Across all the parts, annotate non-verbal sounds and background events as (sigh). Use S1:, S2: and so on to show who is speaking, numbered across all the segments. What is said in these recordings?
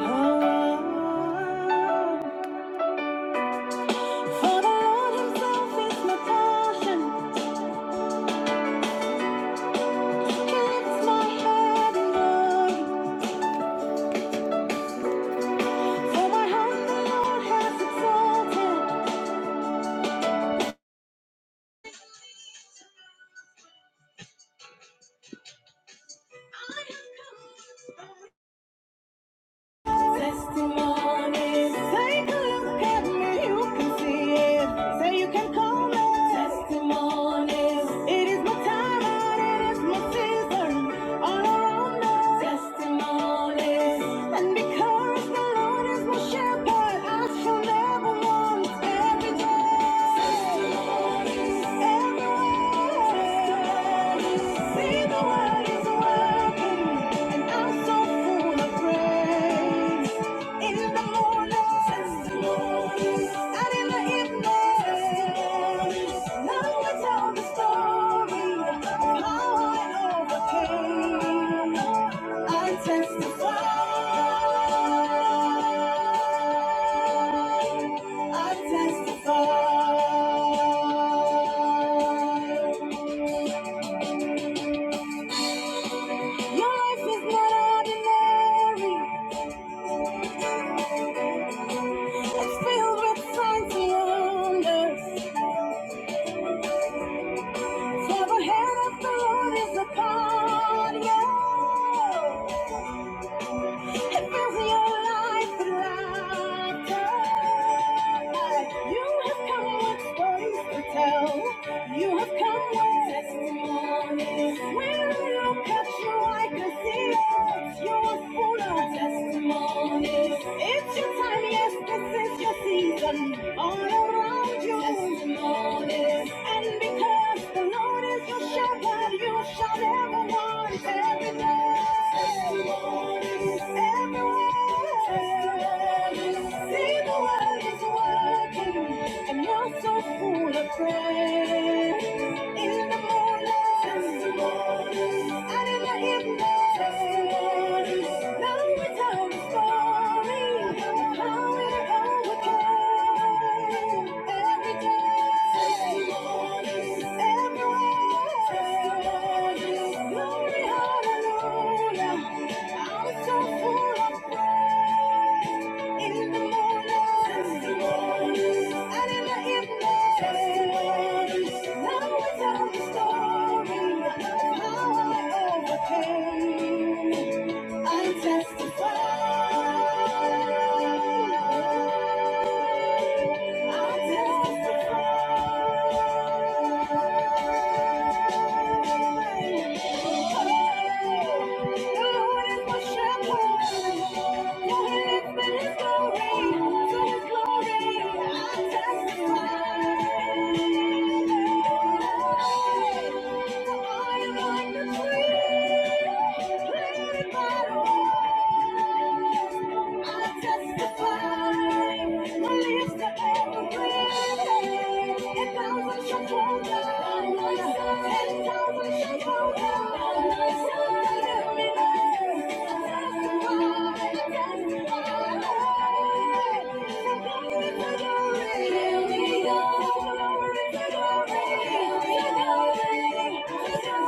S1: Exalted Testimony. Take a look at me, you can see it. Say you can call me. Testimony. It is my time and it is my season. All around us. Testimony. And because the Lord is my shepherd, I shall never want every day. I testify, I testify. Your life is not ordinary. It's filled with signs and wonders. Never had a thought is upon you. It fills your life with laughter. You have come with stories to tell. You have come with testimonies. When I look at you, I can see it. You are full of testimonies. It's your time, yes, this is your season. All around you, testimonies. And because the Lord is your shepherd, you shall never want every day. Testimonies everywhere. Testimonies. See the world is working, and you're so full of praise. In the morning, testimonies, and in the evening, testimonies. Now it's our story, how it overcame. Every day, testimonies, everywhere, testimonies. Glory, hallelujah. I'm so full of in the morning, and in the evening, now I tell the story of how I overcame. I testify. I testify. Thank you.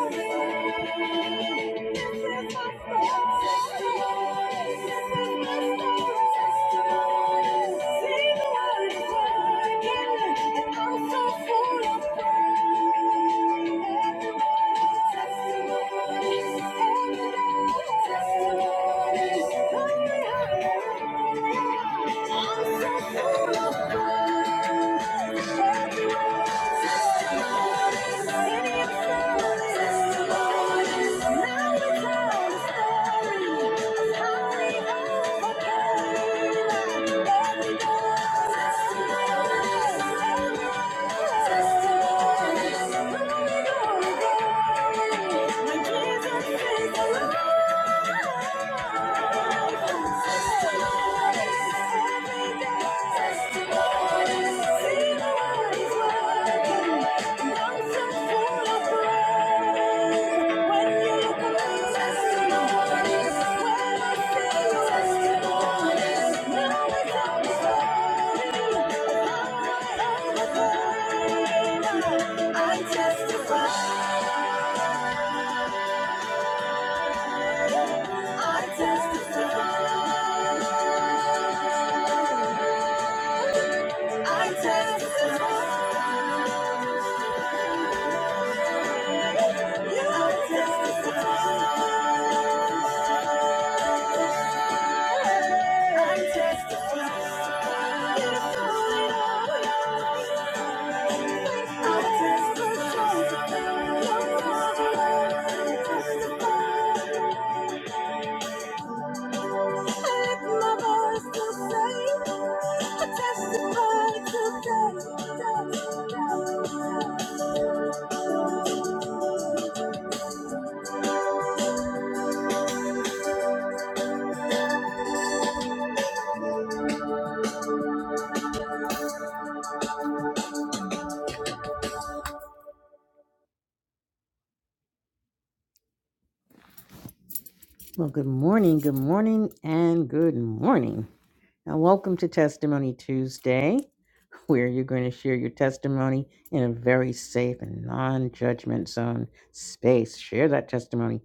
S1: Thank you. Testimonies, Thank you. I testify. I testify. I testify. Yeah, I testify. I testify. Get it going on. I testify. Your power. I testify. Had my voice to say, I testify today, Well, good morning, good morning, and good morning. Now, welcome to Testimony Tuesday. (laughs) where you're going to share your testimony in a very safe and non-judgment zone space. Share that testimony.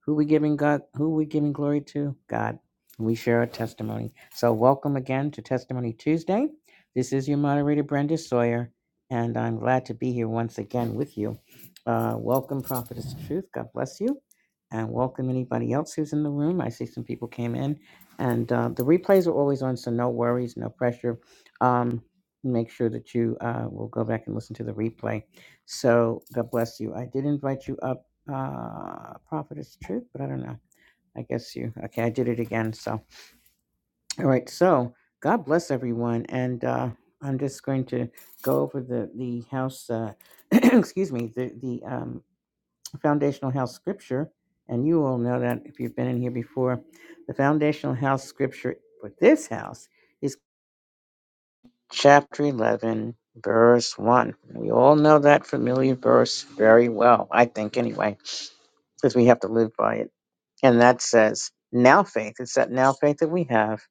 S1: Who we giving God? Who we giving glory to? God. We share our testimony. So welcome again to Testimony Tuesday. This is your moderator Brenda Sawyer, and I'm glad to be here once again with you. Uh, welcome, Prophetess Truth. God bless you, and welcome anybody else who's in the room. I see some people came in, and uh, the replays are always on, so no worries, no pressure. Um, make sure that you uh, will go back and listen to the replay. So God bless you. I did invite you up, uh, Prophetess Truth, but I don't know. I guess you. Okay, I did it again. So, all right. So God bless everyone, and uh, I'm just going to go over the the house. Uh, (clears throat) excuse me, the the um, foundational house scripture, and you all know that if you've been in here before, the foundational house scripture for this house. chapter 11, verse 1. We all know that familiar verse very well, I think, anyway, because we have to live by it. And that says, Now faith, it's that now faith that we have.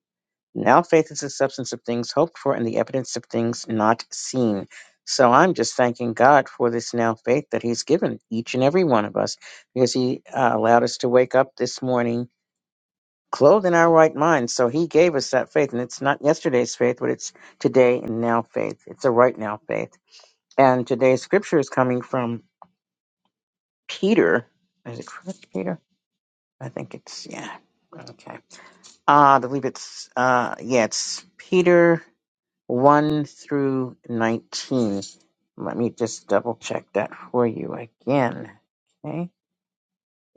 S1: Now faith is the substance of things hoped for and the evidence of things not seen. So I'm just thanking God for this now faith that He's given each and every one of us because He uh, allowed us to wake up this morning clothed in our right minds. So he gave us that faith. And it's not yesterday's faith, but it's today and now faith. It's a right now faith. And today's scripture is coming from Peter. Is it correct, Peter? I think it's, yeah. Okay. Uh, I believe it's, uh, yeah, it's Peter 1 through 19. Let me just double check that for you again. Okay.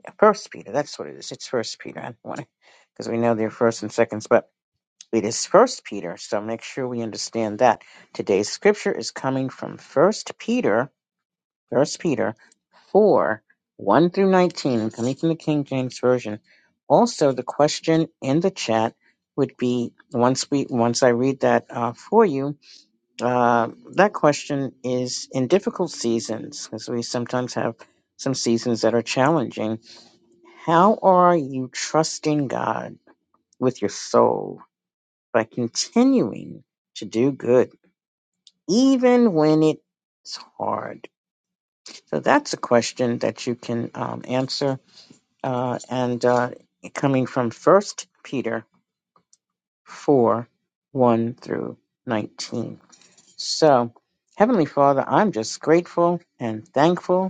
S1: Yeah, First Peter, that's what it is. It's First Peter. I don't want to, because we know they're first and seconds. It is First Peter, so make sure we understand that. Today's scripture is coming from First Peter, First Peter 4, 1 through 19, and coming from the King James Version. Also, the question in the chat would be once we once I read that uh, for you, uh, that question is in difficult seasons, because we sometimes have some seasons that are challenging. How are you trusting God with your soul? by continuing to do good, even when it's hard? So that's a question that you can um, answer. Uh, and uh, coming from First Peter 4 1 through 19. So, Heavenly Father, I'm just grateful and thankful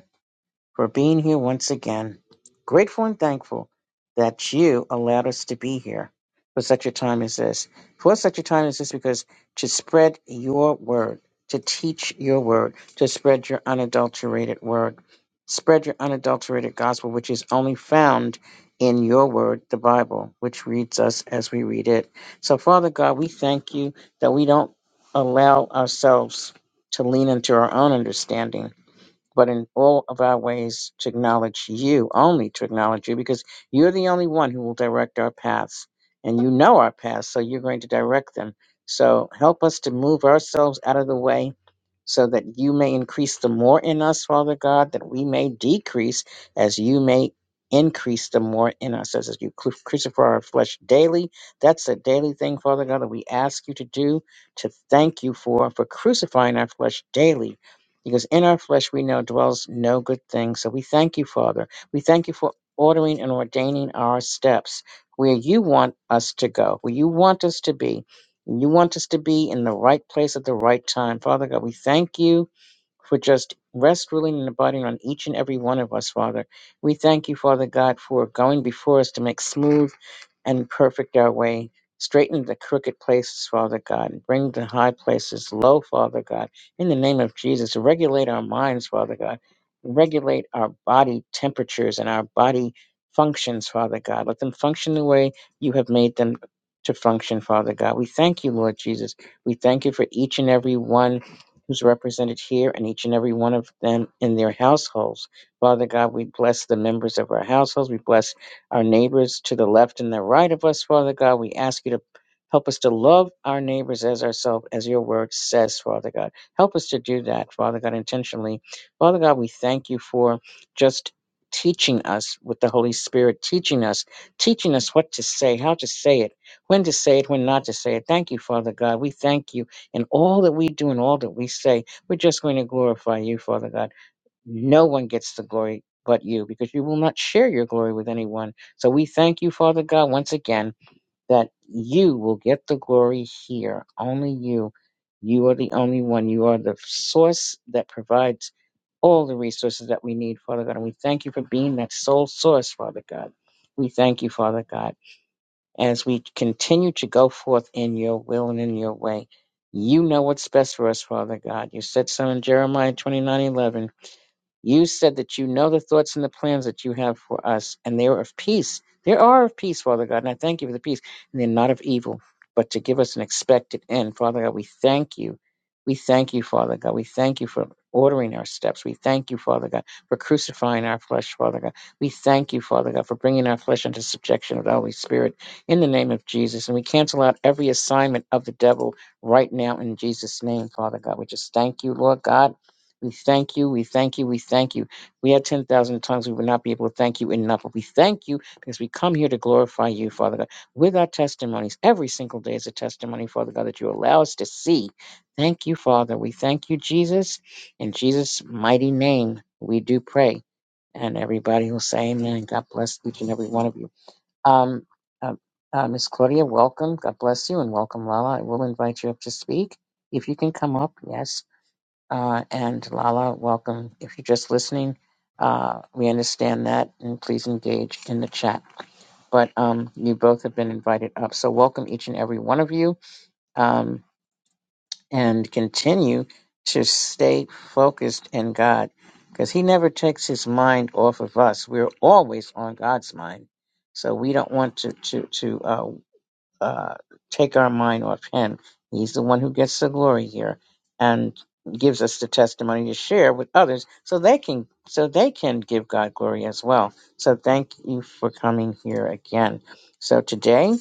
S1: for being here once again. Grateful and thankful that you allowed us to be here for such a time as this. For such a time as this, because to spread your word, to teach your word, to spread your unadulterated word, spread your unadulterated gospel, which is only found in your word, the Bible, which reads us as we read it. So, Father God, we thank you that we don't allow ourselves to lean into our own understanding but in all of our ways to acknowledge you, only to acknowledge you, because you're the only one who will direct our paths. And you know our paths, so you're going to direct them. So help us to move ourselves out of the way so that you may increase the more in us, Father God, that we may decrease as you may increase the more in us as you cru- crucify our flesh daily. That's a daily thing, Father God, that we ask you to do, to thank you for, for crucifying our flesh daily because in our flesh we know dwells no good thing. So we thank you, Father. We thank you for ordering and ordaining our steps where you want us to go, where you want us to be. You want us to be in the right place at the right time. Father God, we thank you for just rest, ruling, and abiding on each and every one of us, Father. We thank you, Father God, for going before us to make smooth and perfect our way. Straighten the crooked places, Father God, and bring the high places low, Father God. In the name of Jesus, regulate our minds, Father God. Regulate our body temperatures and our body functions, Father God. Let them function the way you have made them to function, Father God. We thank you, Lord Jesus. We thank you for each and every one who's represented here and each and every one of them in their households. Father God, we bless the members of our households. We bless our neighbors to the left and the right of us, Father God. We ask you to help us to love our neighbors as ourselves, as your word says, Father God. Help us to do that, Father God, intentionally. Father God, we thank you for just teaching us with the Holy Spirit, teaching us, teaching us what to say, how to say it, when to say it, when not to say it. Thank you, Father God. We thank you in all that we do and all that we say. We're just going to glorify you, Father God. No one gets the glory but you because you will not share your glory with anyone. So we thank you, Father God, once again, that you will get the glory here. Only you. You are the only one. You are the source that provides all the resources that we need, Father God. And we thank you for being that sole source, Father God. We thank you, Father God, as we continue to go forth in your will and in your way. You know what's best for us, Father God. You said so in Jeremiah twenty nine eleven. You said that you know the thoughts and the plans that you have for us, and they are of peace. They are of peace, Father God, and I thank you for the peace. And they're not of evil, but to give us an expected end. Father God, we thank you. We thank you, Father God. We thank you for ordering our steps. We thank you, Father God, for crucifying our flesh, Father God. We thank you, Father God, for bringing our flesh into subjection of the Holy Spirit in the name of Jesus. And we cancel out every assignment of the devil right now in Jesus' name, Father God. We just thank you, Lord God. We thank you. We thank you. We thank you. We had 10,000 tongues. We would not be able to thank you enough. But we thank you because we come here to glorify you, Father God, with our testimonies. Every single day is a testimony, Father God, that you allow us to see. Thank you, Father. We thank you, Jesus. In Jesus' mighty name, we do pray. And everybody will say amen. God bless each and every one of you. Um, uh, uh, Miss Claudia, welcome. God bless you and welcome, Lala. I will invite you up to speak. If you can come up, yes. Uh, and Lala, welcome. If you're just listening, uh, we understand that, and please engage in the chat. But um, you both have been invited up, so welcome each and every one of you, um, and continue to stay focused in God, because He never takes His mind off of us. We're always on God's mind, so we don't want to to to uh, uh, take our mind off him. He's the one who gets the glory here and gives us the testimony to share with others so they can so they can give God glory as well. So thank you for coming here again. So today,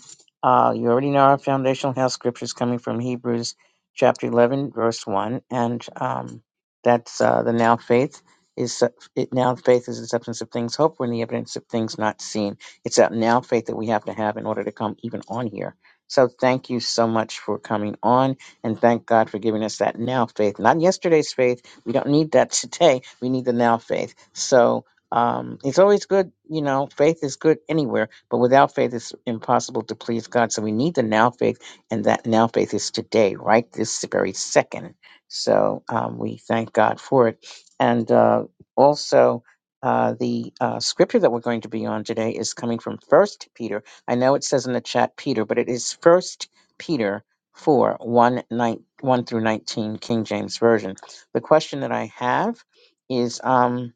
S1: uh, you already know our foundational house scripture is coming from Hebrews chapter 11 verse 1 and um, that's uh, the now faith is it now faith is the substance of things hoped for and the evidence of things not seen. It's that now faith that we have to have in order to come even on here. So thank you so much for coming on and thank God for giving us that now faith, not yesterday's faith. We don't need that (laughs) today. We need the now faith. So um, it's always good, you know, faith is good anywhere, but without faith, it's impossible to please God. So we need the now faith, and that now faith is today, right? This very second. So um, we thank God for it. And uh, also, uh, the uh, scripture that we're going to be on today is coming from First Peter. I know it says in the chat Peter, but it is First Peter four one nine one through nineteen King James version. The question that I have is. Um,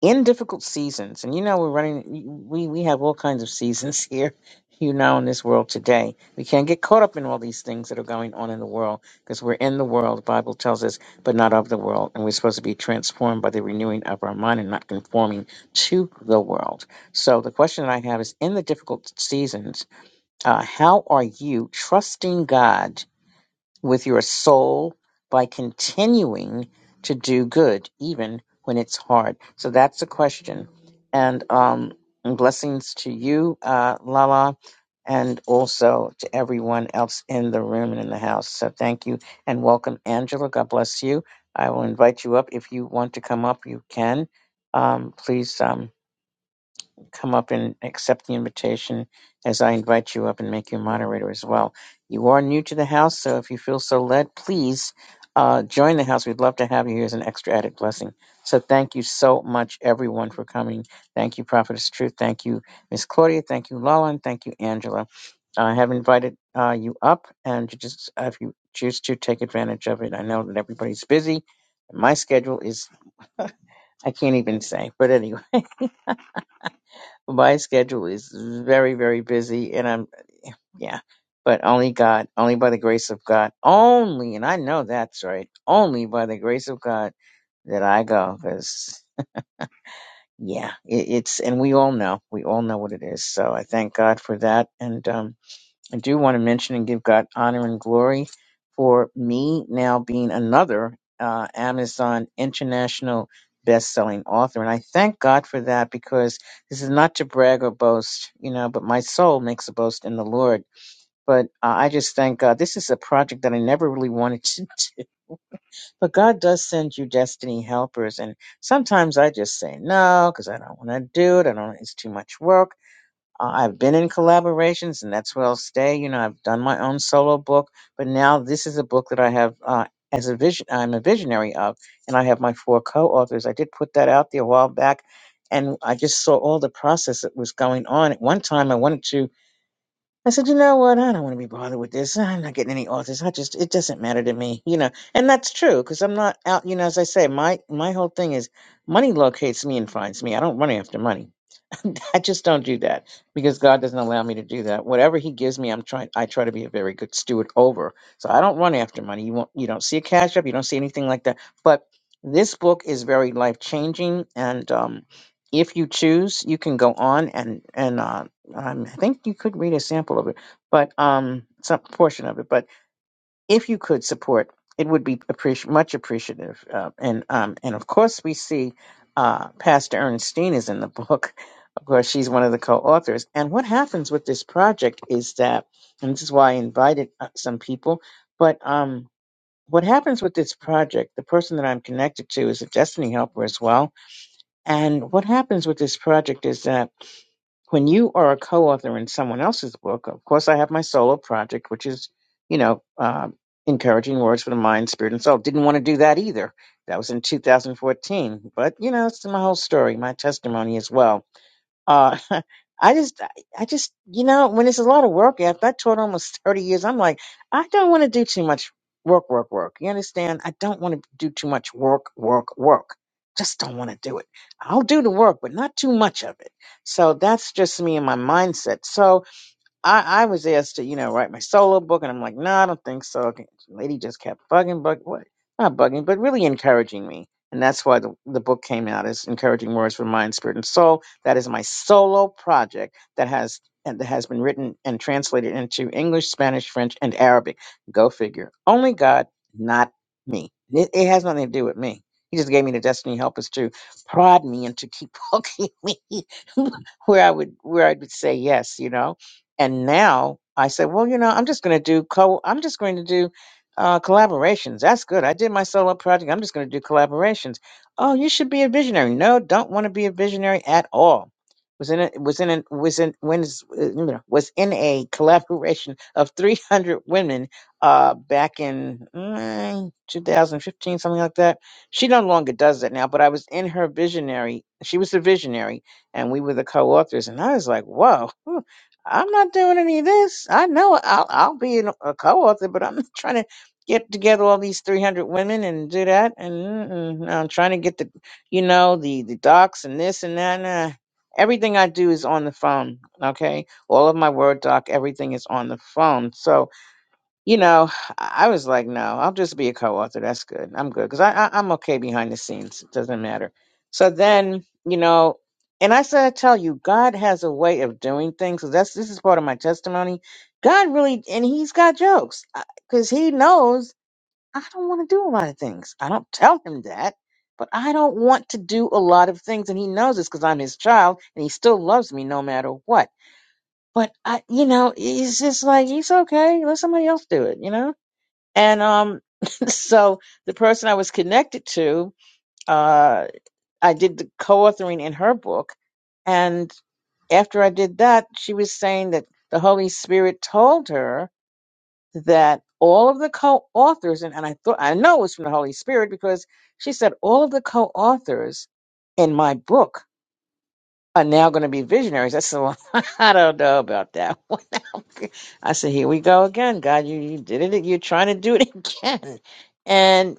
S1: in difficult seasons, and you know we're running, we we have all kinds of seasons (laughs) here, you know, in this world today. We can't get caught up in all these things that are going on in the world because we're in the world. The Bible tells us, but not of the world, and we're supposed to be transformed by the renewing of our mind and not conforming to the world. So the question that I have is: In the difficult seasons, uh, how are you trusting God? with your soul by continuing to do good, even when it's hard? So that's the question. And um, and blessings to you, uh, Lala, and also to everyone else in the room and in the house. So thank you and welcome, Angela. God bless you. I will invite you up. If you want to come up, you can. Um, please. Um, come up and accept the invitation as I invite you up and make you moderator as well. You are new to the house, so if you feel so led, please uh, join the house. We'd love to have you here as an extra added blessing. So thank you so much, everyone, for coming. Thank you, Prophetess Truth. Thank you, Miss Claudia. Thank you, Lala. And thank you, Angela. I have invited uh, you up, and you just uh, if you choose to take advantage of it. I know that everybody's busy. My schedule is I can't even say, but anyway my schedule is very, very busy, and I'm yeah, but only God, only by the grace of God, only, and I know that's right, only by the grace of God that I go, because yeah, it, it's, and we all know, we all know what it is. So I thank God for that, and um, I do want to mention and give God honor and glory for me now being another uh, Amazon international best-selling author, and I thank God for that because this is not to brag or boast, you know, but my soul makes a boast in the Lord. But uh, I just thank God. This is a project that I never really (laughs) wanted to do, but God does send you destiny helpers, and sometimes I just say no because I don't want to do it. I don't. It's too much work. Uh, I've been in collaborations, and that's where I'll stay. You know, I've done my own solo book, but now this is a book that I have uh, as a vision. I'm a visionary of, and I have my four co-authors. I did put that out there a while back, and I just saw all the process that was going on. At one time, I wanted to. I said, you know what? I don't want to be bothered with this. I'm not getting any authors. I just it doesn't matter to me, you know. And that's true because I'm not out. You know, as I say, my my whole thing is money locates me and finds me. I don't run after money I just don't do that because God doesn't allow me to do that. Whatever He gives me, I'm trying. I try to be a very good steward over. So I don't run after money. You won't. You don't see a cash up. You don't see anything like that. But this book is very life changing, and um, if you choose, you can go on and and uh, um, I think you could read a sample of it, but um, some portion of it. But if you could support, it would be appreci- much appreciative. Uh, and um, and of course, we see uh, Pastor Ernestine is in the (laughs) book. Of course, she's one of the co-authors. And what happens with this project is that, and this is why I invited uh, some people. But um, what happens with this project? The person that I'm connected to is a Destiny Helper as well. And what happens with this project is that when you are a co-author in someone else's book, of course, I have my solo project, which is, you know, um, encouraging words for the mind, spirit, and soul. Didn't want to do that either. That was in 2014, but you know, it's my whole story, my testimony as well uh, (laughs) I just, I just, you know, when it's a lot of work after I taught almost (laughs) 30 years, I'm like, I don't want to do too much work, work, work. You understand? I don't want to do too much work, work, work. Just don't want to do it. I'll do the work, but not too much of it. So that's just me and my mindset. So, I, I was asked to, you know, write my solo book, and I'm like, no, I don't think so. Okay. The Lady just kept bugging, bug, what? Not bugging, but really encouraging me, and that's why the, the book came out as "Encouraging Words for Mind, Spirit, and Soul." That is my solo project that has and that has been written and translated into English, Spanish, French, and Arabic. Go figure. Only God, not me. It, it has nothing to do with me. He just gave me the destiny helpers to prod me and to keep (laughs) poking me (laughs) where I would where I would say yes, you know and now I said, well, you know, I'm just going to do co. I'm just going to do uh, collaborations. That's good. I did my solo project. I'm just going to do collaborations. Oh, you should be a visionary. No, don't want to be a visionary at all. Was in a, was in a, was in wins, uh, you know, was in a (laughs) collaboration of 300 women uh, back in mm, 2015, something like that. She no longer does that now, but I was in her visionary. She was the visionary, and we were the co-authors. And I was like, whoa. I'm not doing any of this. I know I'll, I'll be in a co-author, but I'm (laughs) not trying to get together all these 300 women and do that. And mm-mm, no, I'm trying to get the, you know, the the docs and this and that. Nah. Everything I do is on the phone. Okay, all of my Word doc, everything is on the phone. So you know, I I was like, no, I'll just be a co-author. That's good. I'm good because I, I I'm okay behind the scenes. It doesn't matter. So then, you know, and I said, I tell you, God has a way of doing things. 'cause that's this is part of my testimony. God really, and He's got jokes because He knows I don't want to do a lot of things. I don't tell Him that, but I don't want to do a lot of things, and He knows this because I'm His child, and He still loves me no matter what. But I, you know, it's just like He's okay. Let somebody else do it. You know and um, (laughs) so the person I was connected to, uh, I did the co-authoring in her book, and after I did that, she was saying that the Holy Spirit told her that all of the co-authors, and, and I thought I know it was from the Holy Spirit because she said all of the co-authors in my book are now going to be visionaries. I said, well, (laughs) I don't know about that one. (laughs) I said, here we go again, God. You you did it. You're trying to do it (laughs) again. And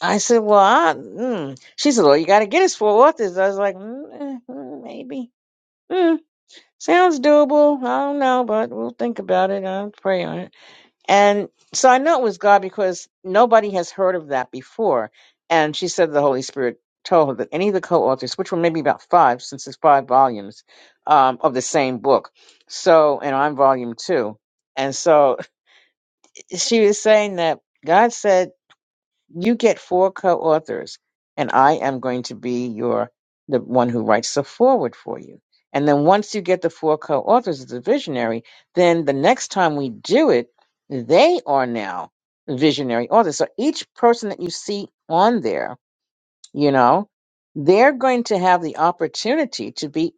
S1: I said, "Well, I, mm. she said, well, you got to get us four authors." I was like, mm, eh, mm, "Maybe, mm, sounds doable. I don't know, but we'll think about it. I'll pray on it." And so I know it was God because nobody has heard of that before. And she said the Holy Spirit told her that any of the co-authors, which were maybe about five, since there's five volumes um, of the same book, so and I'm volume two, and so (laughs) she was saying that God said you get four co-authors and i am going to be your the one who writes the forward for you and then once you get the four co-authors as a visionary then the next time we do it they are now visionary authors so each person that you see on there you know they're going to have the opportunity to be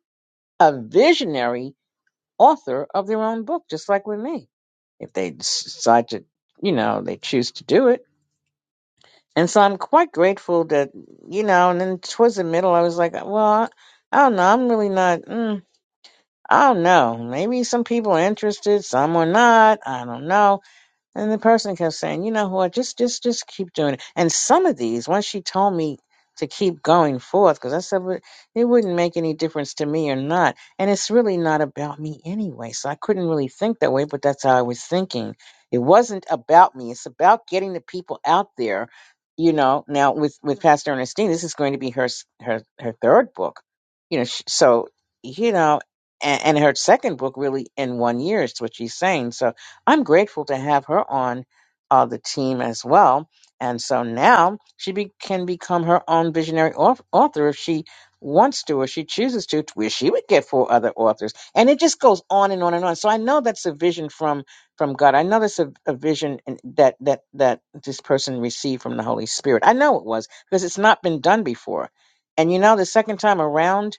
S1: a visionary author of their own book just like with me if they s- decide to you know they choose to do it and so I'm quite grateful that, you know, and then towards the middle, I was like, well, I, I don't know. I'm really not, mm, I don't know. Maybe some people are interested, some are not. I don't know. And the person kept saying, you know what, just just just keep doing it. And some of these, once she told me to keep going forth, because I said "Well, it wouldn't make any difference to me or not, and it's really not about me anyway. So I couldn't really think that way, but that's how I was thinking. It wasn't about me. It's about getting the people out there. You know, now with with Pastor Ernestine, this is going to be her s- her her third book. You know, sh so you know, and, and her second book really in one year is what she's saying. So I'm grateful to have her on uh, the team as well. And so now she be, can become her own visionary au- author if she wants to or she chooses to, to where she would get four other authors. And it just goes on and on and on. So I know that's a vision from from God. I know that's a, a vision in- that that that this person received from the Holy Spirit. I know it was because it's not been done before. And you know, the second time around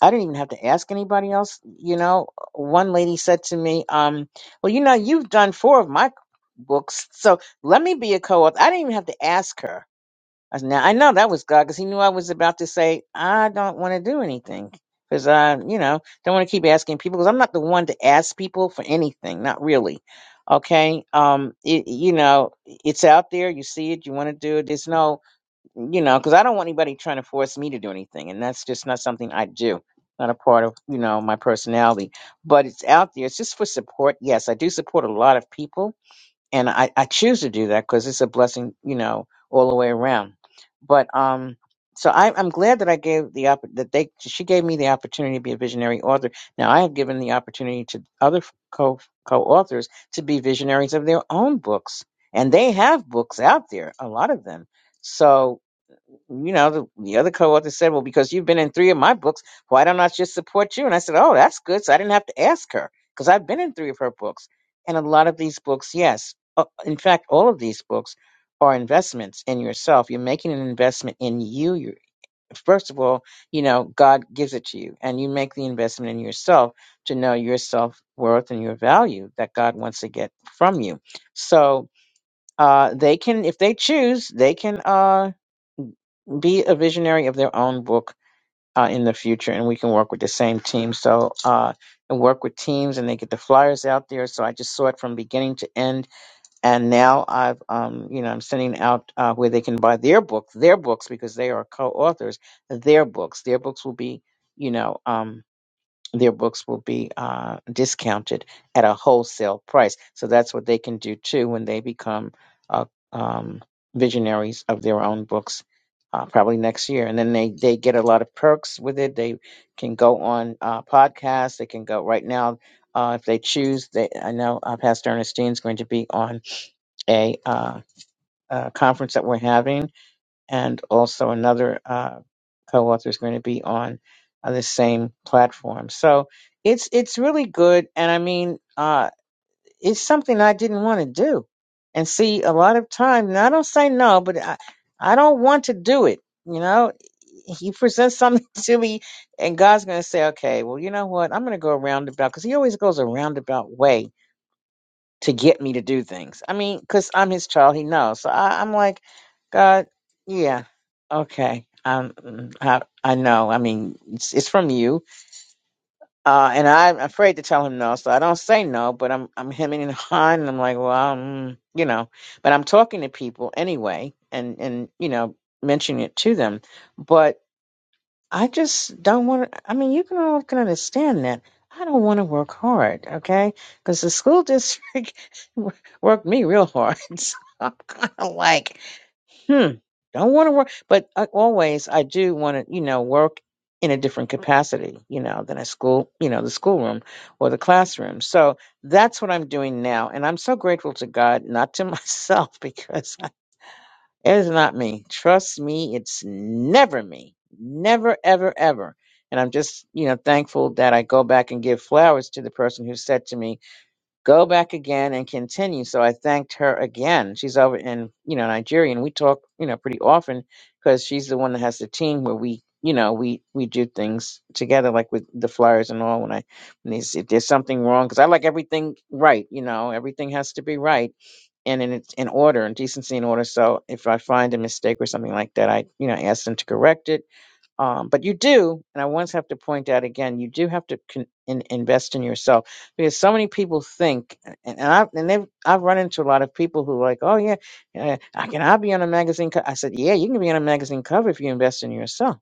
S1: I didn't even have to ask anybody else. You know, one lady said to me, um, well, you know, you've done four of my books, so let me be a co-author. I didn't even have to ask her. I said, now I know that was God because he knew I was about to say, I don't want to do anything because I, you know, don't want to keep asking people because I'm not the one to ask people for anything, not really. Okay. Um, it, you know, it's out there. You see it. You want to do it. There's no, you know, because I don't want anybody trying to force me to do anything, and that's just not something I do. Not a part of you know my personality, but it's out there. It's just for support. Yes, I do support a lot of people, and I I choose to do that because it's a blessing, you know, all the way around. But um, so I, I'm glad that I gave the opp that they she gave me the opportunity to be a visionary author. Now I have given the opportunity to other co co authors to be visionaries of their own books, and they have books out there, a lot of them. So you know, the, the other author said, Well, because you've been in three of my books, why don't I just support you? And I said, Oh, that's good. So I didn't have to ask her because I've been in three of her books. And a lot of these books, yes. Uh, in fact, all of these books are investments in yourself. You're making an investment in you. you first of all, you know, God gives it to you, and you make the investment in yourself to know your self worth and your value that God wants to get from you. So, uh, they can, if they choose, they can. Uh, be a visionary of their own book uh, in the future, and we can work with the same team. So, uh, and work with teams, and they get the flyers out there. So I just saw it from beginning to end, and now I've, um, you know, I'm sending out uh, where they can buy their book, their books because they are co-authors, their books. Their books will be, you know. um, their books will be uh, discounted at a wholesale price. So that's what they can do too when they become uh, um, visionaries of their own books, uh, probably next year. And then they, they get a lot of perks with it. They can go on uh, podcasts. They can go right now uh, if they choose. They I know uh, Pastor Ernestine is going to be on a, uh, uh conference that we're having, and also another. Uh, co-author is going to be on on the same platform. So it's it's really good, and I mean, uh, it's something I didn't want to do. And see, a lot of time, and I don't say no, but I, I don't want to do it. You know, he presents something (laughs) to me, and God's going to say, okay, well, you know what? I'm going to go a roundabout because he always goes a roundabout way to get me to do things. I mean, because I'm his child, he knows. So I, I'm like, God, yeah, okay. Um, mm, I, I know. I mean, it's, it's from you, uh, and I'm afraid to tell him no, so I don't say no. But I'm I'm hemming and hawing, and I'm like, well, um, you know. But I'm talking to people anyway, and and you know, mentioning it to them. But. I just don't want to. I mean, you can all can understand that. I don't want to work hard, okay? Because the school district (laughs) wo- worked me real hard. (laughs) So I'm kind of like, hmm, don't want to work. But I, always, I do want to, you know, work in a different capacity, you know, than a school, you know, the schoolroom or the classroom. So that's what I'm doing now. And I'm so grateful to God, not to (laughs) myself, because it is not me. Trust me, it's never me. Never, ever, ever. And I'm just, you know, thankful that I go back and give flowers to the person who said to me, go back again and continue. So I thanked her again. She's over in, you know, Nigeria and we talk, you know, pretty often because she's the one that has the team where we, you know, we, we do things together, like with the flyers and all. When I, when there's, if there's something wrong, cause I like everything right, you know, everything has to be right and in it's in order and decency and order. So if I find a mistake or something like that, I, you know, ask them to correct it um, but you do, and I once have to point out again, you do have to con- in, invest in yourself because so many people think, and, and I've and they've, I've run into a lot of people who are like, oh yeah, uh, I can I be on a magazine? Co-? I said, yeah, you can be on a magazine cover if you invest in yourself.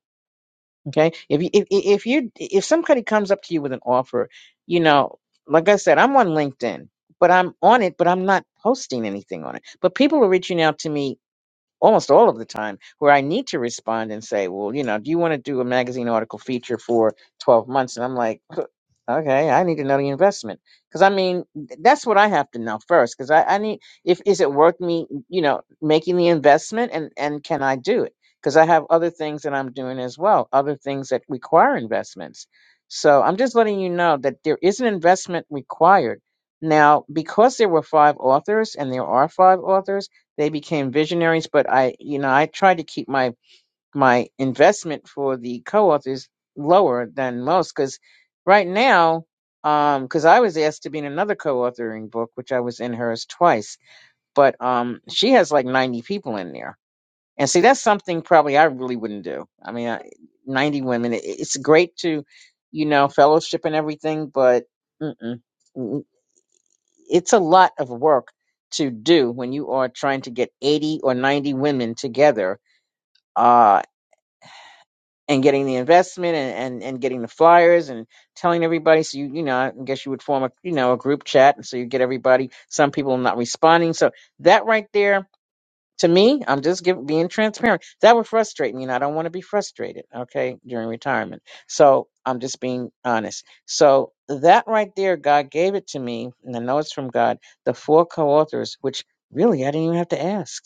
S1: Okay, if you if if if you if somebody comes up to you with an offer, you know, like I said, I'm on LinkedIn, but I'm on it, but I'm not posting anything on it. But people are reaching out to me almost all of the time where I need to respond and say, well, you know, do you want to do a magazine article feature for 12 months? And I'm like, (laughs) okay, I need to know the investment. Cause I mean, th- that's what I have to know first. Cause I, I need, if, is it worth me, you know, making the investment and, and can I do it? Cause I have other things that I'm doing as well. Other things that require investments. So I'm just letting you know that there is an investment required. Now, because there were five authors and there are five authors, they became visionaries, but I, you know, I tried to keep my my investment for the co-authors lower than most because right now, um, because I was asked to be in another co-authoring book, which I was in hers twice, but um, she has like ninety people in there, and see, that's something probably I really wouldn't do. I mean, I, ninety women. It, it's great to, you know, fellowship and everything, but. Mm-mm it's a lot of work to do when you are trying to get 80 or 90 women together uh, and getting the investment and, and, and getting the flyers and telling everybody. So, you, you know, I guess you would form a, you know, a group chat. And so you get everybody, some people not responding. So that right there to me, I'm just giving, being transparent. That would frustrate me, and I don't want to be frustrated, okay, during retirement. So I'm just being honest. So that right there, God gave it to me, and I know it's from God, the four co authors, which really I didn't even have to ask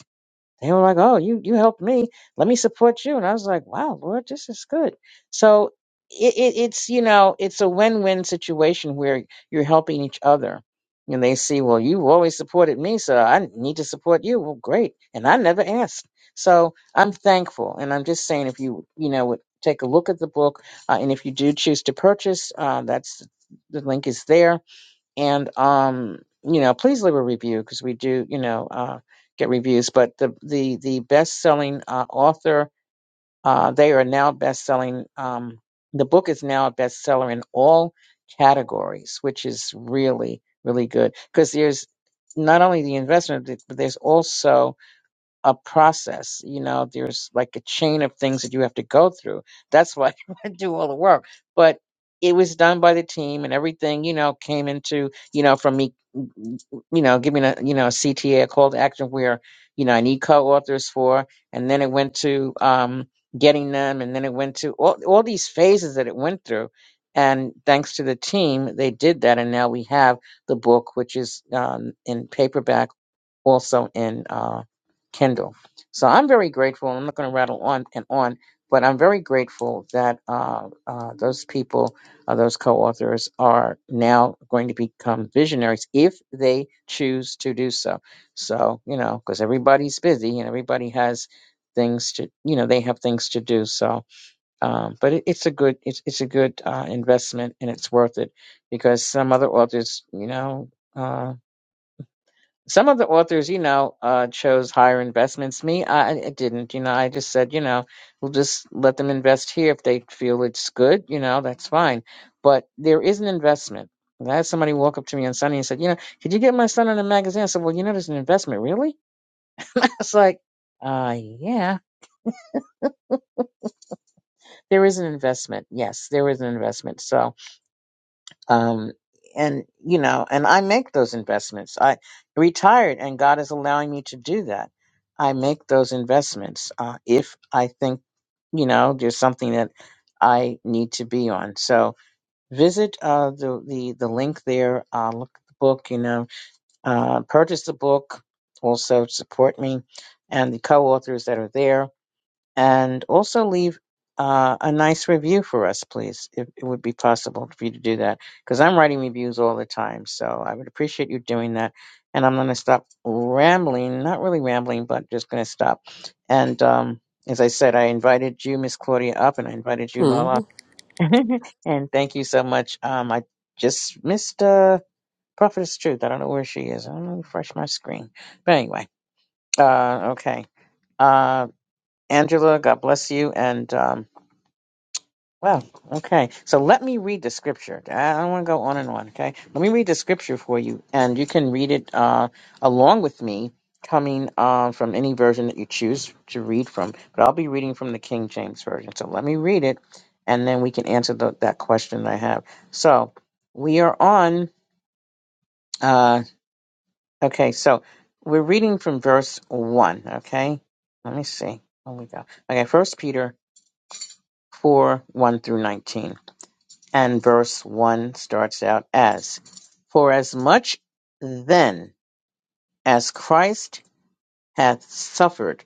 S1: they were like, "Oh, you you helped me. Let me support you." And I was like, "Wow, Lord, this is good." So it, it it's you know it's a win win situation where you're helping each other, and they see, "Well, you always supported me, so I need to support you." Well, great, and I never asked, so I'm thankful. And I'm just saying, if you you know would take a look at the book, uh, and if you do choose to purchase, uh, that's the link is there and um you know please leave a review because we do you know uh get reviews but the the the best selling uh author uh they are now best selling um the book is now a bestseller in all categories which is really really good because there's not only the investment but there's also a process. You know, there's like a chain of things that you have to go through. That's why (laughs) I do all the work. But it was done by the team and everything, you know, came into, you know, from me, you know, giving a, you know, a CTA, a a call to action where, you know, I need co-authors for, and then it went to, um, getting them. And then it went to all, all these phases that it went through. And thanks to the team, they did that. And now we have the book, which is, um, in paperback, also in, uh, Kindle. So I'm very grateful. I'm not going to rattle on and on, but I'm very grateful that uh, uh, those people, uh, those co-authors, are now going to become visionaries if they choose to do so. So you know, because everybody's busy and everybody has things to, you know, they have things to do. So, um, but it, it's a good, it's it's a good uh, investment and it's worth it because some other authors, you know. Um, some of the authors, you know, uh, chose higher investments. Me, I, I didn't. You know, I just said, you know, we'll just let them invest here if they feel it's good. You know, that's fine. But there is an investment. And I had somebody walk up to me on Sunday and said, you know, could you get my son in a magazine? I said, well, you know, there's an investment, really. (laughs) it's like, uh, yeah, there is an investment. Yes, there is an investment. So. um, and you know and i make those investments i retired and god is allowing me to do that i make those investments uh, if i think you know there's something that i need to be on so visit uh, the, the the link there uh, look at the book you know uh, purchase the book also support me and the co-authors that are there and also leave uh, a nice review for us, please. If it would be possible for you to do that, because I'm writing reviews all the time, so I would appreciate you doing that. And I'm going to stop rambling, not really rambling, but just going to stop. And um, as I said, I invited you, Miss Claudia, up, and I invited you, Lala.
S2: Mm,
S1: (laughs) and thank you so much. Um, I just missed uh, Prophetess Truth. I don't know where she is. I'm going to refresh my screen. But anyway, uh, okay. Uh, Angela, God bless you. And. Um, well, okay. So let me read the scripture. I don't want to go on and on, okay? Let me read the scripture for you, and you can read it uh, along with me, coming uh, from any version that you choose to read from. But I'll be reading from the King James Version. So let me read it, and then we can answer the, that question I have. So we are on, uh, okay, so we're reading from verse 1, okay? Let me see. Here we go. Okay, First Peter 4 1 through 19. and verse 1 starts out as For as much then as Christ hath suffered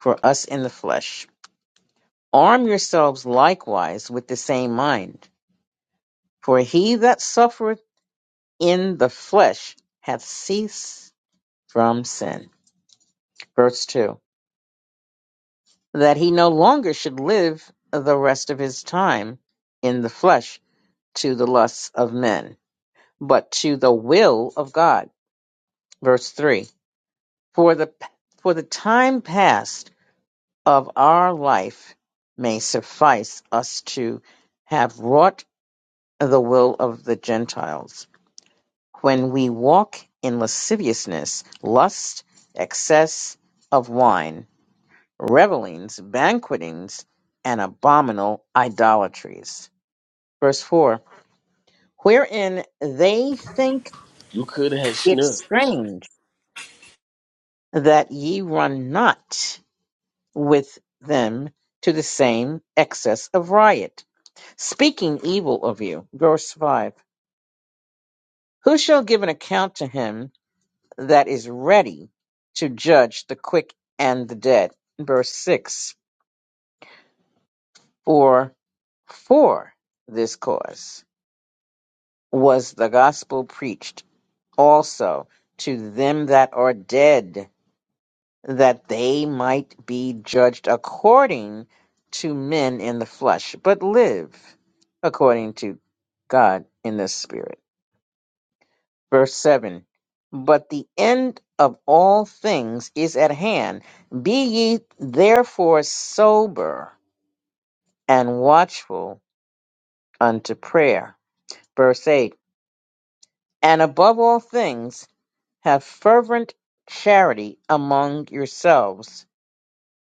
S1: for us in the flesh, arm yourselves likewise with the same mind. For he that suffereth in the flesh hath ceased from sin. Verse 2 That he no longer should live the rest of his time in the flesh to the lusts of men, but to the will of God. Verse 3 For the for the time past of our life may suffice us to have wrought the will of the Gentiles, when we walk in lasciviousness, lust, excess of wine, revellings, banquetings, and abominable idolatries. Verse 4 Wherein they think
S2: You could have had
S1: it
S2: Schnucks.
S1: strange that ye run not with them to the same excess of riot, speaking evil of you. Verse 5 Who shall give an account to him that is ready to judge the quick and the dead? Verse 6 For for this cause was the gospel preached also to them that are dead that they might be judged according to men in the flesh, but live according to God in the spirit. Verse 7 But the end of all things is at hand. Be ye therefore sober and watchful unto prayer. Verse 8 And above all things, have fervent charity among yourselves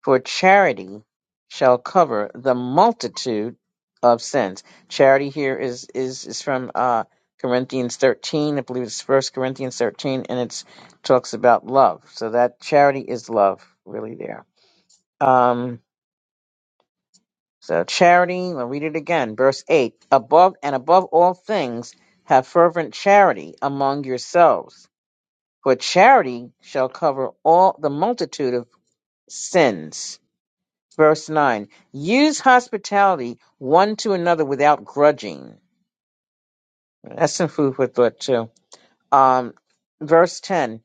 S1: For charity shall cover the multitude of sins. Charity here is is is from uh, Corinthians thirteen, I believe it's First Corinthians thirteen, and it talks about love. So that charity is love, really there. Um, so charity. I'll read it again, verse eight. Above and above all things, have fervent charity among yourselves, for charity shall cover all the multitude of sins Verse 9 Use hospitality one to another without grudging. That's some food for thought, too. Um, verse 10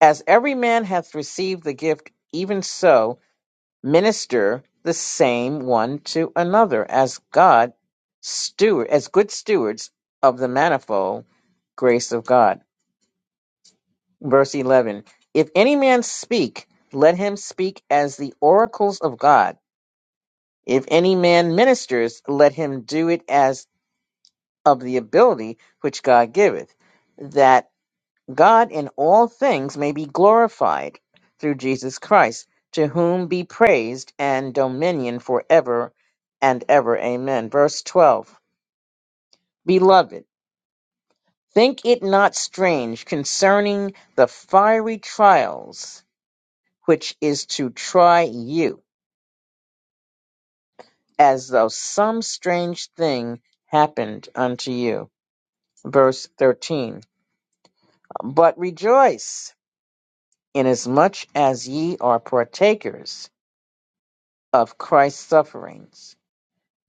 S1: As every man hath received the gift, even so minister the same one to another as God steward, as good stewards of the manifold grace of God. Verse 11 If any man speak, let him speak as the oracles of God. If any man ministers, let him do it as of the ability which God giveth, that God in all things may be glorified through Jesus Christ, to whom be praised and dominion forever and ever. Amen. Verse 12 Beloved, think it not strange concerning the fiery trials which is to try you, as though some strange thing happened unto you. Verse 13 But rejoice Inasmuch as ye are partakers of Christ's sufferings,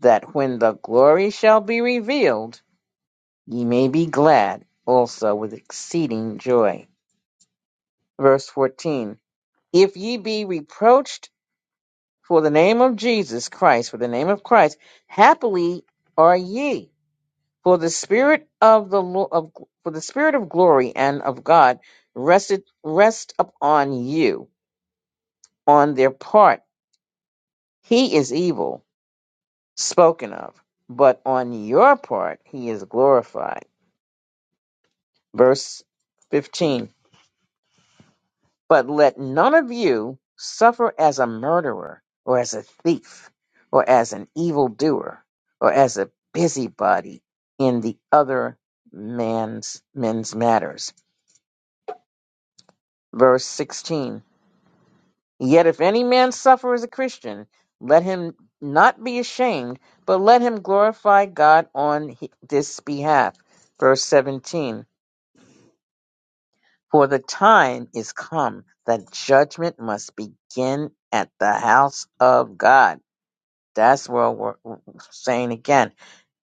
S1: that when the glory shall be revealed, ye may be glad also with exceeding joy. Verse 14 If ye be reproached for the name of Jesus Christ, for the name of Christ, happily are ye, for the spirit of the Lo- of, for the spirit of glory and of God rested rest upon you on their part. He is evil spoken of, but on your part he is glorified. Verse 15 But let none of you suffer as a murderer, or as a thief, or as an evildoer, or as a busybody in the other man's men's matters. Verse 16 Yet if any man suffer as a Christian, let him not be ashamed, but let him glorify God on he- this behalf. Verse 17 For the time is come that judgment must begin at the house of God. That's what we're saying again.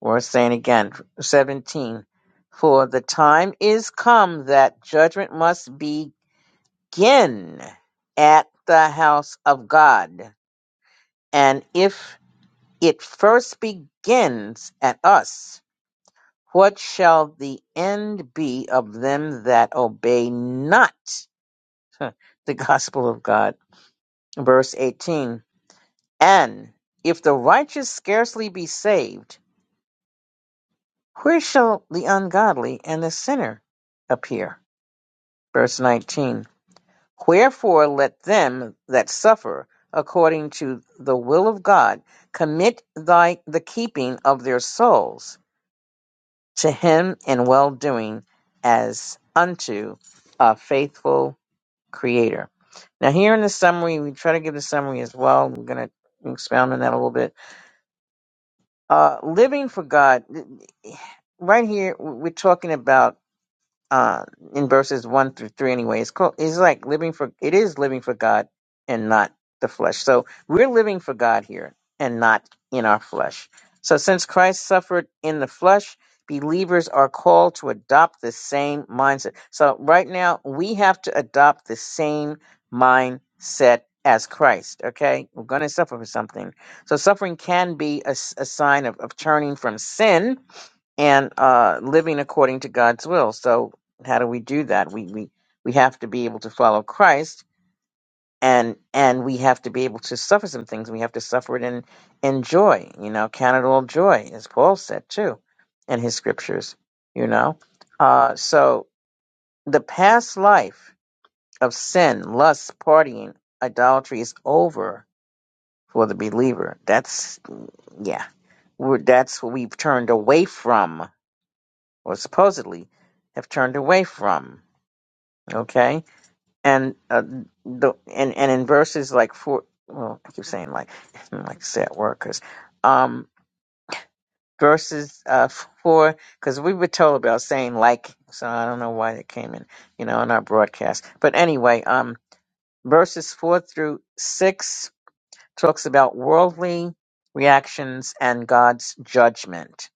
S1: We're saying again, 17. For the time is come that judgment must begin at the house of God. And if it first begins at us, what shall the end be of them that obey not? (laughs) the gospel of God. Verse 18 And if the righteous scarcely be saved, where shall the ungodly and the sinner appear? Verse 19 Wherefore let them that suffer according to the will of God commit thy, the keeping of their souls to him in well doing as unto a faithful creator. Now, here in the summary, we try to give the summary as well. We're going to expound on that a little bit. Uh, living for God, right here, we're talking about uh, in verses one through three anyway. It's called, it's like living for it is living for God and not the flesh. So we're living for God here and not in our flesh. So since Christ suffered in the flesh, believers are called to adopt the same mindset. So right now we have to adopt the same mindset as Christ, okay? We're going to suffer for something. So suffering can be a, s- a sign of, of turning from sin, and uh, living according to God's will. So how do we do that? We we we have to be able to follow Christ, and and we have to be able to suffer some things. We have to suffer it in in joy. You know, count it all joy, as Paul said too, in his scriptures. You know, uh, so the past life of sin, lust, partying, idolatry is over for the believer. That's yeah, we're, that's what we've turned away from or supposedly have turned away from. Okay, and uh, the and and in verses like four, well, I keep saying like (laughs) I don't like to say that word 'cause, um verses uh four because we were told about saying like so I don't know why that came in you know in our broadcast but anyway um verses four through six talks about worldly reactions and God's judgment.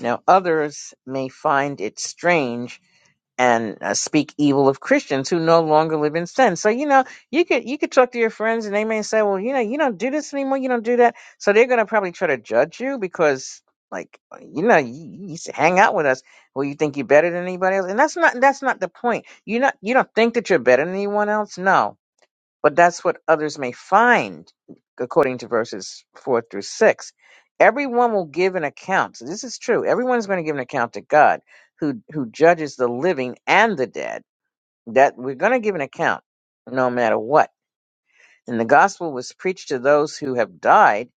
S1: Now others may find it strange and uh, speak evil of Christians who no longer live in sin. So you know, you could you could talk to your friends, and they may say, "Well, you know, you don't do this anymore. You don't do that." So they're going to probably try to judge you because, like, you know, you, you used to hang out with us. Well, you think you're better than anybody else, and that's not that's not the point. You not you don't think that you're better than anyone else. No, but that's what others may find, according to verses four through six. Everyone will give an account. So this is true. Everyone's going to give an account to God, who who judges the living and the dead. That we're going to give an account, no matter what. And the gospel was preached to those who have died,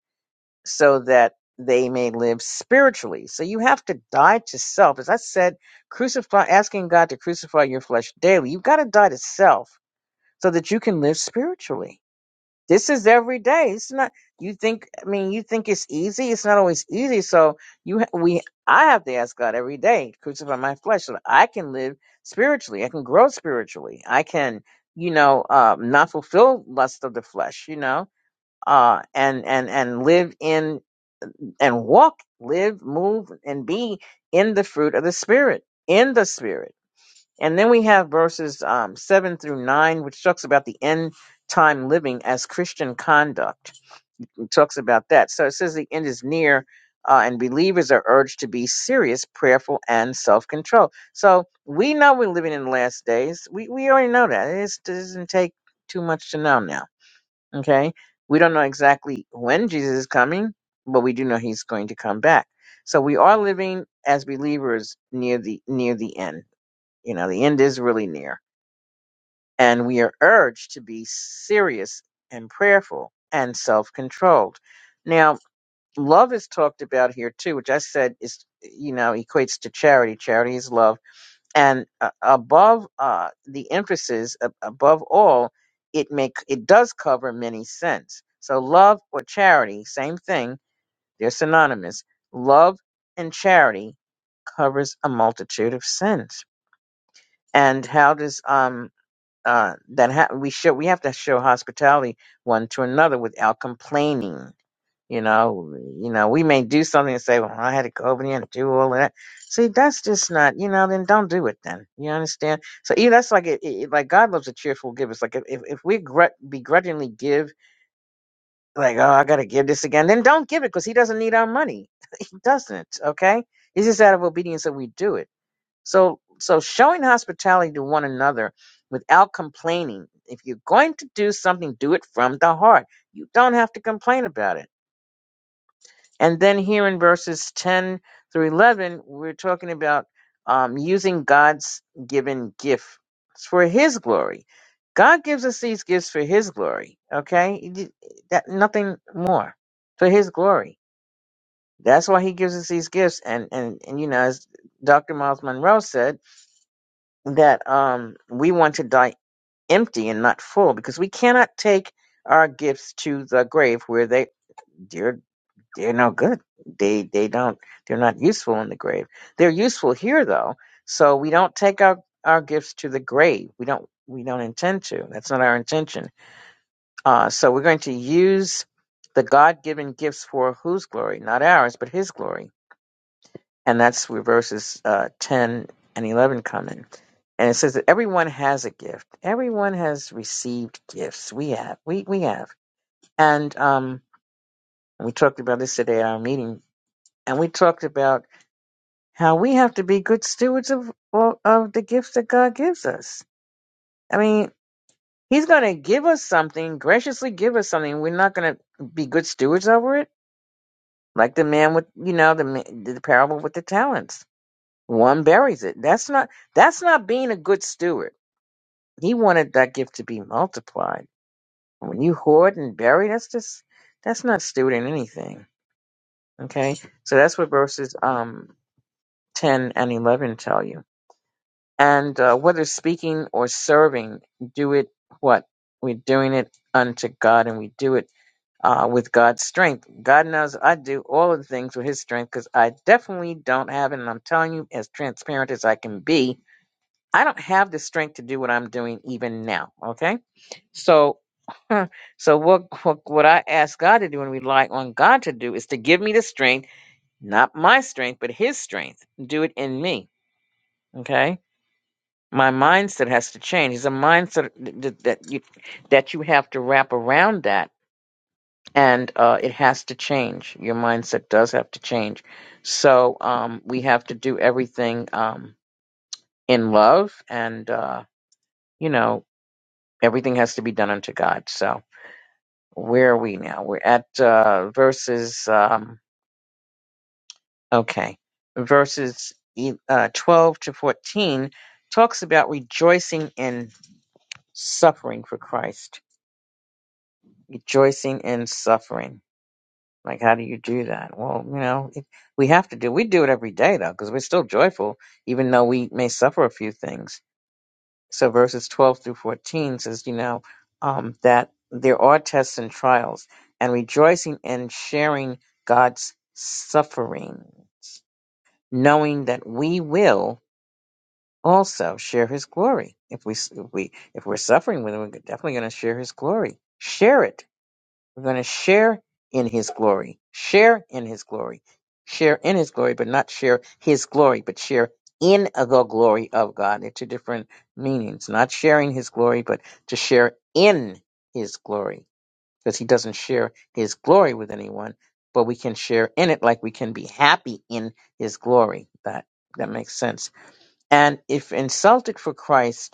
S1: so that they may live spiritually. So you have to die to self. As I said, crucify, asking God to crucify your flesh daily. You've got to die to self so that you can live spiritually this is every day. It's not. You think? I mean, you think it's easy? It's not always easy. So you, ha- we, I have to ask God every day, crucify my flesh, so that I can live spiritually. I can grow spiritually. I can, you know, um, not fulfill lust of the flesh. You know, uh, and and and live in and walk, live, move, and be in the fruit of the spirit, in the spirit. And then we have verses um, seven through nine, which talks about the end time living as Christian conduct talks about that. So it says the end is near, uh, and believers are urged to be serious, prayerful, and self control. So we know we're living in the last days. We, we already know that. It's- It doesn't take too much to know now. Okay? We don't know exactly when Jesus is coming, but we do know he's going to come back. So we are living as believers near the near the end. You know, the end is really near. And we are urged to be serious and prayerful and self controlled. Now, love is talked about here too, which I said is you know equates to charity. Charity is love, and uh, above uh, the emphasis, ab- above all, it make it does cover many sins. So love or charity, same thing. They're synonymous. Love and charity covers a multitude of sins. And how does um uh that ha- we show we have to show hospitality one to another without complaining you know, you know, we may do something and say, "Well, I had to go over there and do all of that." See, that's just not, you know. Then don't do it. Then you understand. So, yeah, that's like it, it. Like God loves a cheerful giver. It's like if if if we gr- begrudgingly give, like, "Oh, I got to give this again," then don't give it because He doesn't need our money. (laughs) he doesn't. Okay, it's just out of obedience that we do it. So, so showing hospitality to one another without complaining. If you're going to do something, do it from the heart. You don't have to complain about it and then here in verses 10 through 11, we're talking about um, using God's given gift for His glory. God gives us these gifts for His glory, okay? He did- That, nothing more, for His glory. That's why He gives us these gifts. And, and, and you know, as Dr. Miles Monroe said, that um, we want to die empty and not full because we cannot take our gifts to the grave where they, dear they're no good. They they don't they're not useful in the grave. They're useful here though. So we don't take our, our gifts to the grave. We don't we don't intend to. That's not our intention. Uh so we're going to use the God given gifts for whose glory? Not ours, but his glory. And that's where verses uh ten and eleven come in. And it says that everyone has a gift. Everyone has received gifts. We have. We we have. And um we talked about this today at our meeting and we talked about how we have to be good stewards of of the gifts that God gives us. I mean, He's going to give us something, graciously give us something. We're not going to be good stewards over it, like the man with you know the ma- the parable with the talents. One buries it. That's not that's not being a good steward. He wanted that gift to be multiplied. When you hoard and bury, that's just that's not stewarding anything. Okay, so that's what verses um ten and eleven tell you. And uh, whether speaking or serving, do it what? We're doing it unto God and we do it uh, with God's strength. God knows I do all of the things with His strength because I definitely don't have it. And I'm telling you, as transparent as I can be, I don't have the strength to do what I'm doing even now. Okay. So. (laughs) So what, what what I ask God to do and rely on God to do is to give me the strength, not my strength, but his strength. Do it in me. Okay my mindset has to change. It's a mindset that that you that you have to wrap around that, and uh, it has to change. Your mindset does have to change. So um, we have to do everything um, in love, and uh, you know everything has to be done unto God. So where are we now? We're at uh, verses um, okay, verses e- uh, twelve to fourteen talks about rejoicing in suffering for Christ Rejoicing in suffering. Like, how do you do that? Well, you know, it, we have to do. We do it every day though, because we're still joyful, even though we may suffer a few things. So verses twelve through fourteen says, you know, um, that there are tests and trials, and rejoicing and sharing God's sufferings knowing that we will also share his glory. If we if we if we're suffering with him, we're definitely going to share his glory. Share it We're going to share in his glory, share in his glory, share in his glory, but not share his glory, but share in the glory of God. They're two different meanings. Not sharing his glory, but to share in his glory, because he doesn't share his glory with anyone, but we can share in it like we can be happy in his glory. That that makes sense. And if insulted for Christ,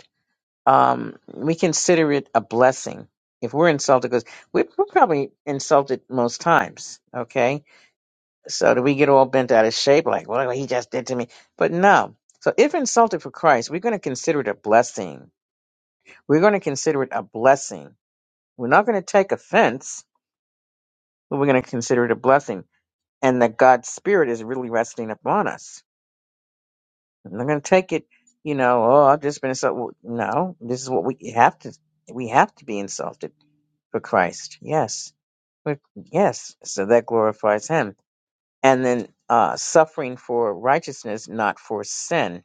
S1: um, we consider it a blessing if we're insulted because we're, we're probably insulted most times. Okay, so do we get all bent out of shape like, well, he just did to me? But no. So if insulted for Christ, we're going to consider it a blessing. We're going to consider it a blessing. We're not going to take offense, but we're going to consider it a blessing, and that God's Spirit is really resting upon us. I'm not going to take it, you know. Oh, I've just been insulted. Well, No, this is what we have to. We have to be insulted for Christ. Yes. But- Yes. So that glorifies him. And then uh, suffering for righteousness, not for sin.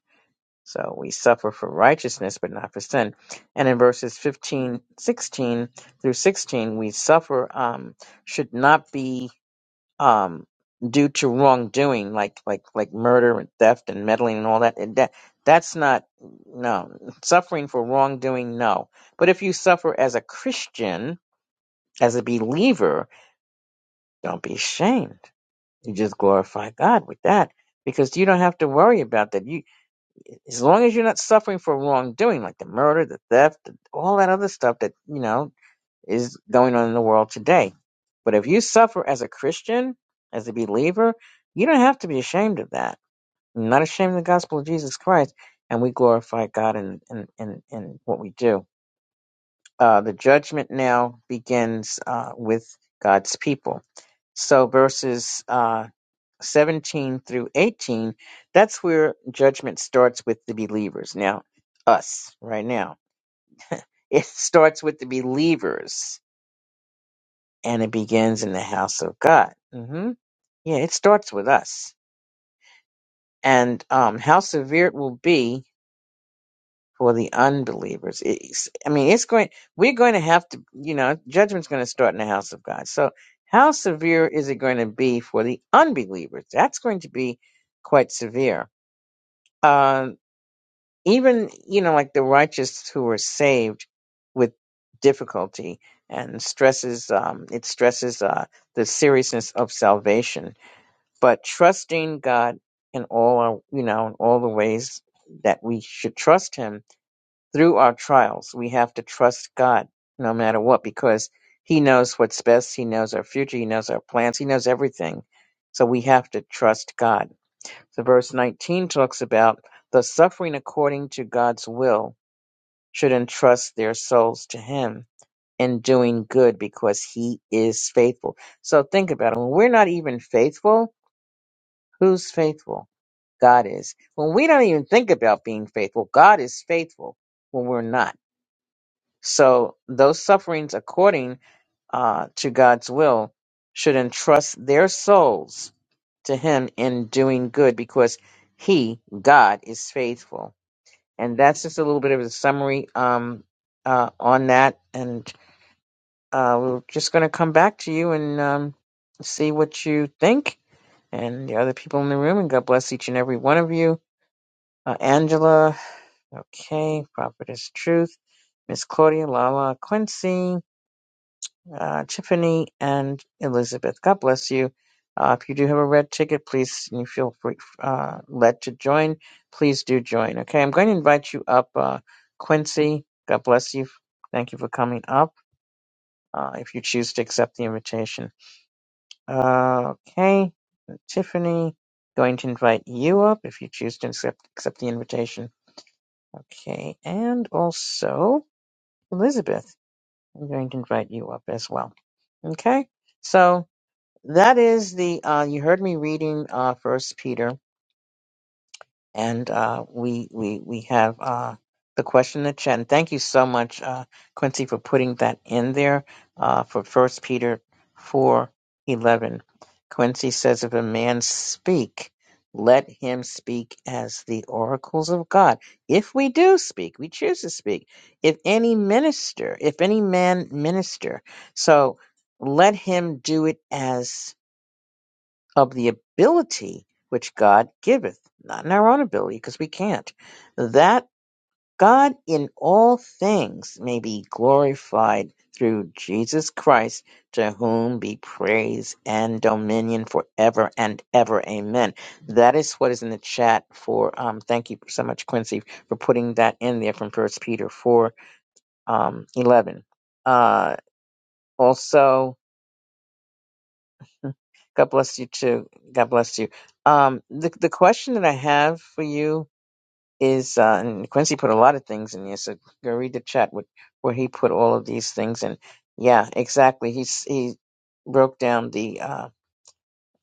S1: So we suffer for righteousness, but not for sin. And in verses 15, 16 through 16, we suffer um, should not be um, due to wrongdoing, like like like murder and theft and meddling and all that. And that that's not no suffering for wrongdoing. No, but if you suffer as a Christian, as a believer, Don't be ashamed. You just glorify God with that because you don't have to worry about that. You, as long as you're not suffering for wrongdoing, like the murder, the theft, all that other stuff that you know is going on in the world today. But if you suffer as a Christian, as a believer, you don't have to be ashamed of that. You're not ashamed of the gospel of Jesus Christ, and we glorify God in in in, in what we do. Uh, the judgment now begins uh, with God's people. So verses. uh, 17 through 18, that's where judgment starts with the believers. Now, us, right now. (laughs) It starts with the believers and it begins in the house of God. hmm Yeah, it starts with us. And um, how severe it will be for the unbelievers. It's, I mean, it's going, we're going to have to, you know, judgment's going to start in the house of God. So, how severe is it going to be for the unbelievers? That's going to be quite severe Um, even you know like the righteous who are saved with difficulty and stresses um, it stresses uh, the seriousness of salvation but trusting god in all our you know in all the ways that we should trust him through our trials we have to trust god no matter what because he knows what's best he knows our future he knows our plans he knows everything so we have to trust god so verse 19 talks about the suffering according to God's will should entrust their souls to him in doing good because he is faithful. So think about it. When we're not even faithful, who's faithful? God is. When we don't even think about being faithful, God is faithful when we're not. So those sufferings according uh, to God's will should entrust their souls to Him in doing good because He, God, is faithful. And that's just a little bit of a summary um, uh, on that. And uh, we're just going to come back to you and um, see what you think and the other people in the room. And God bless each and every one of you. Uh, Angela, okay, Prophetess Truth, Miss Claudia, Lala, Quincy. uh, Tiffany and Elizabeth. God bless you. Uh, if you do have a red ticket, please and you feel free, uh, led to join. Please do join. Okay, I'm going to invite you up, uh, Quincy. God bless you. Thank you for coming up. Uh, if you choose to accept the invitation, uh, okay, Tiffany, going to invite you up if you choose to accept accept the invitation. Okay, and also Elizabeth, I'm going to invite you up as well. Okay, so that is the uh you heard me reading uh first peter and uh we we we have uh the question in the chat and thank you so much uh quincy for putting that in there uh for first peter four eleven. quincy says if a man speak let him speak as the oracles of god if we do speak we choose to speak if any minister if any man minister so let him do it as of the ability which God giveth, not in our own ability, because we can't, that God in all things may be glorified through Jesus Christ, to whom be praise and dominion forever and ever. Amen. That is what is in the chat for, um, thank you so much, Quincy, for putting that in there from First Peter 4, um, 11. Uh, also, God bless you too. God bless you. Um, the the question that I have for you is, uh, and Quincy put a lot of things in here, so go read the chat with, where he put all of these things. And yeah, exactly. He's he broke down the uh,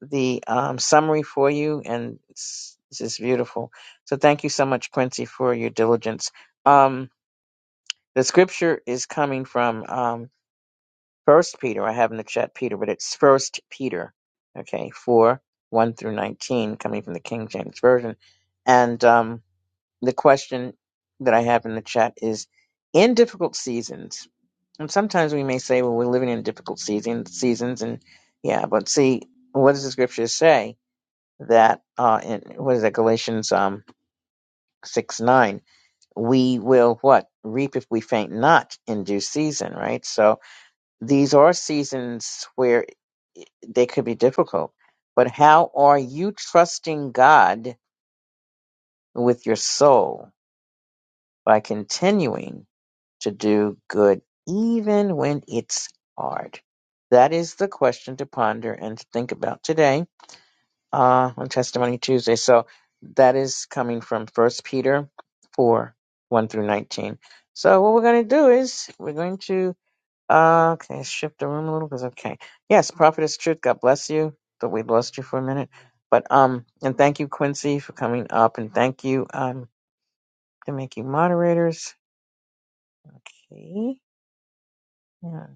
S1: the um, summary for you, and it's, it's just beautiful. So thank you so much, Quincy, for your diligence. Um, the scripture is coming from um, First Peter, I have in the chat Peter, but it's First Peter, okay, four one through nineteen, coming from the King James version. And um, the question that I have in the chat is: In difficult seasons, and sometimes we may say, "Well, we're living in difficult season Seasons, and yeah, but see, what does the scripture say that uh, in what is that Galatians um six nine? We will what reap if we faint not in due season, right? So these are seasons where they could be difficult. But how are you trusting God with your soul by continuing to do good even when it's hard? That is the question to ponder and to think about today uh, on Testimony Tuesday. So that is coming from First Peter 4 1 through 19. So what we're going to do is we're going to Uh, Okay, shift the room a little because okay. Yes, prophetess truth. God bless you. Thought we lost you for a minute, but um, and thank you Quincy for coming up, and thank you um to make you moderators. Okay, yeah.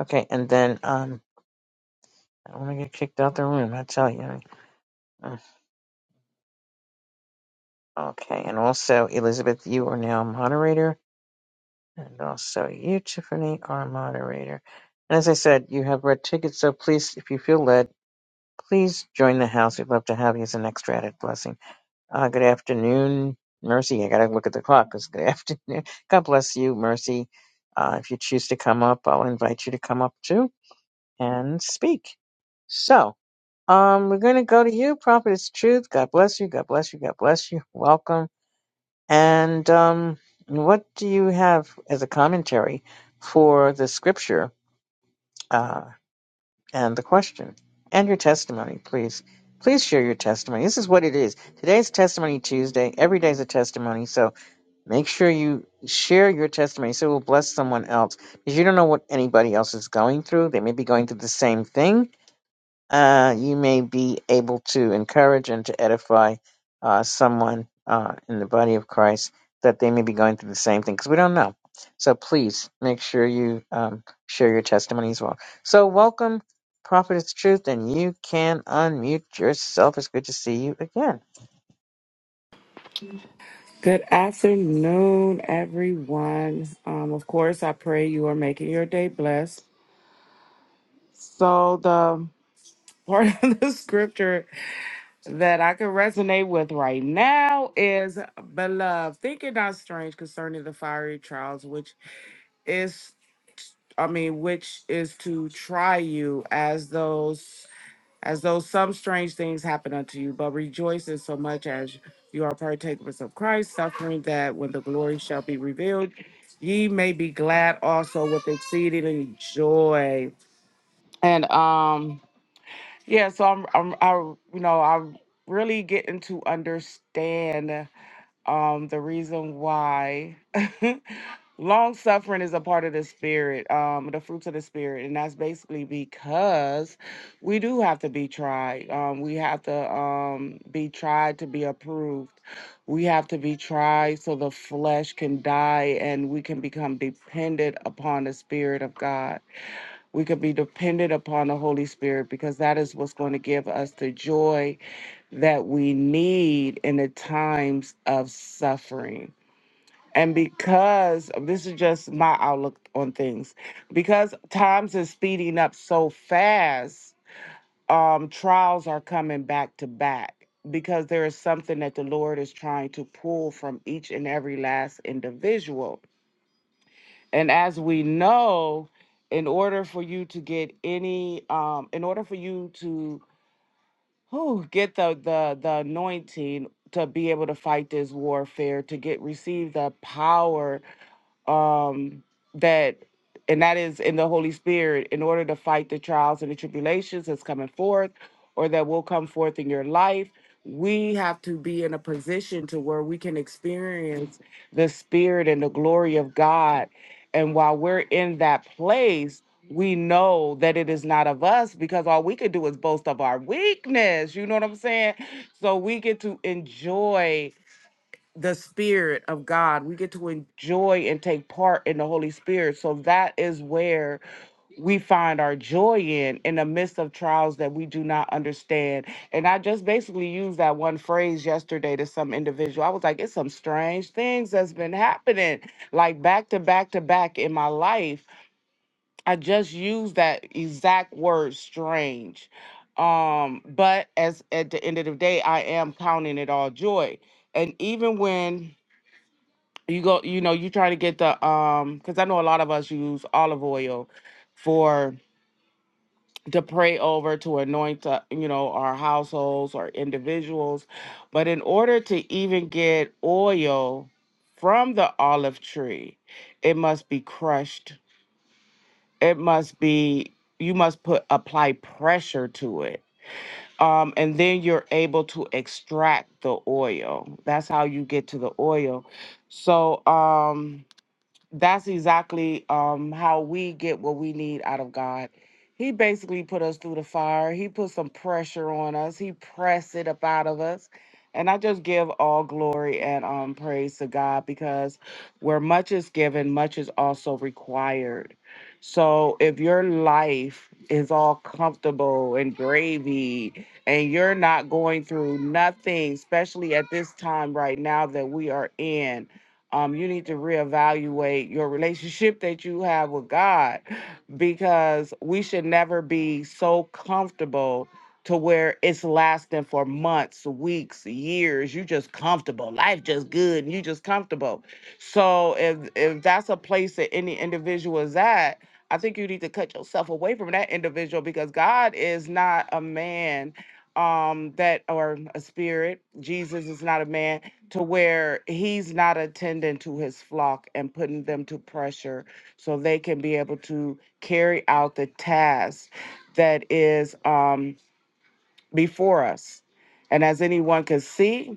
S1: Okay, and then um, I don't want to get kicked out the room. I tell you. Mm, Okay, and also Elizabeth, you are now a moderator, and also you Tiffany are a moderator. And as I said, you have red tickets, so please, if you feel led, please join the house. We'd love to have you as an extra added blessing. Uh, good afternoon, Mercy. I gotta look at the clock. 'cause good afternoon. (laughs) God bless you, Mercy. Uh, if you choose to come up, I'll invite you to come up too and speak. So, um, we're gonna go to you, Prophet. It's truth. God bless you. God bless you. God bless you. (laughs) Welcome. And um, what do you have as a commentary for the scripture? Uh, and the question and your testimony, please. Please share your testimony. This is what it is. Today's Testimony Tuesday. Every day's a testimony. So make sure you share your testimony so it will bless someone else because you don't know what anybody else is going through. They may be going through the same thing. Uh, you may be able to encourage and to edify uh, someone uh, in the body of Christ that they may be going through the same thing because we don't know. So please make sure you um, share your testimony as well. So welcome. Prophet is Truth, and you can unmute yourself. It's good to see you again.
S3: Good afternoon, everyone. Um, of course, I pray you are making your day blessed. So, the part (laughs) of the scripture that I can resonate with right now is Beloved, think it not strange concerning the fiery trials, which is, I mean, which is to try you as those. as though some strange things happen unto you, but rejoice in so much as you are partakers of Christ's suffering, that when the glory shall be revealed, ye may be glad also with exceeding joy. And um, yeah, so I'm, I'm, I, you know, I'm really getting to understand. Um, the reason why (laughs) long suffering is a part of the spirit, um, the fruits of the spirit, and that's basically because we do have to be tried. Um, we have to um be tried to be approved. We have to be tried so the flesh can die and we can become dependent upon the spirit of God. We could be dependent upon the Holy Spirit because that is what's going to give us the joy that we need in the times of suffering. And because this is just my outlook on things, because times is speeding up so fast, um, trials are coming back to back because there is something that the Lord is trying to pull from each and every last individual. And as we know, in order for you to get any, um, in order for you to who get the the the anointing to be able to fight this warfare to get receive the power um, that, and that is in the Holy Spirit, in order to fight the trials and the tribulations that's coming forth or that will come forth in your life, we have to be in a position to where we can experience the Spirit and the glory of God. And while we're in that place, we know that it is not of us because all we could do is boast of our weakness. You know what I'm saying? So we get to enjoy the spirit of god we get to enjoy and take part in the holy spirit so that is where we find our joy in in the midst of trials that we do not understand and i just basically used that one phrase yesterday to some individual i was like it's some strange things that's been happening like back to back to back in my life i just used that exact word strange um but as at the end of the day i am counting it all joy and even when you go you know you try to get the um because i know a lot of us use olive oil for to pray over to anoint uh, you know our households or individuals but in order to even get oil from the olive tree it must be crushed it must be you must put apply pressure to it um, and then you're able to extract the oil that's how you get to the oil so um that's exactly um, how we get what we need out of God. He basically put us through the fire. He put some pressure on us. He pressed it up out of us. And I just give all glory and um, praise to God because where much is given, much is also required. So if your life is all comfortable and gravy and you're not going through nothing, especially at this time right now that we are in, um, you need to reevaluate your relationship that you have with God because we should never be so comfortable to where it's lasting for months, weeks, years. You just comfortable. Life just good and you just comfortable. So if if that's a place that any individual is at, I think you need to cut yourself away from that individual because God is not a man um that or a spirit. Jesus is not a man to where he's not attending to his flock and putting them to pressure so they can be able to carry out the task that is um, before us. And as anyone can see,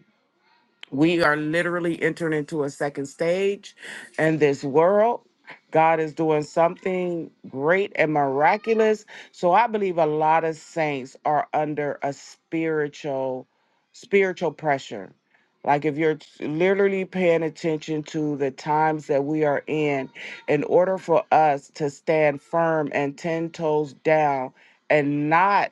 S3: we are literally entering into a second stage in this world. God is doing something great and miraculous. So I believe a lot of saints are under a spiritual spiritual pressure. Like if you're t- literally paying attention to the times that we are in, in order for us to stand firm and 10 toes down and not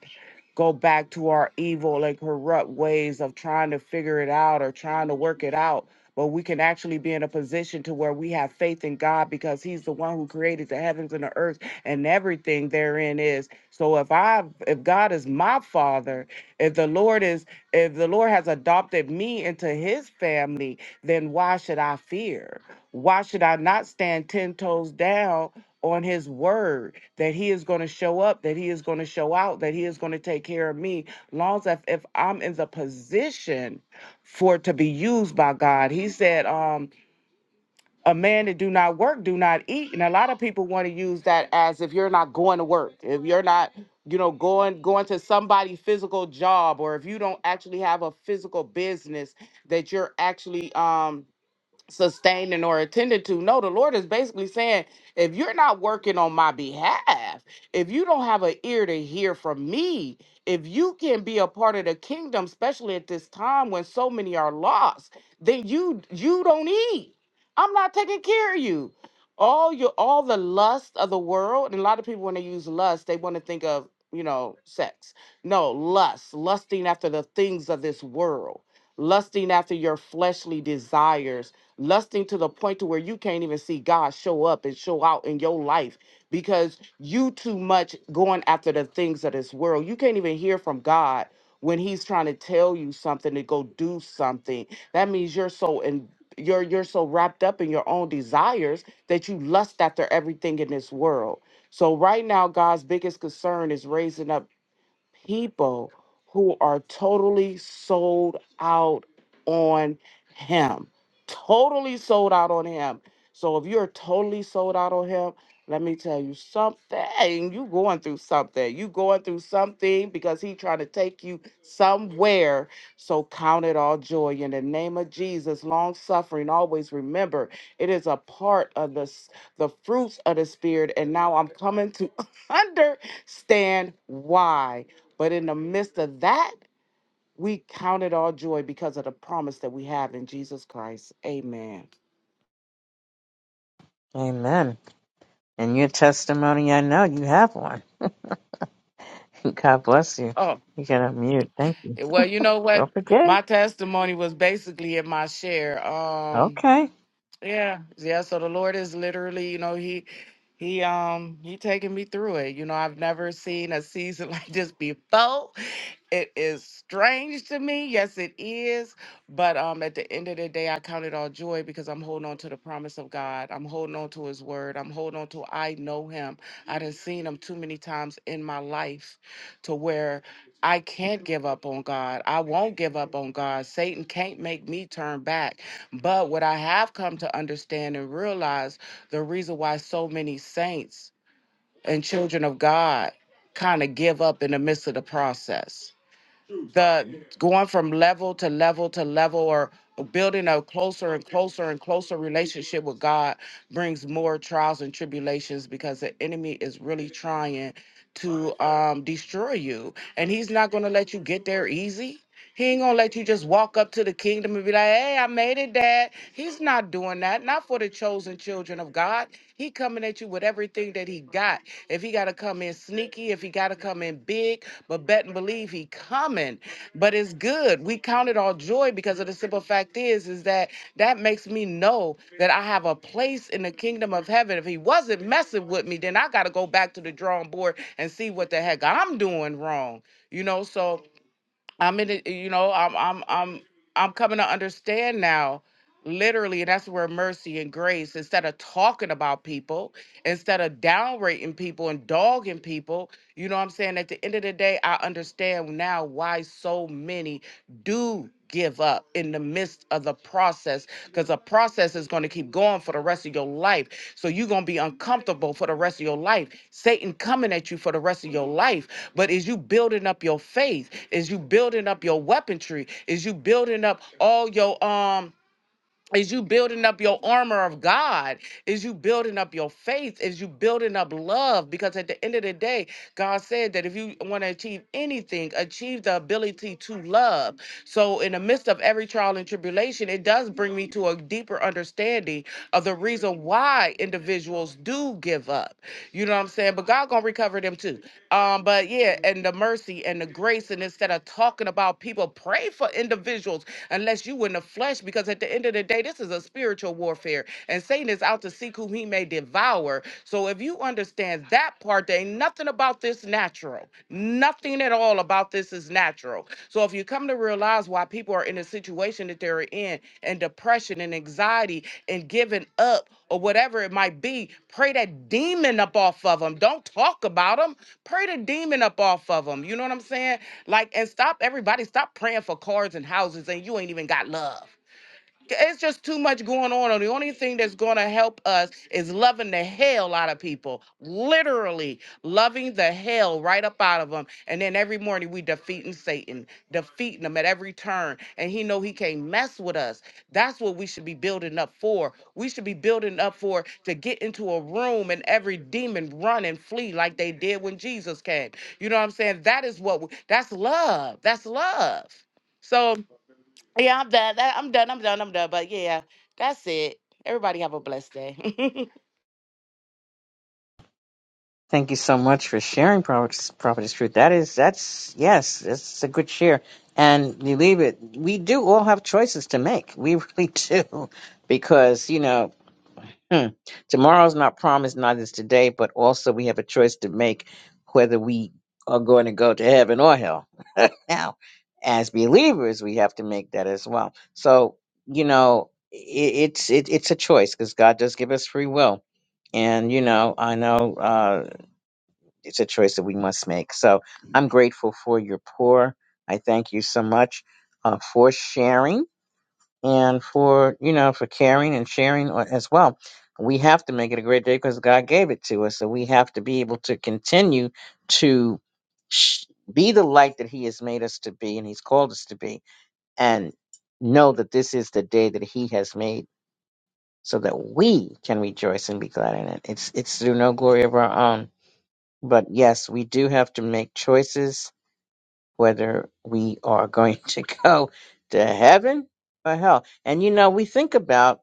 S3: go back to our evil and corrupt ways of trying to figure it out or trying to work it out. But we can actually be in a position to where we have faith in God because He's the one who created the heavens and the earth and everything therein is. So if I if God is my father, if the Lord is if the Lord has adopted me into his family, then why should I fear? Why should I not stand ten toes down on his word that he is going to show up, that he is going to show out, that he is going to take care of me. Long as if, if I'm in the position for it to be used by God, he said, um, a man that do not work, do not eat. And a lot of people want to use that as if you're not going to work, if you're not, you know, going going to somebody's physical job, or if you don't actually have a physical business that you're actually um sustaining or attended to. No, the Lord is basically saying, if you're not working on my behalf, if you don't have an ear to hear from me, if you can be a part of the kingdom, especially at this time when so many are lost, then you you don't eat. I'm not taking care of you. All your all the lust of the world, and a lot of people when they use lust, they want to think of, you know, sex. No, lust, lusting after the things of this world, lusting after your fleshly desires lusting to the point to where you can't even see God show up and show out in your life because you too much going after the things of this world. You can't even hear from God when he's trying to tell you something to go do something. That means you're so in you're you're so wrapped up in your own desires that you lust after everything in this world. So right now God's biggest concern is raising up people who are totally sold out on him. Totally sold out on him. So if you're totally sold out on him, let me tell you something. You going through something. You going through something because he trying to take you somewhere. So count it all joy in the name of Jesus. Long suffering. Always remember it is a part of the s- the fruits of the spirit. And now I'm coming to (laughs) understand why. But in the midst of that, we count it all joy because of the promise that we have in Jesus Christ. Amen.
S1: Amen. And your testimony, I know you have one. (laughs) God bless you.
S3: Oh,
S1: You can unmute. Thank you.
S3: eh, well, you know what?
S1: Don't forget.
S3: My testimony was basically in my share. Um,
S1: Okay.
S3: yeah, yeah. So the Lord is literally, you know, He he um he taking me through it. You know, I've never seen a season (laughs) like this before. it is strange to me. Yes, it is. But um, at the end of the day, I count it all joy because I'm holding on to the promise of God. I'm holding on to His word. I'm holding on to I know Him. I done seen Him too many times in my life, to where I can't give up on God. I won't give up on God. Satan can't make me turn back. But what I have come to understand and realize the reason why so many saints and children of God kind of give up in the midst of the process the going from level to level to level or building a closer and closer and closer relationship with God brings more trials and tribulations because the enemy is really trying to um, destroy you. And he's not going to let you get there easy. He ain't gonna let you just walk up to the kingdom and be like, "Hey, I made it, Dad." He's not doing that. Not for the chosen children of God. He coming at you with everything that he got. If he gotta come in sneaky, if he gotta come in big, but bet and believe he coming but it's good. We count it all joy because of the simple fact is, is that that makes me know that I have a place in the kingdom of heaven. If he wasn't messing with me, then I got to go back to the drawing board and see what the heck I'm doing wrong. You know, so I'm in it, you know, I'm I'm I'm I'm coming to understand now. Literally, and that's where mercy and grace, instead of talking about people, instead of downrating people and dogging people, you know what I'm saying? At the end of the day, I understand now why so many do give up in the midst of the process because the process is going to keep going for the rest of your life. So you're going to be uncomfortable for the rest of your life. Satan coming at you for the rest of your life. But is you building up your faith? Is you building up your weaponry? Is you building up all your um is you building up your armor of God? Is you building up your faith? Is you building up love? Because at the end of the day, God said that if you want to achieve anything, achieve the ability to love. So, in the midst of every trial and tribulation, it does bring me to a deeper understanding of the reason why individuals do give up. You know what I'm saying? But God gonna recover them too. Um, but yeah, and the mercy and the grace, and instead of talking about people, pray for individuals unless you in the flesh, because at the end of the day, this is a spiritual warfare, and Satan is out to seek whom he may devour. So if you understand that part, there ain't nothing about this natural. Nothing at all about this is natural. So if you come to realize why people are in the situation that they're in, and depression and anxiety and giving up or whatever it might be, pray that demon up off of them. Don't talk about them Pray the demon up off of them. You know what I'm saying? Like, and stop everybody, stop praying for cars and houses and you ain't even got love it's just too much going on. And the only thing that's going to help us is loving the hell out of people, literally loving the hell right up out of them. And then every morning we defeating Satan, defeating him at every turn. And he know he can't mess with us. That's what we should be building up for. We should be building up for to get into a room and every demon run and flee like they did when Jesus came. You know what I'm saying? That is what we, that's love. That's love. So yeah, I'm done. That- I'm done. I'm done. I'm done. But yeah, that's it. Everybody have a blessed day. (laughs)
S1: Thank you so much for sharing Prophetess, Prophetess Truth. That is, that's, yes, it's a good share. And you leave it, we do all have choices to make. We really (laughs) do. Because, you know, hmm, tomorrow's not promised, neither is today, but also we have a choice to make whether we are going to go to heaven or hell. (laughs) now, as believers, we have to make that as well. So, you know, i it's, it, it's a choice because God does give us free will and you know i know uh, it's a choice that we must make. So I'm grateful for your pour. I thank you so much uh, for sharing and for you know for caring and sharing a- as well. We have to make it a great day because God gave it to us, so we have to be able to continue to sh- be the light that He has made us to be and He's called us to be, and know that this is the day that He has made, so that we can rejoice and be glad in it. It's it's through no glory of our own but yes, we do have to make choices whether we are going (laughs) to go to heaven or hell. And you know, we think about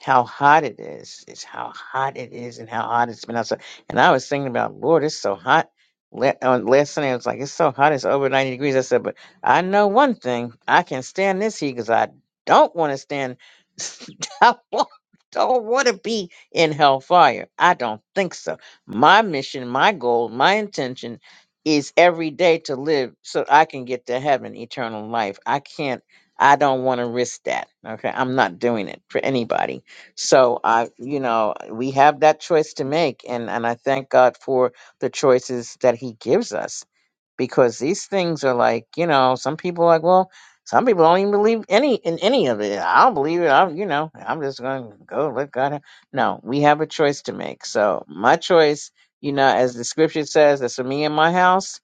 S1: how hot it is. It's how hot it is and how hot it's been outside. And I was thinking about, Lord, it's so hot. La- On last Sunday, I was like, it's so hot. It's over 90 degrees. I said, but I know one thing. I can stand this heat because I don't want to stand. (laughs) I wa- don't want to be in hellfire. I don't think so. My mission, my goal, my intention is every day to live so I can get to heaven, eternal life. I can't, I don't want to risk that. Okay. I'm not doing it for anybody. So I, you know, we have that choice to make. And, and I thank God for the choices that he gives us because these things are like, you know, some people are like, well, some people don't even believe any in any of it. I don't believe it. I'm, you know, I'm just going to go let God. have-" No, we have a choice to make. So my choice you know, as the scripture says, that's for me and my house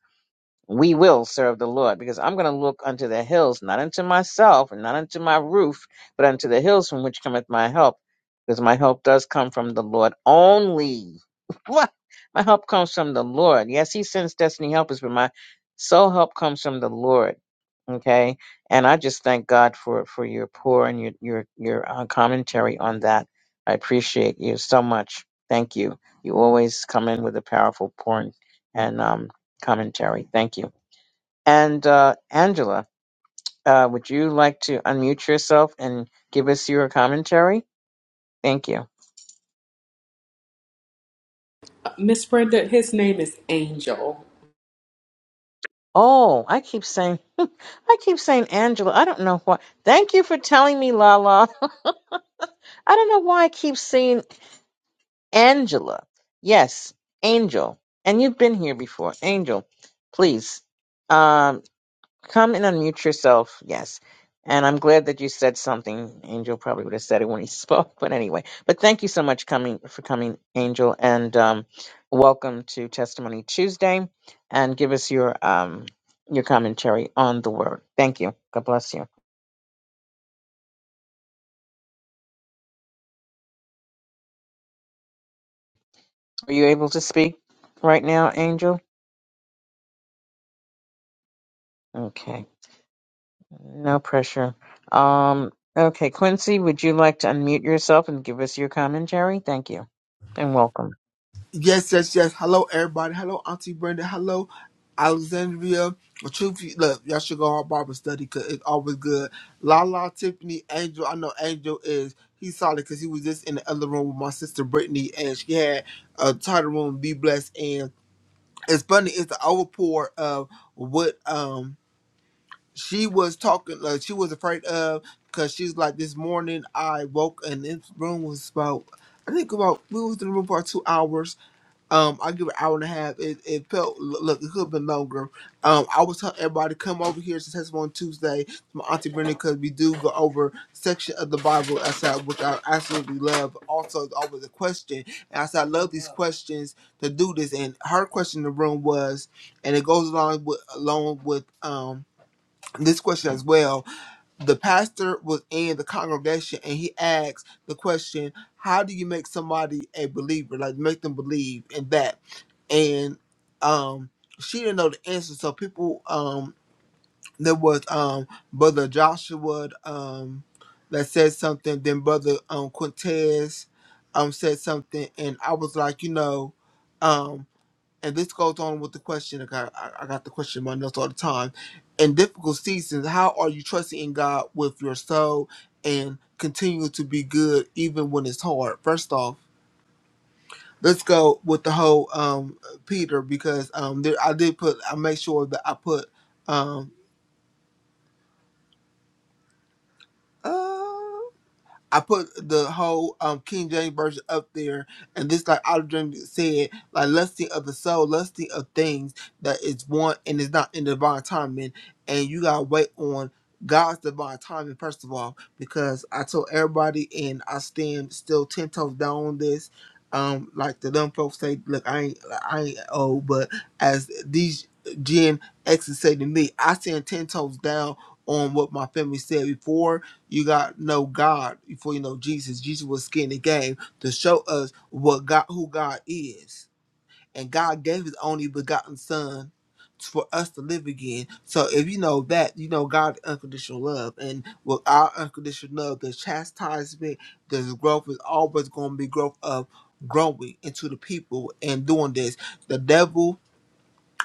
S1: we will serve the Lord because I'm going to look unto the hills, not unto myself and not unto my roof, but unto the hills from which cometh my help, because my help does come from the Lord only. (laughs) What? My help comes from the Lord. Yes, He sends destiny helpers, but my soul help comes from the Lord. Okay, and I just thank God for for your pour and your your your uh, commentary on that. I appreciate you so much. Thank you. You always come in with a powerful pour, and um, commentary. Thank you. And uh, Angela, uh, would you like to unmute yourself and give us your commentary? Thank you.
S4: Miss Brenda, his name is Angel.
S1: Oh, I keep saying, (laughs) I keep saying Angela. I don't know why. Thank you for telling me, Lala. (laughs) I don't know why I keep saying Angela. Yes, Angel. And you've been here before, Angel. Please. um, Come and unmute yourself. Yes. And I'm glad that you said something. Angel probably would have said it when he (laughs) spoke, but anyway. But thank you so much coming for coming, Angel, and um, welcome to Testimony Tuesday. And give us your um, your commentary on the word. Thank you. God bless you. Are you able to speak right now, Angel? Okay. No pressure. Um, okay, Quincy, would you like to unmute yourself and give us your commentary? Thank you, and welcome.
S5: Yes, yes, yes. Hello, everybody. Hello, Auntie Brenda. Hello, Alexandria. The Truth, is- look, y'all should go on Bible study because it's always good. La la, Tiffany, Angel. I know Angel is. He's solid because he was just in the other room with my sister Brittany, and she had a title room, Be Blessed. And it's funny, it's the overpour of what um she was talking, like she was afraid of because she's like, this morning I woke and this room was about, I think about, we was in the room for two hours um, I give it an hour and a half. It, it felt lo- look, it could have been longer. Um, I was telling everybody come over here to Testimony Tuesday to my auntie Brenda because we do go over section of the Bible as I which I absolutely love. Also, it's always a question, and I said I love these questions to do this. And her question in the room was, and it goes along with along with um this question as well the pastor was in the congregation and he asked the question, How do you make somebody a believer? Like make them believe in that. And um she didn't know the answer. So people um there was um brother Joshua um that said something, then brother um Quintez um said something and I was like, you know, um, and this goes on with the question. like, I I I got the question in my notes all the time. In difficult seasons, how are you trusting in God with your soul and continue to be good even when it's hard? First off, let's go with the whole um Peter because um there I did put I make sure that I put um uh, I put the whole um, King James version up there, and this like Olive Dream said, like lusting of the soul, lusting of things that is one and is not in the divine timing, and you gotta wait on God's divine timing first of all, because I told everybody, and I stand still ten toes down on this. Um, like the dumb folks say, look, I ain't, I ain't old, but as these Gen X's say to me, I stand ten toes down on what my family said before you got to know God before you know Jesus. Jesus was skin in the game to show us what God, who God is, and God gave His only begotten Son for us to live again. So if you know that, you know God's unconditional love, and with our unconditional love, the chastisement, the growth is always going to be growth of growing into the people and doing this. The devil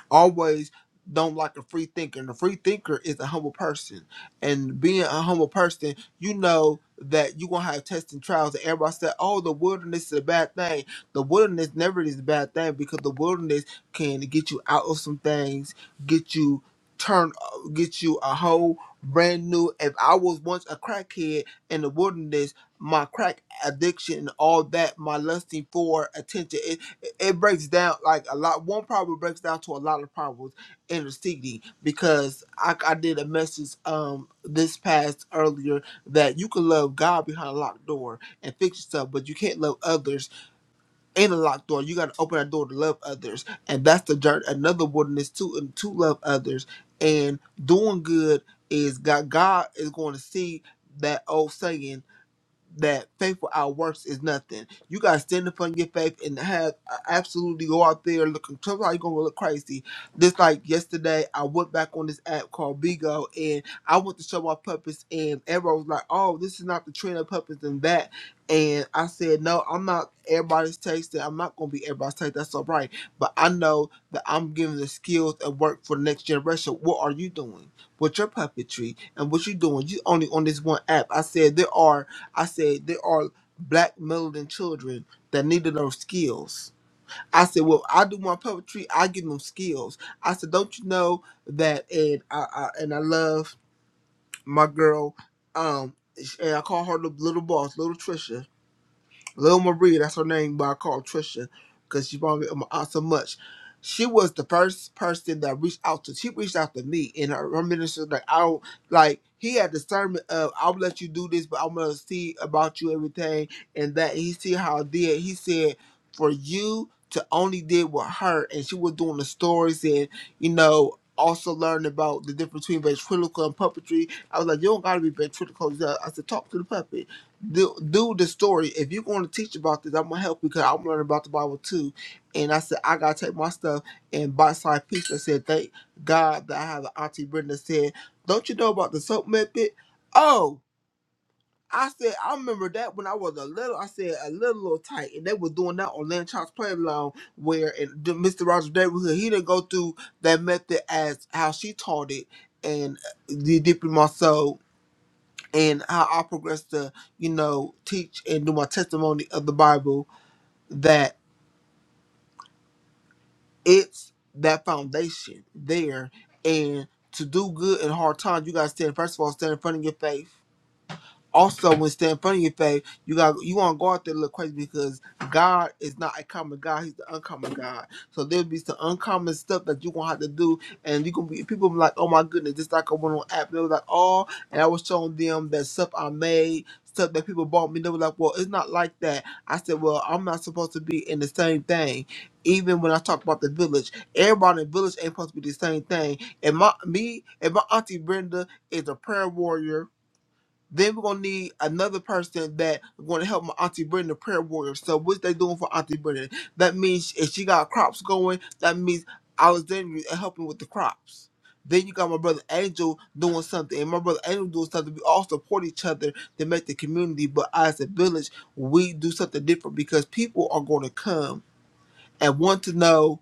S5: always don't like a free thinker. And a free thinker is a humble person. And being a humble person, you know that you're gonna have tests and trials. And everybody said, Oh, the wilderness is a bad thing. The wilderness never is a bad thing because the wilderness can get you out of some things, get you turn get you a whole brand new if I was once a crackhead in the wilderness, my crack addiction and all that, my lusting for attention. it, it it breaks down like a lot. One problem breaks down to a lot of problems in the city because I, I did a message um this past earlier that you can love God behind a locked door and fix yourself, but you can't love others in a locked door. You got to open that door to love others, and that's the journey. Another wilderness too, and to love others and doing good is God. God is going to see that old saying that faith without works is nothing. You gotta stand up on your faith and have uh, absolutely go out there looking. Tell how you gonna look crazy. Just like yesterday, I went back on this app called Bigo and I went to show my puppets and everyone was like, "Oh, this is not the trend of puppets and that." And I said, "No, I'm not everybody's taste. I'm not gonna be everybody's taste. That's all right. But I know that I'm giving the skills and work for the next generation. What are you doing with your puppetry and what you doing? You only on this one app. I said there are." I said, there are black melody children that needed those skills. I said, well, I do my puppetry. I give them skills. I said, don't you know that? And I, I and I love my girl. Um, and I call her the little boss, little Trisha Lil Marie, that's her name, but I call her Trisha because she brought me my aunt so much. She was the first person that reached out to. She reached out to me, and her, her minister like I don't like. He had discernment of I'll let you do this, but I'm gonna see about you everything and that. And he see how I did. He said for you to only did with her, and she was doing the stories and you know. Also learned about the difference between ventriloquism and puppetry. I was like, you don't gotta be ventriloquist. I said, talk to the puppet do do the story. If you're going to teach about this, I'm gonna help you because I'm learning about the Bible too. And I said I gotta take my stuff and bite side piece. I said thank God that I have an auntie Brenda said, don't you know about the soap method? Oh, I said I remember that when I was a little. I said a little little tight, and they were doing that on Land Child's Playground where in the Mr. Rogers neighborhood he didn't go through that method as how she taught it. And uh, deep in my soul and how I progress to, you know, teach and do my testimony of the Bible that it's that foundation there. And to do good in hard times, you gotta stand first of all, stand in front of your faith Also, when standing in front of your faith, you got you want to go out there and look crazy because God is not a common God; He's the uncommon God. So there'll be some uncommon stuff that you gonna have to do, and you gonna be people be like, "Oh my goodness!" Just like I went on app, they was like, "Oh," and I was showing them that stuff I made, stuff that people bought me. They were like, "Well, it's not like that." I said, "Well, I'm not supposed to be in the same thing." Even when I talk about the village, everybody in the village ain't supposed to be the same thing. And my me and my auntie Brenda is a prayer warrior then we're gonna need another person that gonna help my auntie Brenda prayer warrior. So what's they doing for Auntie Brenda? That means if she got crops going, that means Alexandria is helping with the crops. Then you got my brother Angel doing something, and my brother Angel doing something. We all support each other to make the community, but as a village, we do something different because people are going to come and want to know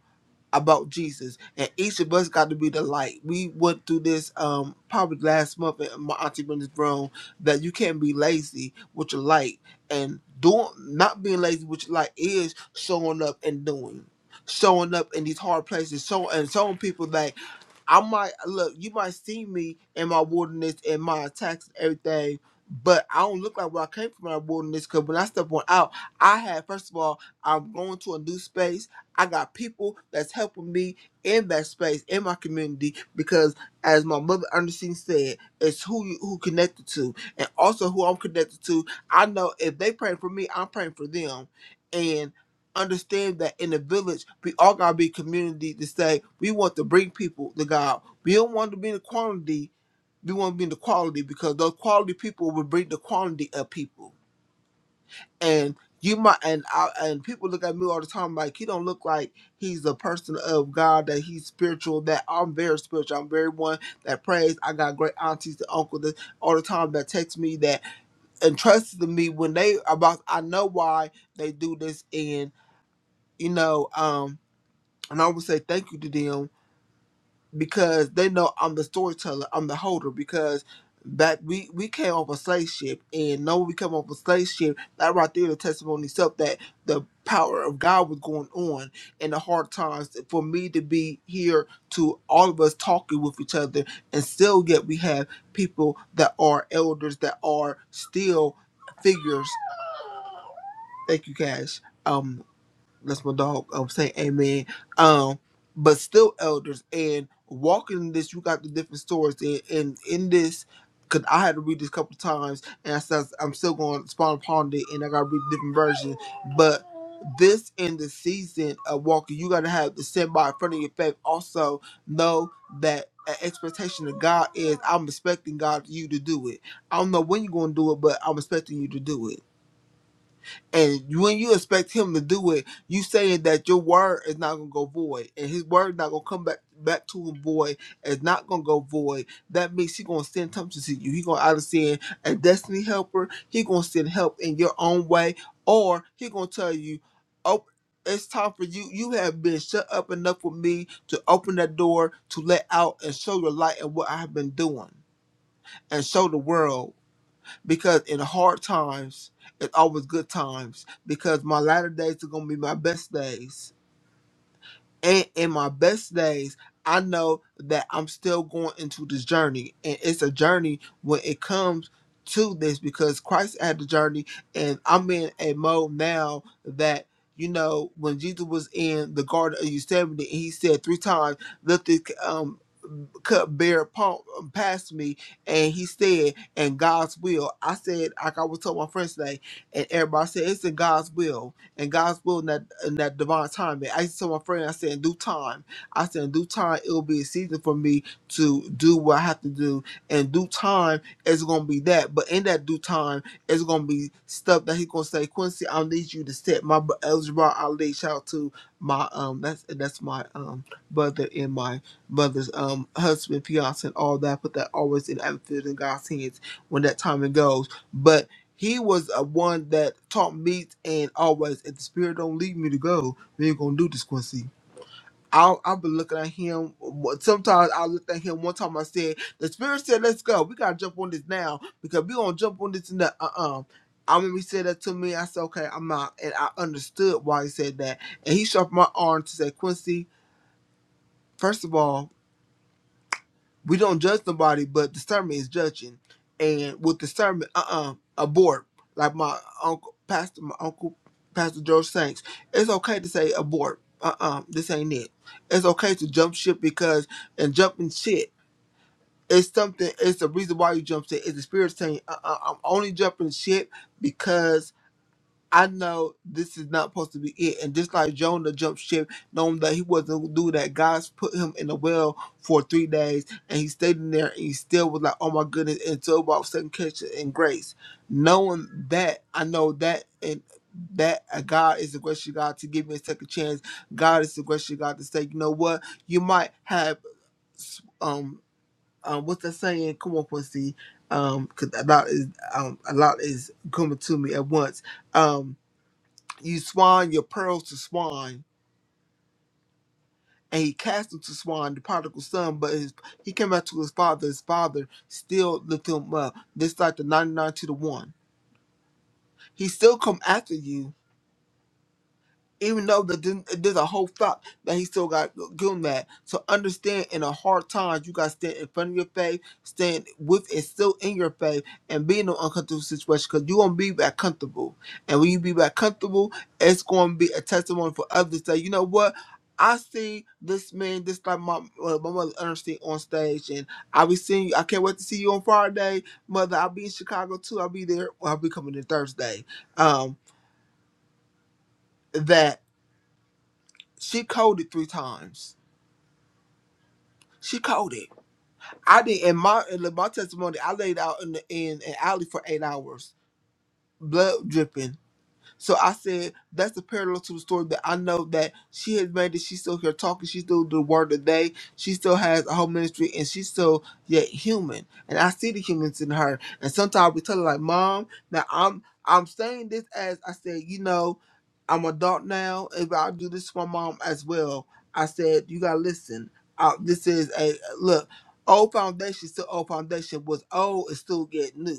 S5: about Jesus, and each of us got to be the light. We went through this um probably last month at my auntie Brenda's room that you can't be lazy with your light, and doing not being lazy with your light is showing up and doing, showing up in these hard places, so and showing people that. I might look, you might see me in my wilderness and my attacks and everything, but I don't look like where I came from in my wilderness because when I step on out, I had first of all, I'm going to a new space. I got people that's helping me in that space, in my community, because as my mother Ernestine said, it's who you who connected to. And also who I'm connected to, I know if they praying for me, I'm praying for them. and understand that in the village, we all gotta be community to say we want to bring people to God. We don't want to be in the quantity, we want to be in the quality because those quality people will bring the quantity of people. And you might and I and people look at me all the time like he don't look like he's a person of God that he's spiritual. That I'm very spiritual. I'm very one that prays. I got great aunties and uncles that all the time that text me that entrusted to me when they about. I know why they do this and you know um and I would say thank you to them because they know I'm the storyteller, I'm the holder because back we, we came off a slave ship and know we come off a slave ship, that right there the testimony itself that the power of God was going on in the hard times for me to be here to all of us talking with each other and still yet we have people that are elders that are still figures. Thank you guys. Um, that's my dog. I'm saying amen. Um, but still elders and walking in this, you got the different stories and in, in, this. Cause I had to read this a couple times, and I said I'm still going to spawn upon it, and I got to read different versions. But this in the season of walking, you got to have the stand by in front of your faith. Also, know that an expectation of God is I'm expecting God you to do it. I don't know when you're going to do it, but I'm expecting you to do it and when you expect him to do it, you saying that your word is not gonna go void, and his word not gonna come back back to him void. It's not gonna go void. That means he gonna send something to see you. He gonna either send a destiny helper. He gonna send help in your own way, or he gonna tell you, "Oh, it's time for you. You have been shut up enough with me to open that door to let out and show your light and what I have been doing, and show the world." because in hard times, it's always good times because my latter days are going to be my best days. And in my best days, I know that I'm still going into this journey. And it's a journey when it comes to this because Christ had the journey. And I'm in a mode now that, you know, when Jesus was in the Garden of Gethsemane, and he said three times, lift this cupbearer pa- passed me and he said, and God's will. I said, like I was told my friends today, and everybody said, it's in God's will. And God's will in that, in that divine timing. I used to tell my friend, I said, in due time. I said, in due time, it'll be a season for me to do what I have to do. In due time, it's going to be that. But in that due time, it's going to be stuff that he's going to say, Quincy, I need you to set my br- Elder Bar Ali. Shout out to my, um, that's, that's my, um, brother in my brothers, um, husband, fiance, and all that, put that always in attitude in God's hands when that time it goes. But he was a one that taught me and always, if the spirit don't lead me to go, we ain't gonna do this, Quincy. I'll, I've been looking at him. Sometimes I looked at him. One time I said, "The spirit said, let's go. We gotta jump on this now because we gonna jump on this and that." Uh-uh. I remember he said that to me. I said, "Okay, I'm not," and I understood why he said that. And he shoved my arm to say, "Quincy, first of all." we don't judge nobody, but discernment is judging. And with discernment, uh uh abort. Like my uncle, pastor, my uncle, Pastor George Sanks, it's okay to say abort. Uh uh this ain't it. It's okay to jump ship because, and jumping shit, it's something, it's the reason why you jump shit. It's the spirit saying, uh uh-uh, uh, i am only jumping ship because. I know this is not supposed to be it. And just like Jonah jumped ship, knowing that he wasn't gonna do that, God's put him in the well for three days and he stayed in there and he still was like, Oh my goodness, and so about second catch and grace. Knowing that, I know that and that uh, God is the gracious God to give me a second chance. God is the gracious God to say, you know what, you might have um um uh, what's that saying? Come on, Quincy. um, 'cause a lot is um a lot is coming to me at once. Um, you swine your pearls to swine. And he cast them to swine, the prodigal son, but his, he came back to his father. His father still lifted him up. This like the 99 to the 1. He still come after you, even though that then- there's a whole flock that he still got good that. So understand in a hard times you gotta stand in front of your faith, stand with it still in your faith, and be in an uncomfortable situation because you gonna be back comfortable. And when you be back comfortable, it's gonna be a testimony for others that you know what. I see this man, this like my uh, my mother Ernestine on stage, and I be seeing you. I can't wait to see you on Friday, mother. I'll be in Chicago too. I'll be there. Well, I'll be coming in Thursday. Um, that She called it three times. She called it. I did in my in my testimony. I laid out in the in an alley for eight hours, blood dripping. So I said that's the parallel to the story that I know that she has made it. She's still here talking. She's still the word of the day. She still has a whole ministry, and she's still yet human. And I see the humans in her. And sometimes we tell her like, "Mom, now I'm I'm saying this as I said, you know, I'm adult now. If I do this for my mom as well, I said you gotta listen. Uh this is a look. Old foundation, still old foundation was old. is still get new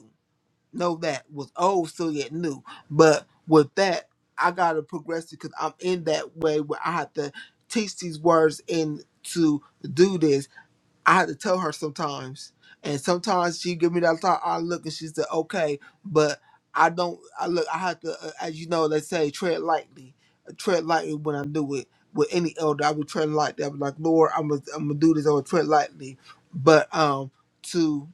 S5: know that was old, still yet new. But with that, I gotta progress because I'm in that way where I have to teach these words and to do this. I had to tell her sometimes, and sometimes she give me that thought. I look and she said, "Okay," but I don't. I look. I have to, uh, as you know, they say tread lightly. uh, Tread lightly when I do it with any elder. I would tread lightly. I was like, Lord, I'm gonna, I'm gonna do this. I'm gonna tread lightly, but um, to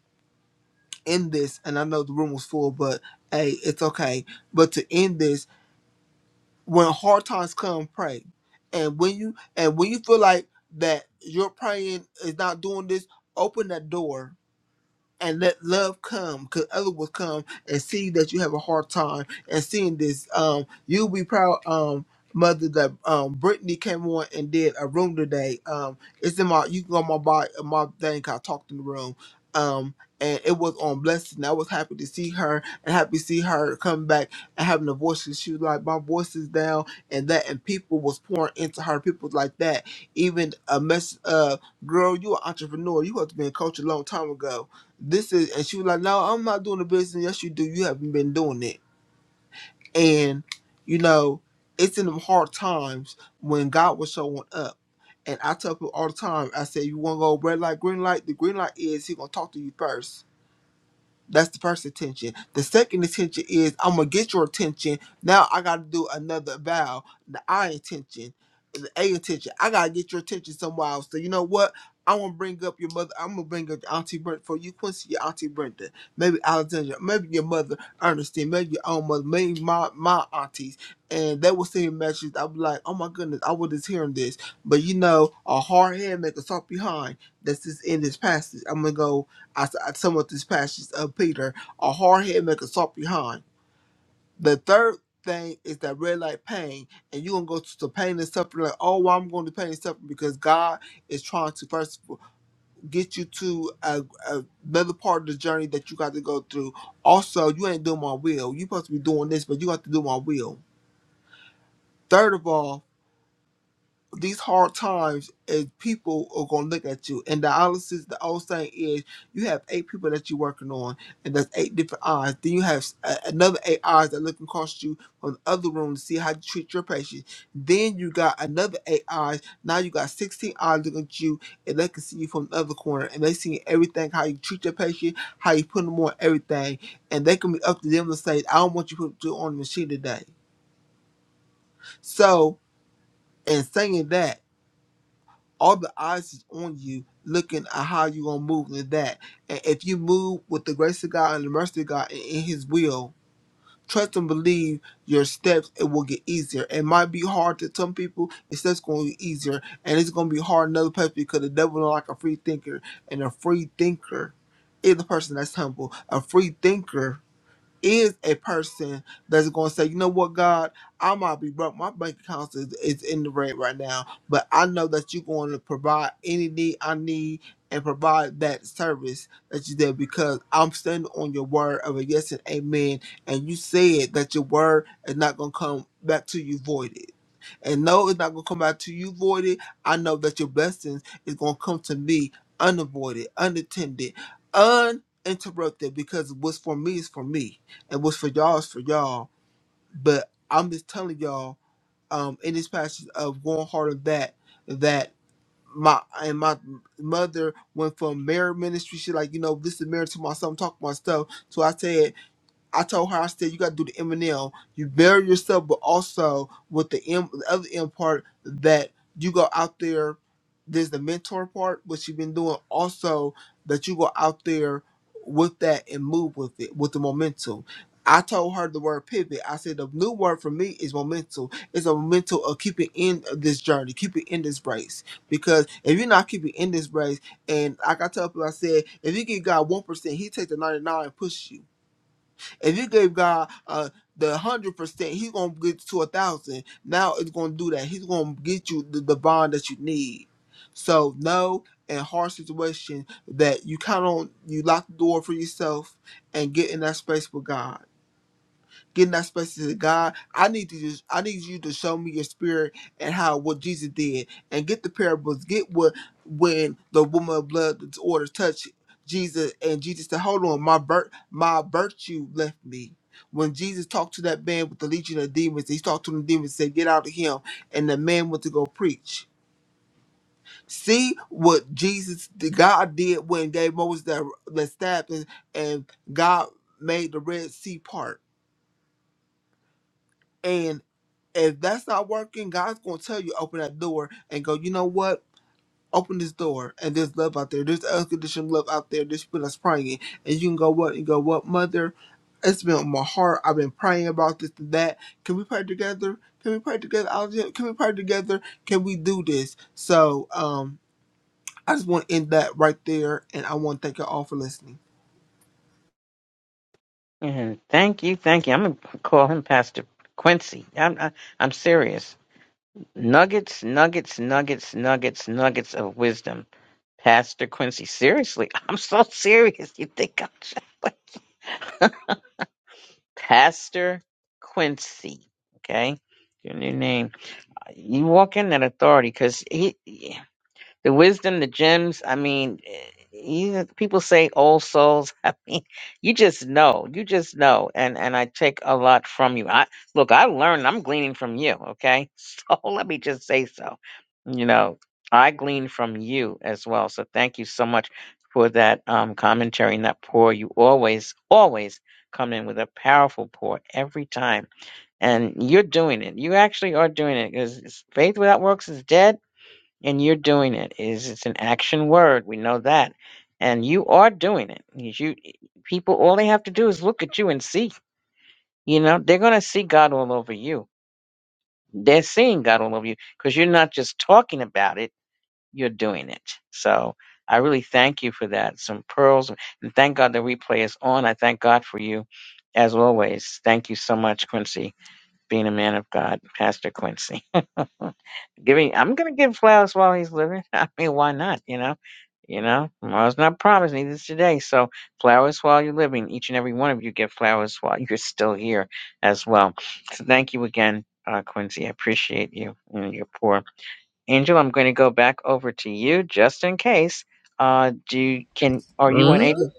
S5: end this, and I know the room was full, but hey, it's okay. But to end this, when hard times come, pray. And when you and when you feel like that your praying is not doing this, open that door and let love come because others will come and see that you have a hard time and seeing this um you'll be proud um mother that um brittany came on and did a room today um it's in my you can go on my by my thing 'cause i talked in the room um and it was on blessing i was happy to see her and happy to see her come back and having a voice 'Cause she was like my voice is down and that and people was pouring into her people like that even a mess uh girl you an entrepreneur you have to be a coach a long time ago this is and she was like no i'm not doing the business yes you do you haven't been doing it and you know it's in them hard times when god was showing up and i tell people all the time i say you want to go red light green light the green light is he gonna talk to you first that's the first intention. The second intention is I'm gonna get your attention. Now I gotta do another vow. The I intention, the A intention. I gotta get your attention somewhere else. So you know what? I'm gonna bring up your mother. I'm gonna bring up Auntie Brenda for you, Quincy, your Auntie Brenda, maybe Alexandra, maybe your mother, Ernestine, maybe your own mother, maybe my my aunties, and they will send me messages. I'll be like, oh my goodness, I was just hearing this, but you know, a hard head make a soft behind. That's this in this passage. I'm gonna go. I, s- I sum up this passage of Peter, a hard head make a soft behind. The third thing is that red light pain, and you're gonna go to the pain and suffering like, oh, well, I'm going to pain and suffering because God is trying to first of all, get you to a, a- another part of the journey that you got to go through. Also, you ain't doing my will. you supposed to be doing this, but you got to do my will. Third of all, these hard times is people are gonna look at you. And dialysis, the old saying is, you have eight people that you're working on, and that's eight different eyes. Then you have a- another eight eyes that look across you from the other room to see how you treat your patient. Then you got another eight eyes. Now you got sixteen eyes looking at you, and they can see you from the other corner, and they see everything how you treat your patient, how you put them on everything, and they can be up to them to say, I don't want you to put on the machine today. So, and saying that. all the eyes is on you looking at how you're going to move in that. And if you move with the grace of God and the mercy of God and in His will, trust and believe your steps, it will get easier. It might be hard to some people, it's just going to be easier. And it's going to be hard in other places because the devil don't like a free thinker. And a free thinker is a person that's humble. A free thinker is a person that's going to say, you know what, God, I might be broke. My bank account is, is in the red right now, but I know that you're going to provide any need I need and provide that service that you did because I'm standing on your word of a yes and amen. And you said that your word is not going to come back to you voided. And no, it's not going to come back to you voided. I know that your blessings is going to come to me unavoided, unattended, uninterrupted because what's for me is for me and what's for y'all is for y'all. But I'm just telling y'all, um, in this passage of going hard on that, that my and my mother went from married ministry. She like, you know, this is married to my son, talk about stuff. So I said. I told her, I said, you got to do the M and L. You bury yourself, but also with the M, the other M part that you go out there. There's the mentor part, which you've been doing. Also, that you go out there with that and move with it, with the momentum. I told her the word pivot. I said the new word for me is momentum. It's a momentum of keeping in this journey, keeping in this race. Because if you're not keeping in this race, and like I tell people, I said, if you give God one percent, He takes the ninety nine and pushes you. If you gave God uh the hundred percent, He's gonna get to a thousand. Now it's gonna do that. He's gonna get you the, the bond that you need. So no, in hard situation that you count on, you lock the door for yourself and get in that space with God getting that special to God. I need to just I need you to show me your spirit and how what Jesus did and get the parables. Get what when the woman of blood disorder touched Jesus and Jesus said, Hold on, my vir- my virtue left me. When Jesus talked to that man with the legion of demons, he talked to the demons said, Get out of him. And the man went to go preach. See what Jesus the God did when gave Moses that, that staff and, and God made the Red Sea part. If that's not working, God's gonna tell you open that door and go. You know what? Open this door, and there's love out there. There's unconditional love out there. There's people that's praying, and you can go what and go what, mother. It's been on my heart. I've been praying about this and that. Can we pray together? Can we pray together? Alexandra? Can we pray together? Can we do this? So, um, I just want to end that right there, and I want to thank you all for listening.
S1: Mhm. Thank you, thank you. I'm gonna call him Pastor Quincy. I'm I, I'm serious. Nuggets, nuggets, nuggets, nuggets, nuggets of wisdom, Pastor Quincy. Seriously, (laughs) I'm so serious. You think I'm joking? (laughs) Pastor Quincy? Okay, your new name. You walk in that authority because he. yeah. The wisdom, the gems, I mean, eh, you, people say old souls. (laughs) I mean, you just know, you just know. And and I take a lot from you. I look, I learned, I'm gleaning from you, okay? (laughs) So let me just say so. You know, I glean from you as well. So thank you so much for that um commentary and that pour. You always, always come in with a powerful pour every time and you're doing it. You actually are doing it because faith without works is dead and you're doing it is it's an action word we know that and you are doing it you you- e, people all they have to do is look at you and see you know they're going to see god all over you they're seeing god all over you because you're not just talking about it you're doing it so i really thank you for that some pearls and thank god the replay is on i thank god for you as always thank you so much quincy being a man of god pastor quincy (laughs) Giving, I'm gonna give flowers while he's living. (laughs) I mean, why not? You know, you know, tomorrow's not promised, neither is today. So flowers while you're living. Each and every one of you get flowers while (laughs) you're still here, as well. So thank you again, uh, Quincy. I appreciate you and your poor angel. I'm going to go back over to you just in case. Uh, do you, can are you
S2: Uh,
S1: unable?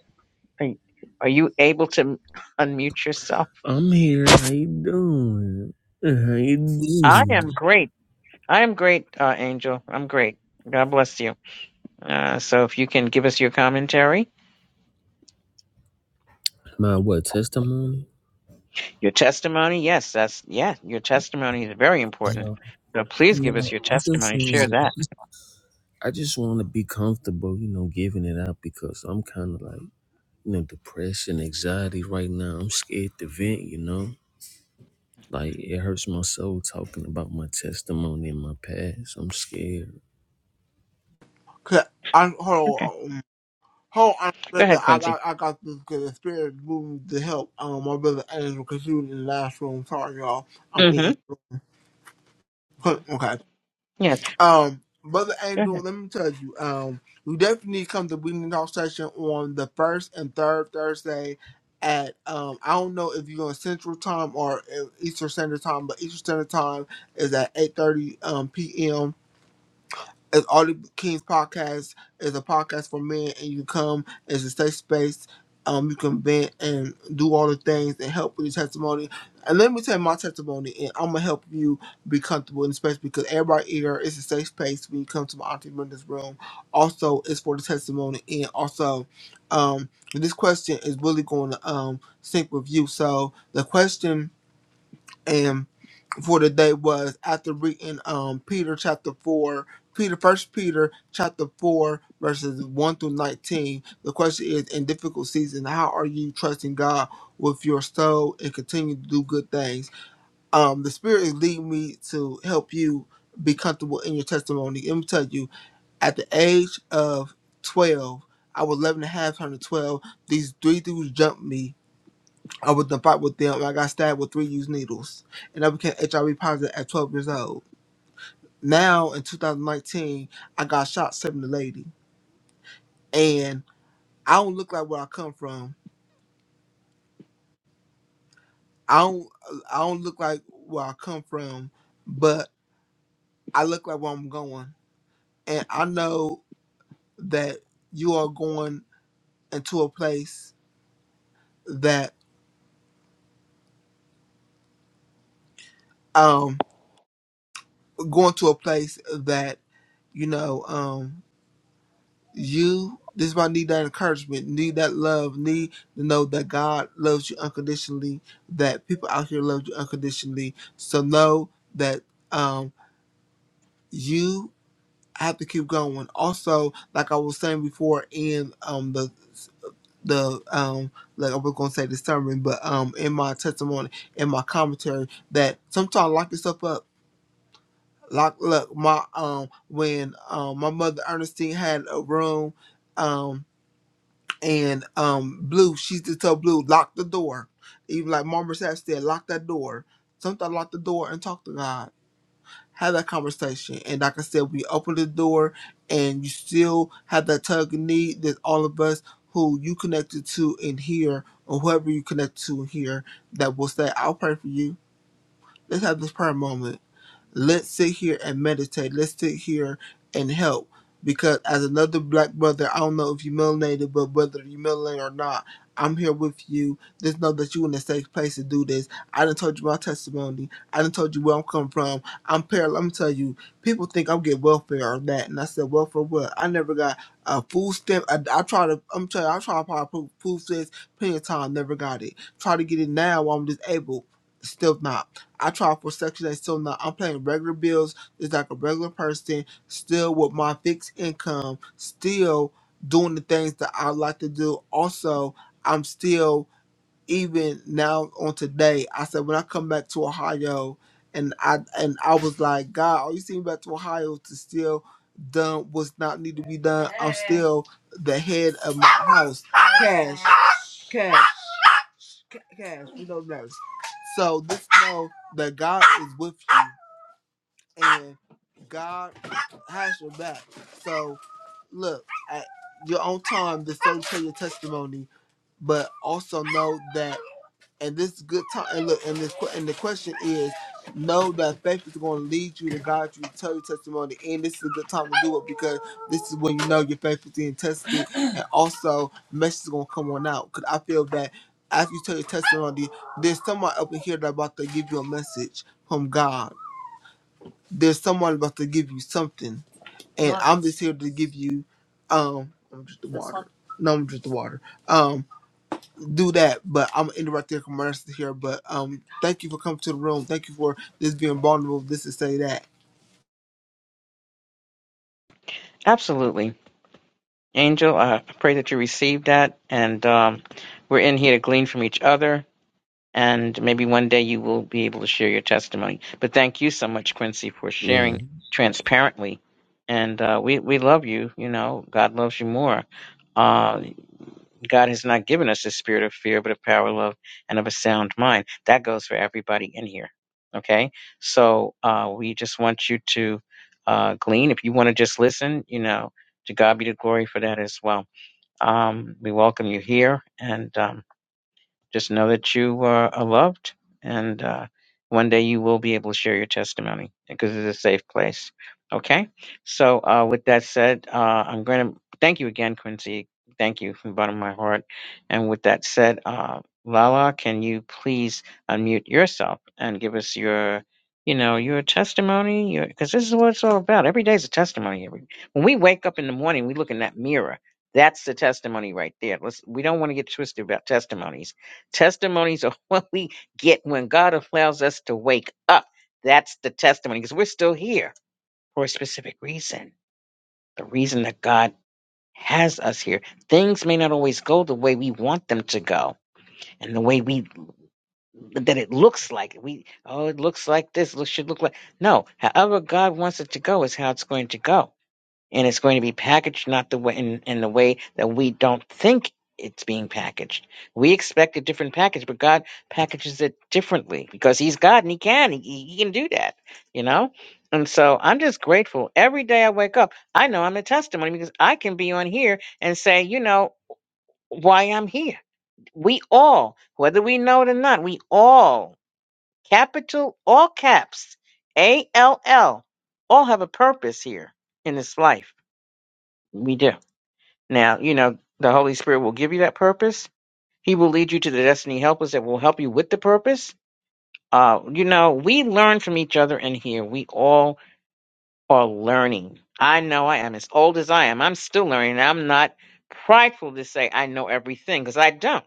S1: Are you are you able to m- (laughs) unmute yourself?
S2: I'm here. How you doing? Uh, How you
S1: I
S2: doing?
S1: am great. I am great, uh, Angel. I'm great. God bless you. Uh, so if you can give us your commentary,
S2: My what testimony?
S1: your testimony, yes, that's yeah, your testimony is very important.
S2: No,
S1: So please give us
S2: no.
S1: your
S2: I just
S1: testimony, share that.
S2: wanna- I just want to be comfortable, you know, giving it out because I'm kind of like you know depressed and anxiety right now. I'm scared to vent, you know. Like it hurts my soul talking about my testimony and my past. I'm scared.
S5: 'Cause I hold
S1: Okay,
S5: on. Oh, um,
S1: go
S5: brother,
S1: ahead,
S5: I
S1: Quincy.
S5: got I got this because the spirit moved to help um my brother Angel because he was in the last room. Sorry, y'all. I'm
S1: Mm-hmm.
S5: eating. Huh, Okay.
S1: Yeah,
S5: Um, brother
S1: go ahead.
S5: Angel, let me tell you. Um, you definitely need to come to Bleeding Talk session on the first and third Thursday at um I don't know if you're on Central Time or uh, Eastern Standard Time, but Eastern Standard Time is at 8:30 um p.m. It's All the Kings podcast is a podcast for men, and you come. It's a safe space. Um, you can vent and do all the things and help with your testimony. And let me tell you my testimony, and I'm gonna help you be comfortable in the space because everybody here is a safe space when you come to my auntie Brenda's room. Also, it's for the testimony, and also, um, this question is really going to um sync with you. So the question, and for today was after reading um Peter chapter four, Peter First Peter chapter four verses one through nineteen. The question is, in difficult season, how are you trusting God with your soul and continue to do good things? Um, the Spirit is leading me to help you be comfortable in your testimony. Let me tell you, at the age of twelve. I was 11 and a half, one hundred twelve. These three dudes jumped me I was in a fight with them and I got stabbed with three used needles. And I became HIV positive at 12 years old. Now in 2019, I got shot saving a lady. And I don't look like where I come from. I don't I don't look like where I come from, but I look like where I'm going. And I know that you are going into a place that um going to a place that, you know, um. you this is why I need that encouragement, need that love, need to know that God loves you unconditionally, that people out here love you unconditionally. So know that um you have to keep going. Also, like I was saying before in um the the um like I was gonna say the sermon, but um in my testimony, in my commentary, that sometimes lock yourself up. Lock look, my um when um my mother Ernestine had a room um. and um Blue, she used to tell Blue, lock the door. Even like Mama Sap said, lock that door. Sometimes lock the door and talk to God. Have that conversation. And like I said, we open the door and you still have that tug and need that all of us who you connected to in here or whoever you connect to in here that will say, I'll pray for you. Let's have this prayer moment Let's sit here and meditate. Let's sit here and help. Because as another black brother, I don't know if you melanated, but whether you melanated or not, I'm here with you. Just know that you in a safe place to do this. I done told you my testimony. I done told you where I'm coming from. I'm parallel. Let me tell you, people think I'm getting welfare or that. And I said, welfare what? I never got a food stamp. I, I try to, I'm telling you, I try to apply food food stamps plenty of time, never got it. Try to get it now while I'm disabled, still not. I try for Section 8 still not. I'm paying regular bills just like a regular person, still with my fixed income, still doing the things that I like to do. Also, I'm still, even now on today, I said when I come back to Ohio, and I and I was like, God, are you sending me back to Ohio to still done what's not need to be done? I'm still the head of my house. Cash, cash cash. We don't know. So just know that God is with you and God has your back. So look at your own time. The soul tell your testimony, but also know that and this is good time. And look, and this que- and the question is, know that faith is going to lead you to guide you, to tell your testimony, and this is a good time to do it because this is when you know your faith is being tested, and also message is going to come on out. Because I feel that after you tell your testimony, there's someone up in here that about to give you a message from God. There's someone about to give you something, and I'm just here to give you. Um, I'm just the water. No, I'm just the water. Um, do that, but I'm interrupting to commercial here. But um, thank you for coming to the room. Thank you for this being vulnerable. This is say that.
S1: Absolutely, Angel. Uh, I pray that you receive that, and um, we're in here to glean from each other. And maybe one day you will be able to share your testimony. But thank you so much, Quincy, for sharing transparently. And uh, we we love you. You know, God loves you more. Uh, God has not given us a spirit of fear, but of power, love, and of a sound mind. That goes for everybody in here. Okay. So uh, we just want you to uh, glean. If you want to just listen, you know, to God be the glory for that as well. Um, we welcome you here. And um, just know that you uh, are loved, and uh, one day you will be able to share your testimony because it's a safe place. Okay. So, uh, with that said, uh, I'm going to thank you again, Quincy. Thank you from the bottom of my heart. And with that said, uh, Lala, can you please unmute yourself and give us your, you know, your testimony? Your Because this is what it's all about. Every day is a testimony. Every when we wake up in the morning, we look in that mirror. That's the testimony right there. Let's. We don't want to get twisted about testimonies Testimonies are (laughs) what we get when God allows us to wake up. That's the testimony because we're still here for a specific reason. The reason that God has us here. Things may not always go the way we want them to go and the way we that it looks like we oh it looks like this it should look like no however God wants it to go is how it's going to go and it's going to be packaged not the way in, in the way that we don't think it's being packaged. We expect a different package, but God packages it differently because He's God and He can. He, he can do that, you know? And so I'm just grateful. Every day I wake up, I know I'm a testimony because I can be on here and say, you know, why I'm here. We all, whether we know it or not, we all, capital, all caps, A L L, all have a purpose here in this life. We do. Now, you know, the Holy Spirit will give you that purpose. He will lead you to the destiny helpers that will help you with the purpose. Uh, you know, we learn from each other in here. We all are learning. I know I am as old as I am. I'm still learning. I'm not prideful to say I know everything because I don't.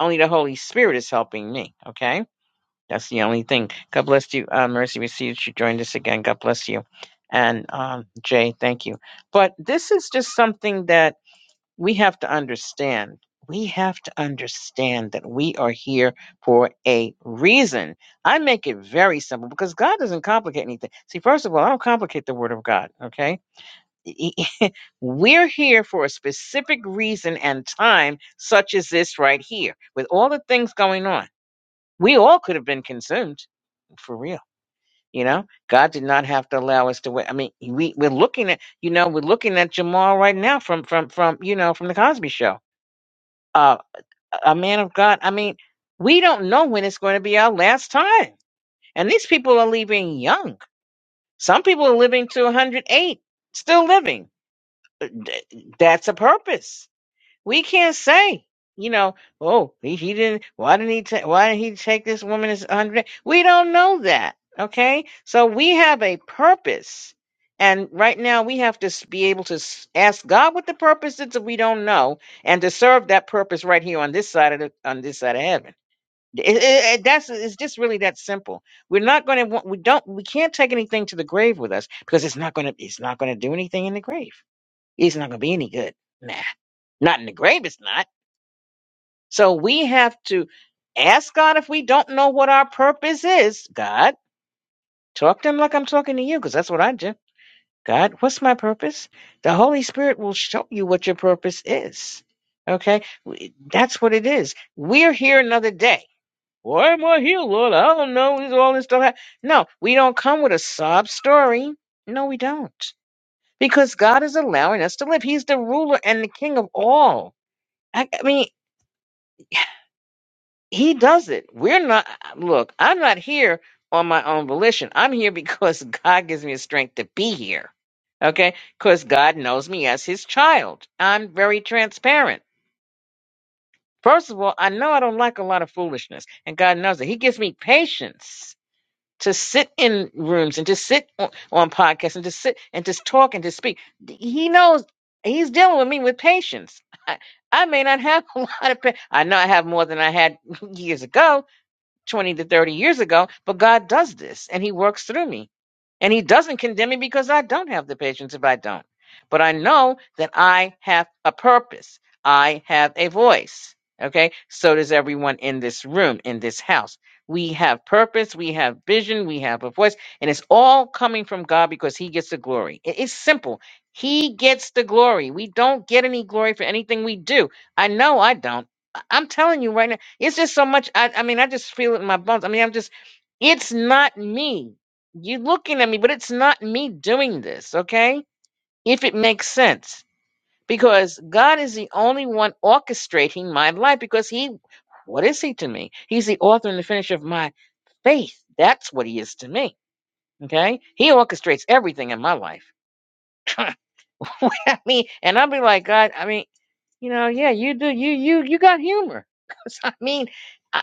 S1: Only the Holy Spirit is helping me. Okay. That's the only thing. God bless you. Uh, Mercy, we see that you joined us again. God bless you. And um, Jay, thank you. But this is just something that we have to understand, we have to understand that we are here for a reason. I make it very simple because God doesn't complicate anything. See, first of all, I don't complicate the word of God, okay? E- e- e, We're here for a specific reason and time, such as this right here, with all the things going on. We all could have been consumed for real. You know, God did not have to allow us to wait. I mean, we, we're looking at, you know, we're looking at Jamal right now from, from, from, you know, from the Cosby show Uh, a man of God. I mean, we don't know when it's going to be our last time. And these people are leaving young. Some people are living to 108, still living. D- That's a purpose. We can't say, you know, oh, he, he didn't, why didn't he take, why did he take this woman as 100? We don't know that. Okay. So we have a purpose. And right now we have to s- be able to s- ask God what the purpose is that we don't know and to serve that purpose right here on this side of the, on this side of heaven. It, it, it- that's it's just really that simple. We're not going to want we don't we can't take anything to the grave with us because it's not going to it's not going to do anything in the grave. It's not going to be any good. Nah, not in the grave. It's not. So we have to ask God if we don't know what our purpose is. God, talk to him like I'm talking to you because that's what I do. God, what's my purpose? The Holy Spirit will show you what your purpose is. Okay, We- that's what it is. We're here another day. Why am I here, Lord? I don't know. This all this stuff. hap- No, we don't come with a sob story. No, we don't. Because God is allowing us to live. He's the ruler and the king of all. I, I mean, He does it. We're not, look, I'm not here on my own volition. I'm here because (laughs) God gives me the strength to be here. Okay? Because God knows me as His child. I'm very transparent. First of all, I know I don't like a lot of foolishness, and God knows it. He gives me patience to sit in rooms and to sit on, on podcasts and to sit and just talk and to speak. He knows he's dealing with me with patience. (laughs) I, I may not have (laughs) a lot of, patience. I know I have more than I had (laughs) years ago, 20 to 30 years ago, but God does this and He works through me. And He doesn't condemn me because I don't have the patience if I don't. But I know that I have a purpose, I have a voice. Okay, so does everyone in this room, in this house. We have purpose, we have vision, we have a voice, and it's all coming from God because He gets the glory. It- It's simple. He gets the glory. We don't get any glory for anything we do. I know I don't. I- I'm telling you right now. It's just so much. I, I mean, I just feel it in my bones. I mean, I'm just, it's not me. You looking at me, but it's not me doing this, okay? If it makes sense. Because God is the only one orchestrating my life because He, what is He to me? He's the author and the finisher of my faith. That's what He is to me, okay? He orchestrates everything in my life. (laughs) I mean, and I'll be like, God, I mean, you know, yeah, you do, you, you, you got humor. (laughs) 'Cause, I mean, I.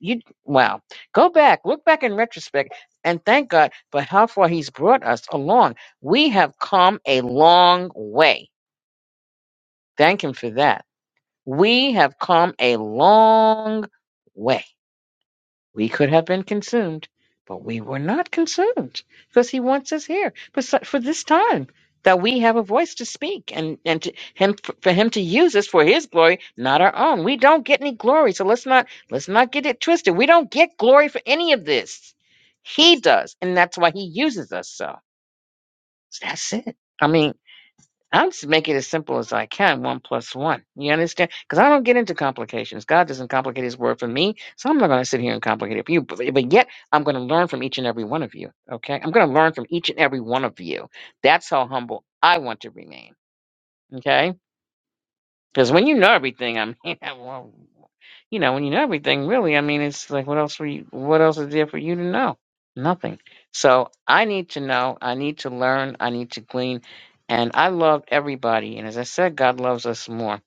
S1: You wow. Go back, look back in retrospect, and thank God for how far He's brought us along. We have come a long way. Thank Him for that. We have come a long way. We could have been consumed, but we were not consumed because He wants us here for, su- for this time that we have a voice to speak and, and to him, for Him to use us for His glory, not our own. We don't get any glory, so let's not let's not get it twisted. We don't get glory for any of this. He does, and that's why He uses us. So that's it. I mean. I'm just making it as simple as I can, one plus one. You understand? Because I don't get into complications. God doesn't complicate his word for me, so I'm not going to sit here and complicate it for you. But, but yet, I'm going to learn from each and every one of you, okay? I'm going to learn from each and every one of you. That's how humble I want to remain, okay? Because when you know everything, I mean, (laughs) well, you know, when you know everything, really, I mean, it's like, what else were you, what else is there for you to know? Nothing. So I need to know. I need to learn. I need to glean. And I love everybody. And as I said, God loves us more,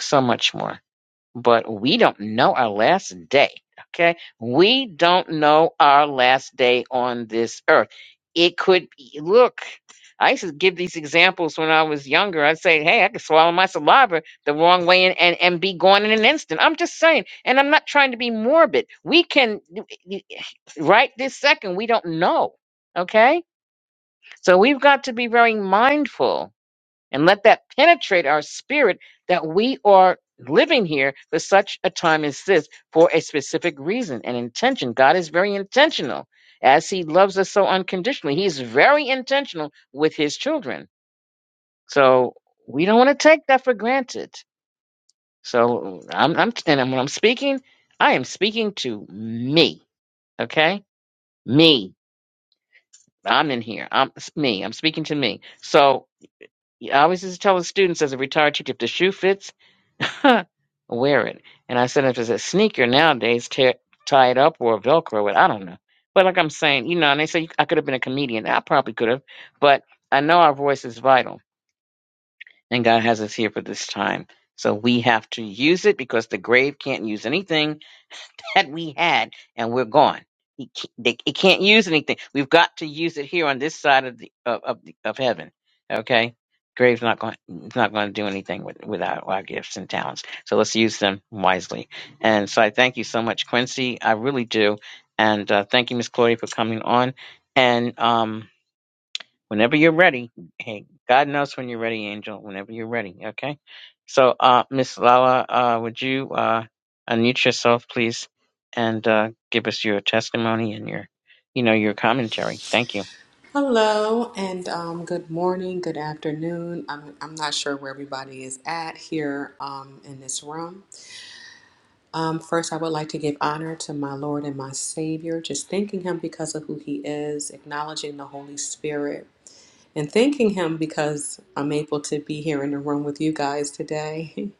S1: so much more. But we don't know our last day. Okay. We don't know our last day on this earth. It could look. I used to give these examples when I was younger. I'd say, hey, I could swallow my saliva the wrong way and, and, and be gone in an instant. I'm just saying. And I'm not trying to be morbid. We can, right this second, we don't know. Okay? So we've got to be very mindful and let that penetrate our spirit that we are living here for such a time as this for a specific reason and intention. God is very intentional as he loves us so unconditionally. He's very intentional with his children. So we don't want to take that for granted. So I'm, I'm, and when I'm speaking, I am speaking to me. Okay, me. I'm in here. I'm it's me. I'm speaking to me. So I always used to tell the students as a retired teacher, if the shoe fits, (laughs) wear it. And I said, if it's a sneaker nowadays, tear, tie it up or Velcro it. I don't know. But like I'm saying, you know, and they say I could have been a comedian. I probably could have, but I know our voice is vital and God has us here for this time. So we have to use it because the grave can't use anything that we had, and we're gone. It can't, they, it can't use anything. We've got to use it here on this side of the of of, the, of heaven. Okay, grave's not going it's not going to do anything with, without our gifts and talents. So let's use them wisely. And so I thank you so much, Quincy. I really do. And uh, thank you, Miss Claudia, for coming on. And um, whenever you're ready. Hey, God knows when you're ready, Angel. Whenever you're ready, okay. So, uh, Miss Lala, uh, would you uh, unmute yourself, please, and uh, give us your testimony and your, you know, your commentary. Thank you,
S4: Hello and um, good morning, good afternoon. I'm, I'm not sure where everybody is at here um, in this room. Um, first, I would like to give honor to my Lord and my Savior, just thanking Him because of who He is, acknowledging the Holy Spirit, and thanking Him because I'm able to be here in the room with you guys today.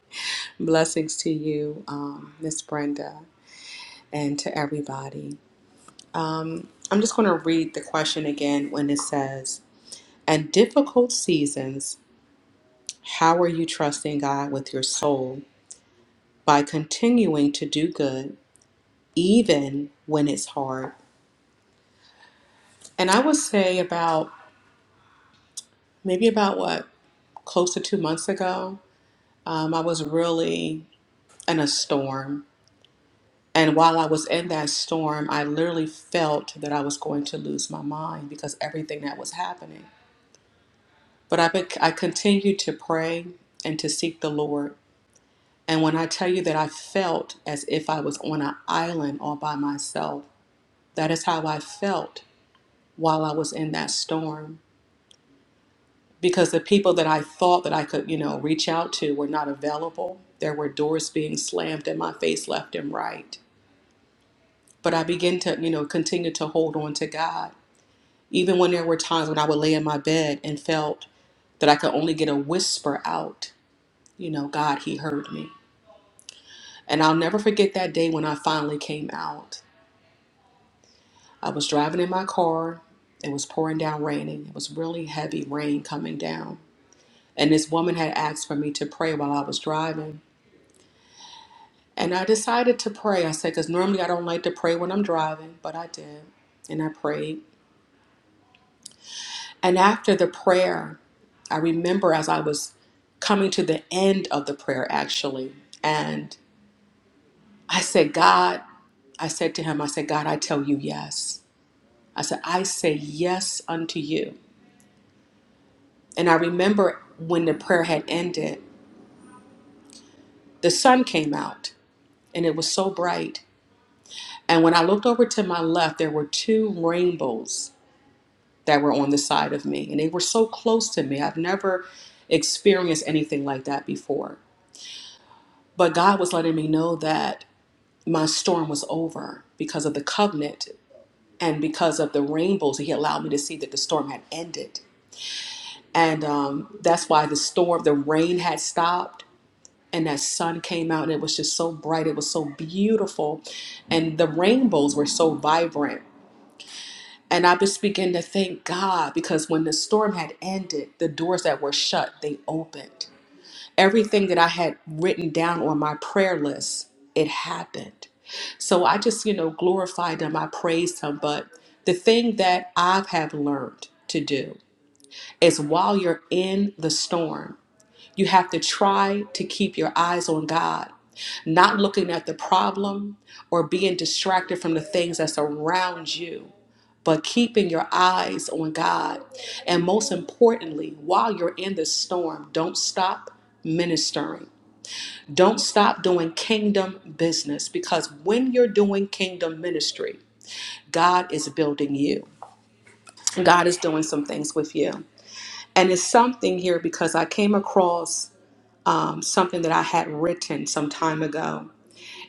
S4: (laughs) Blessings to you, um, Miss Brenda, and to everybody. I'm just going to read the question again when it says, And difficult seasons, how are you trusting God with your soul by continuing to do good even when it's hard? And I would say about maybe about what close to two months ago, um, I was really in a storm. And while I was in that storm, I literally felt that I was going to lose my mind because everything that was happening. But I, bec- I continued to pray and to seek the Lord And when I tell you that I felt as if I was on an island all by myself, that is how I felt while I was in that storm. Because the people that I thought that I could, you know, reach out to were not available. There were doors being slammed in my face left and right. But I began to, you know, continue to hold on to God. Even when there were times when I would lay in my bed and felt that I could only get a whisper out, you know, God, He heard me. And I'll never forget that day when I finally came out. I was driving in my car. It was pouring down raining. It was really heavy rain coming down. And this woman had asked for me to pray while I was driving. And I decided to pray. I said, because normally I don't like to pray when I'm driving, but I did. And I prayed. And after the prayer, I remember as I was coming to the end of the prayer, actually, and I said, God, I said to him, I said, God, I tell you yes. I said, I say yes unto you. And I remember when the prayer had ended, the sun came out and it was so bright. And when I looked over to my left, there were two rainbows that were on the side of me. And they were so close to me. I've never experienced anything like that before. But God was letting me know that my storm was over because of the covenant and because of the rainbows. He allowed me to see that the storm had ended. And um, that's why the storm, the rain had stopped and that sun came out and it was just so bright it was so beautiful and the rainbows were so vibrant and i just began to thank god because when the storm had ended the doors that were shut they opened everything that i had written down on my prayer list it happened so i just you know glorified him i praised him but the thing that i have learned to do is while you're in the storm you have to try to keep your eyes on God, not looking at the problem or being distracted from the things that's around you, but keeping your eyes on God. And most importantly, while you're in the storm, don't stop ministering. Don't stop doing kingdom business because when you're doing kingdom ministry, God is building you. God is doing some things with you. And it's something here because I came across something that I had written some time ago.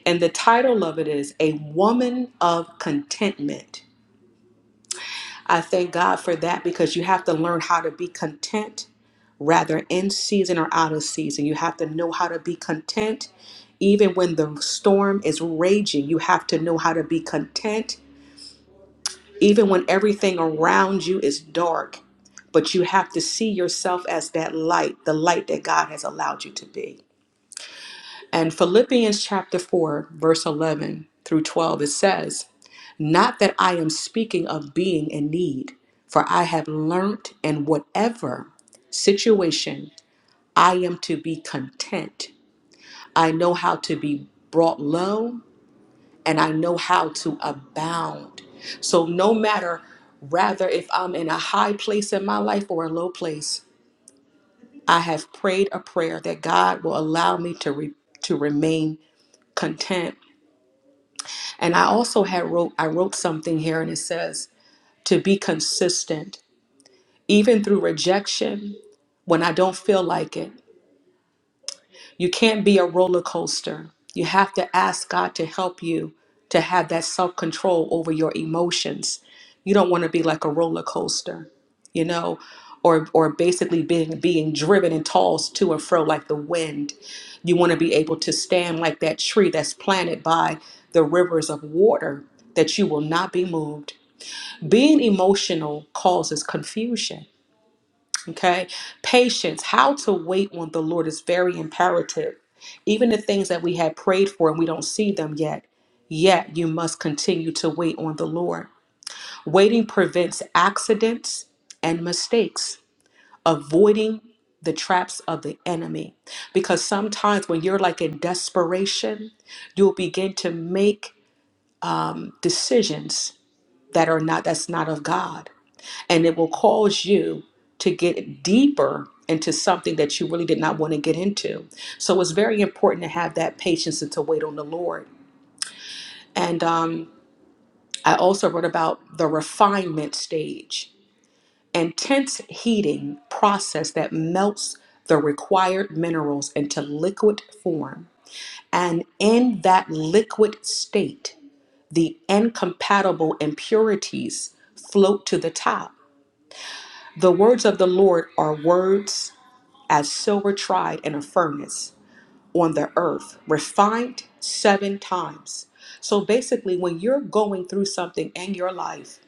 S4: And the title of it is A Woman of Contentment. I thank God for that because you have to learn how to be content rather in season or out of season. You have to know how to be content even when the storm is raging. You have to know how to be content even when everything around you is dark. But you have to see yourself as that light, the light that God has allowed you to be. And Philippians chapter 4, verse 11 through 12, it says, Not that I am speaking of being in need, for I have learnt in whatever situation I am to be content. I know how to be brought low and I know how to abound. So, no matter rather if I'm in a high place in my life or a low place, I have prayed a prayer that God will allow me to, re- to remain content And I also had wrote I wrote something here and it says to be consistent even through rejection when I don't feel like it. You can't be a roller coaster. You have to ask God to help you to have that self control over your emotions. You don't want to be like a roller coaster, you know, or or basically being being driven and tossed to and fro like the wind. You want to be able to stand like that tree that's planted by the rivers of water that you will not be moved. Being emotional causes confusion Okay. Patience, how to wait on the Lord is very imperative. Even the things that we had prayed for and we don't see them yet, yet you must continue to wait on the Lord. Waiting prevents accidents and mistakes, avoiding the traps of the enemy. Because sometimes when you're like in desperation, you'll begin to make decisions that are not, that's not of God and it will cause you to get deeper into something that you really did not want to get into. So it's very important to have that patience and to wait on the Lord. And um, I also wrote about the refinement stage, intense heating process that melts the required minerals into liquid form. And in that liquid state, the incompatible impurities float to the top. The words of the Lord are words as silver tried in a furnace on the earth, refined seven times. So basically, when you're going through something in your life,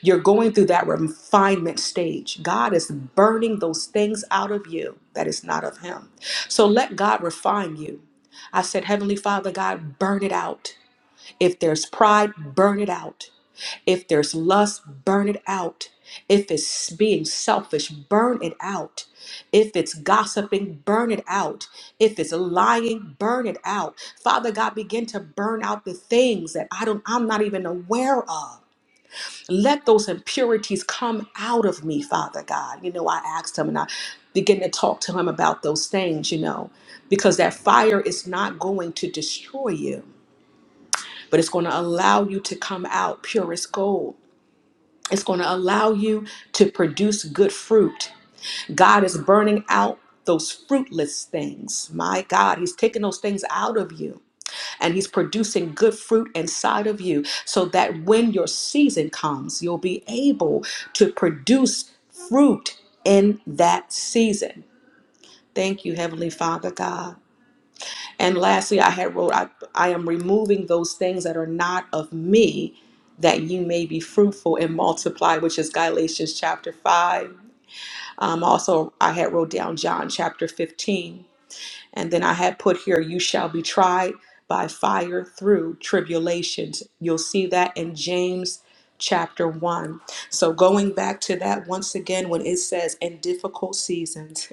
S4: you're going through that refinement stage. God is burning those things out of you that is not of Him. So let God refine you. I said, Heavenly Father, God, burn it out. If there's pride, burn it out. If there's lust, burn it out. If it's being selfish, burn it out. If it's gossiping, burn it out. If it's lying, burn it out. Father God, begin to burn out the things that I don't I'm not even aware of. Let those impurities come out of me, Father God. You know, I asked him and I began to talk to him about those things, you know, because that fire is not going to destroy you, but it's going to allow you to come out pure as gold it's going to allow you to produce good fruit. God is burning out those fruitless things. My God, He's taking those things out of you and He's producing good fruit inside of you so that when your season comes, you'll be able to produce fruit in that season. Thank you, Heavenly Father God. And lastly, I had wrote, I, I am removing those things that are not of me that you may be fruitful and multiply, which is Galatians chapter 5. Um, also, I had wrote down John chapter 15. And then I had put here, you shall be tried by fire through tribulations. You'll see that in James chapter 1. So going back to that once again, when it says in difficult seasons,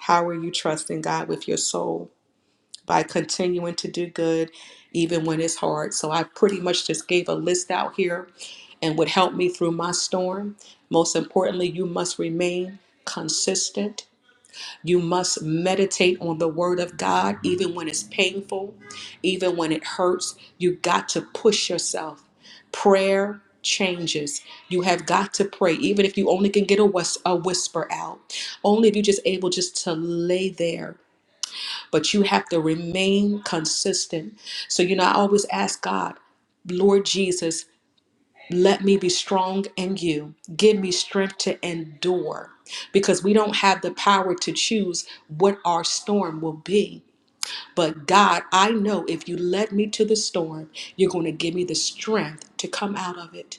S4: how are you trusting God with your soul? by continuing to do good even when it's hard. So I pretty much just gave a list out here and would help me through my storm. Most importantly, you must remain consistent. You must meditate on the word of God even when it's painful, even when it hurts. You got to push yourself. Prayer changes. You have got to pray even if you only can get a, whis- a whisper out. Only if you're just able just to lay there but you have to remain consistent. So, you know, I always ask God, Lord Jesus, let me be strong in you. Give me strength to endure because we don't have the power to choose what our storm will be. But God, I know if you led me to the storm, you're going to give me the strength to come out of it.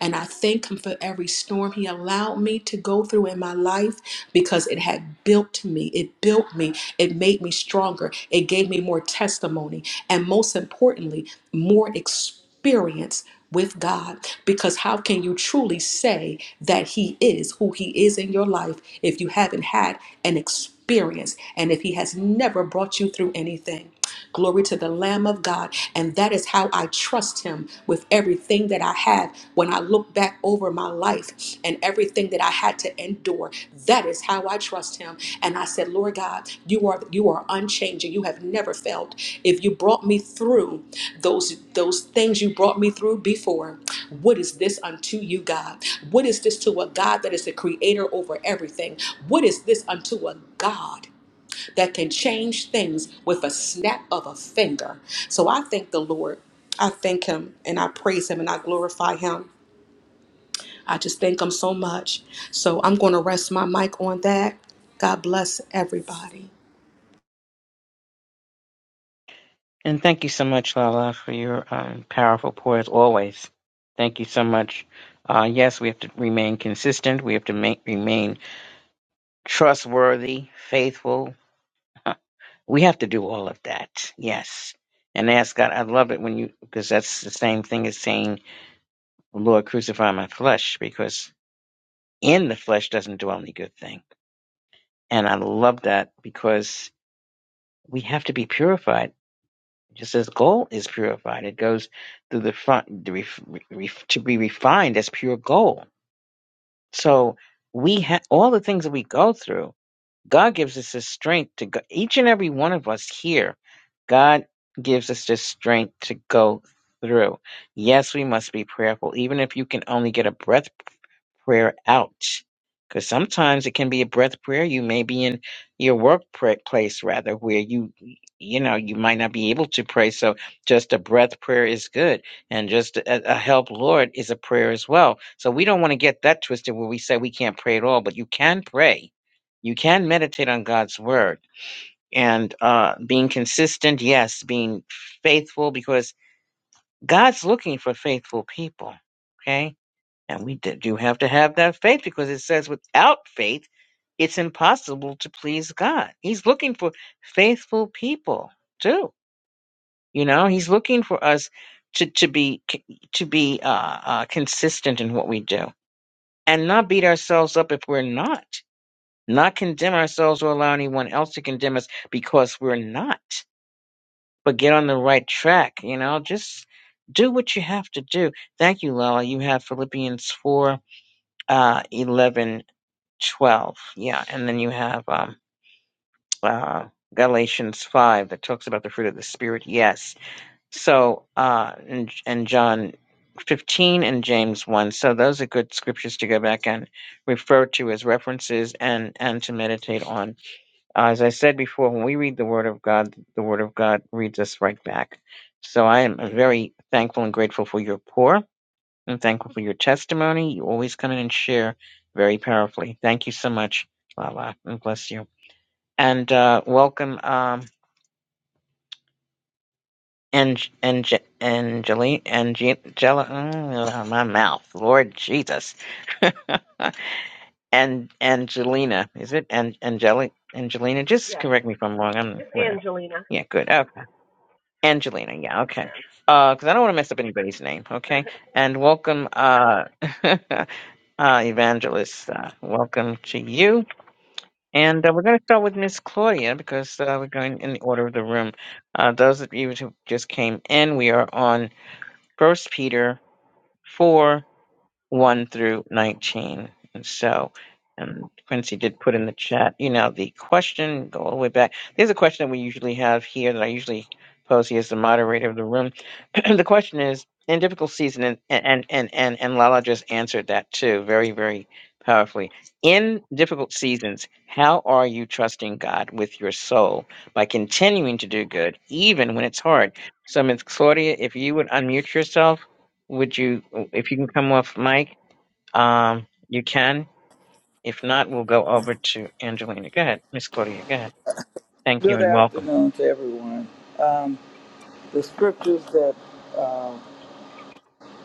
S4: And I thank Him for every storm He allowed me to go through in my life because it had built me. It built me. It made me stronger. It gave me more testimony. And most importantly, more experience with God. Because how can you truly say that He is who He is in your life if you haven't had an experience and if He has never brought you through anything? Glory to the Lamb of God. And that is how I trust Him with everything that I have. When I look back over my life and everything that I had to endure, that is how I trust Him. And I said, Lord God, you are you are unchanging. You have never failed. If you brought me through those those things you brought me through before, what is this unto you, God? What is this to a God that is the creator over everything? What is this unto a God? that can change things with a snap of a finger. So I thank the Lord. I thank Him and I praise Him and I glorify Him. I just thank Him so much. So I'm going to rest my mic on that. God bless everybody.
S1: and thank you so much, Lala, for your um, powerful pour as always. Thank you so much. Uh, yes, we have to remain consistent. We have to ma- remain trustworthy, faithful, (laughs) We have to do all of that. Yes. And ask God. I love it when you, because that's the same thing as saying, Lord, crucify my flesh, because in the flesh doesn't dwell any good thing. And I love that because we have to be purified. Just as gold is purified, it goes through the front the ref, ref, to be refined as pure gold. So we have all the things that we go through God gives us the strength to go. Each and every one of us here, God gives us the strength to go through. Yes, we must be prayerful. Even if you can only get a breath prayer out. Because sometimes it can be a breath prayer. You may be in your workplace rather, where you, you know, you might not be able to pray. So just a breath prayer is good. And just a, a help, Lord, is a prayer as well. So we don't want to get that twisted where we say we can't pray at all, but you can pray. You can meditate on God's word. And uh, being consistent, yes, being faithful, because God's looking for faithful people. Okay and we d- do have to have that faith because it says without faith, it's impossible to please God. He's looking for faithful people too. You know, he's looking for us to, to be to be uh, uh, consistent in what we do and not beat ourselves up if we're not, not condemn ourselves or allow anyone else to condemn us because we're not. But get on the right track. You know, just do what you have to do. Thank you, Lala. You have Philippians four uh, 11 12 yeah and then you have um uh galatians 5 that talks about the fruit of the spirit yes so uh and, and john 15 and james 1 so those are good scriptures to go back and refer to as references and and to meditate on Uh, as i said before when we read the word of god the word of god reads us right back so i am very thankful and grateful for your pour I'm thankful for your testimony. You always come in and share very powerfully. Thank you so much, Lala, and bless you. And uh, welcome, um, Ang- Ang- Angeli, Angela, mm, my mouth, Lord Jesus, (laughs) and Angelina, is it? And Angeli, Angelina, just
S6: Yes,
S1: correct me if I'm wrong. I'm
S6: it's
S1: whatever.
S6: Angelina.
S1: Yeah, good. Okay. Angelina, yeah, okay.
S6: ma'am.
S1: Because I don't want to mess up anybody's name, okay?
S6: (laughs)
S1: And welcome, uh, (laughs) Uh, Evangelist, uh, welcome to you. And uh, we're going to start with Miss Claudia because uh, we're going in the order of the room. Uh, those of you who just came in, we are on First Peter 4 1 through 19. And so, and Quincy did put in the chat, you know, the question, go all the way back. There's a question that we usually have here that I usually pose here as the moderator of the room. (clears throat) the question is, in difficult season, and, and, and, and, and Lala just answered that too, very, very powerfully. In difficult seasons, how are you trusting God with your soul by continuing to do good, even when it's hard? So, Miss Claudia, if you would unmute yourself, would you, if you can come off mic? Um, you can. If not, we'll go over to Angelina. Go ahead, Miss Claudia. Go ahead. Thank you
S7: Good
S1: and welcome.
S7: afternoon to everyone. Um, the scriptures that uh,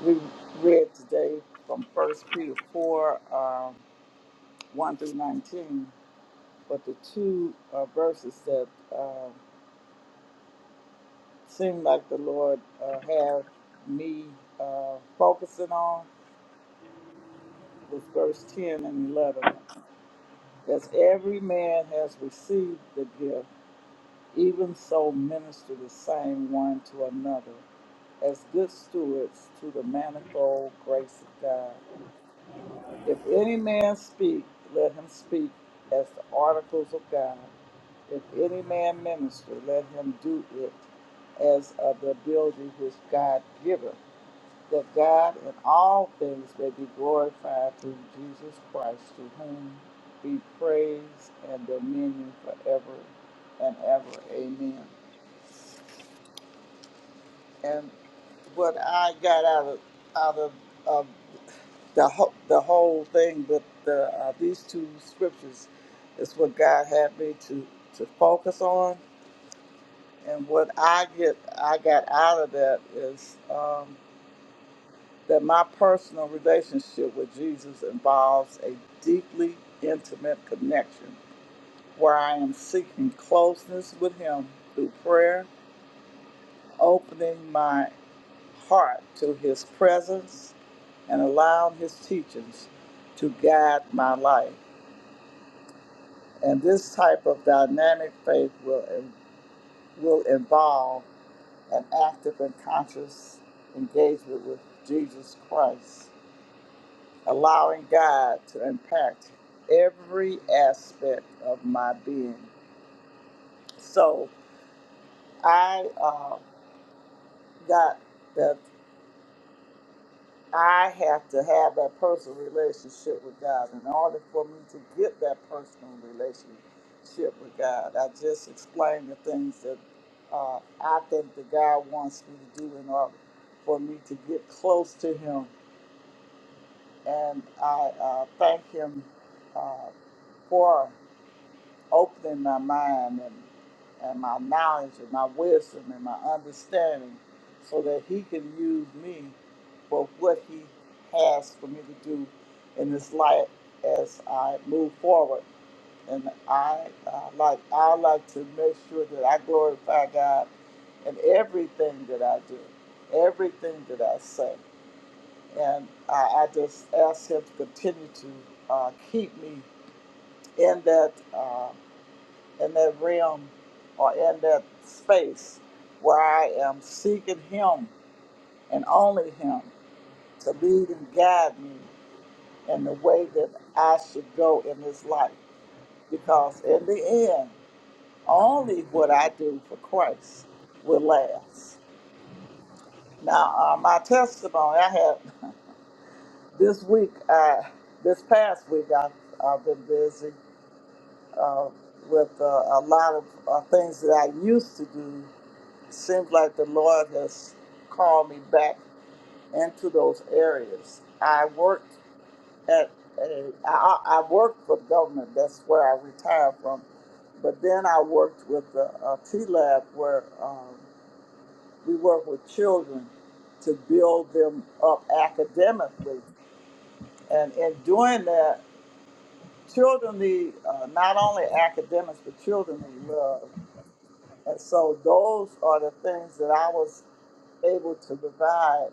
S7: we read today from First Peter 4 uh, 1 through 19, but the two uh, verses that uh, seem like the Lord uh, have me uh, focusing on was verse 10 and 11. As every man has received the gift, Even so, minister the same one to another as good stewards to the manifold grace of God. If any man speak, let him speak as the articles of God. If any man minister, let him do it as of the ability which God giveth, that God in all things may be glorified through Jesus Christ, to whom be praise and dominion forever and ever. Amen. and what I got out of out of um, the ho- the whole thing with the, uh, these two scriptures is what God had me to to focus on, and what I get I got out of that is um, that my personal relationship with Jesus involves a deeply intimate connection where I am seeking closeness with Him through prayer, opening my heart to His presence and allowed his teachings to guide my life. And this type of dynamic faith will, will involve an active and conscious engagement with Jesus Christ, allowing God to impact every aspect of my being. So I uh, got that I have to have that personal relationship with God. In order for me to get that personal relationship with God, I just explained the things that uh, I think that God wants me to do in order for me to get close to Him. And I uh, thank Him uh, for opening my mind and, and my knowledge and my wisdom and my understanding so that he can use me for what he has for me to do in this life as I move forward. And I uh, like I like to make sure that I glorify God in everything that I do, everything that I say. And I, I just ask him to continue to uh, keep me in that. Uh, in that realm or in that space where I am seeking Him and only Him to lead and guide me in the way that I should go in this life. Because in the end, only what I do for Christ will last. Now, uh, my testimony I had this week, I, this past week, I, I've been busy uh, with uh, a lot of uh, things that I used to do It seems like the Lord has called me back into those areas. I worked at a, I, I worked for government. That's where I retired from. But then I worked with a, a T Lab where um, we work with children to build them up academically. And in doing that, children need uh, not only academics, but children need love. And so those are the things that I was able to provide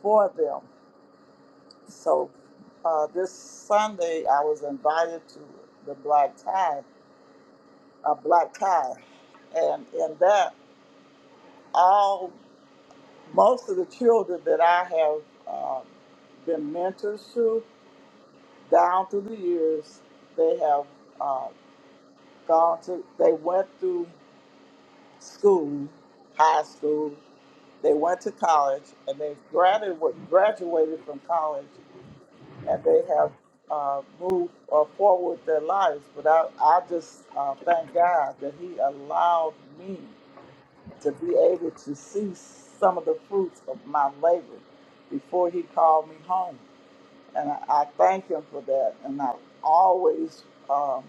S7: for them. So uh, this Sunday, I was invited to the black tie, a black tie, and in that, all most of the children that I have uh, been mentors to down through the years, they have uh, gone to, they went through school, high school, they went to college, and they've graduated graduated from college and they have uh, moved uh, forward their lives. But I, I just uh, thank God that He allowed me to be able to see some of the fruits of my labor before He called me home. And I, I thank Him for that. And I always um,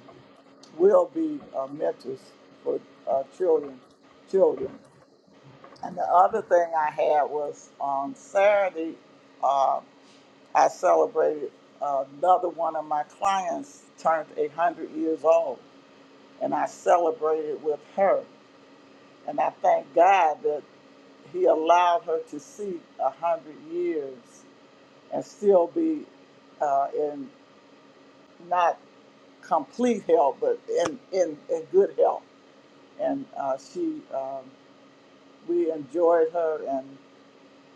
S7: will be uh, mentors for uh, children. Children. And the other thing I had was on Saturday. uh, I celebrated uh, another one of my clients turned 100 years old, and I celebrated with her. And I thank God that He allowed her to see 100 years and still be uh, in not complete health, but in, in, in good health. And uh, she, um, we enjoyed her, and.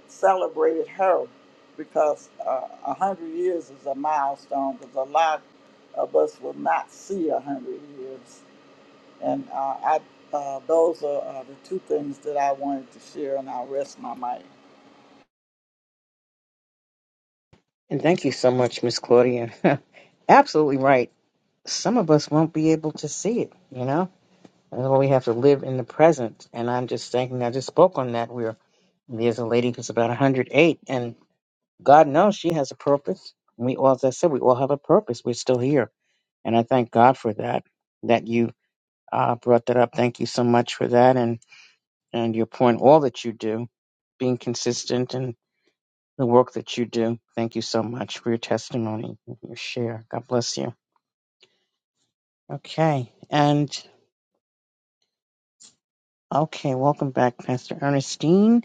S7: celebrated her because uh, a hundred years is a milestone because a lot of us will not see a hundred years. And uh, I, uh, those are uh, the two things that I wanted to share, and I'll rest my mic.
S1: And thank you so much, Miss Claudia. (laughs) Absolutely right. Some of us won't be able to see it, you know? That's why we have to live in the present. And I'm just thinking, I just spoke on that. Where there's a lady who's about 108, and God knows she has a purpose. We all, as I said, we all have a purpose. We're still here. And I thank God for that, that you uh, brought that up. Thank you so much for that. And and your point, all that you do, being consistent in the work that you do. Thank you so much for your testimony, and your share. God bless you. Okay, and okay, welcome back, Pastor Ernestine.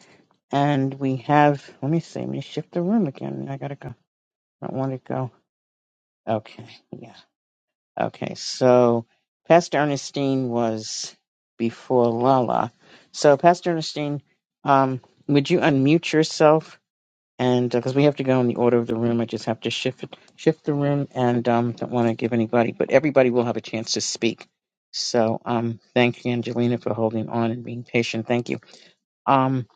S1: And we have, let me see, let me shift the room again. I gotta go. I don't want to go. Okay, yeah. Okay, so Pastor Ernestine was before Lala. So, Pastor Ernestine, um, would you unmute yourself and because we have to go in the order of the room, I just have to shift shift the room, and um, don't want to give anybody, but everybody will have a chance to speak. So, um, thank you, Angelina, for holding on and being patient. Thank you, um,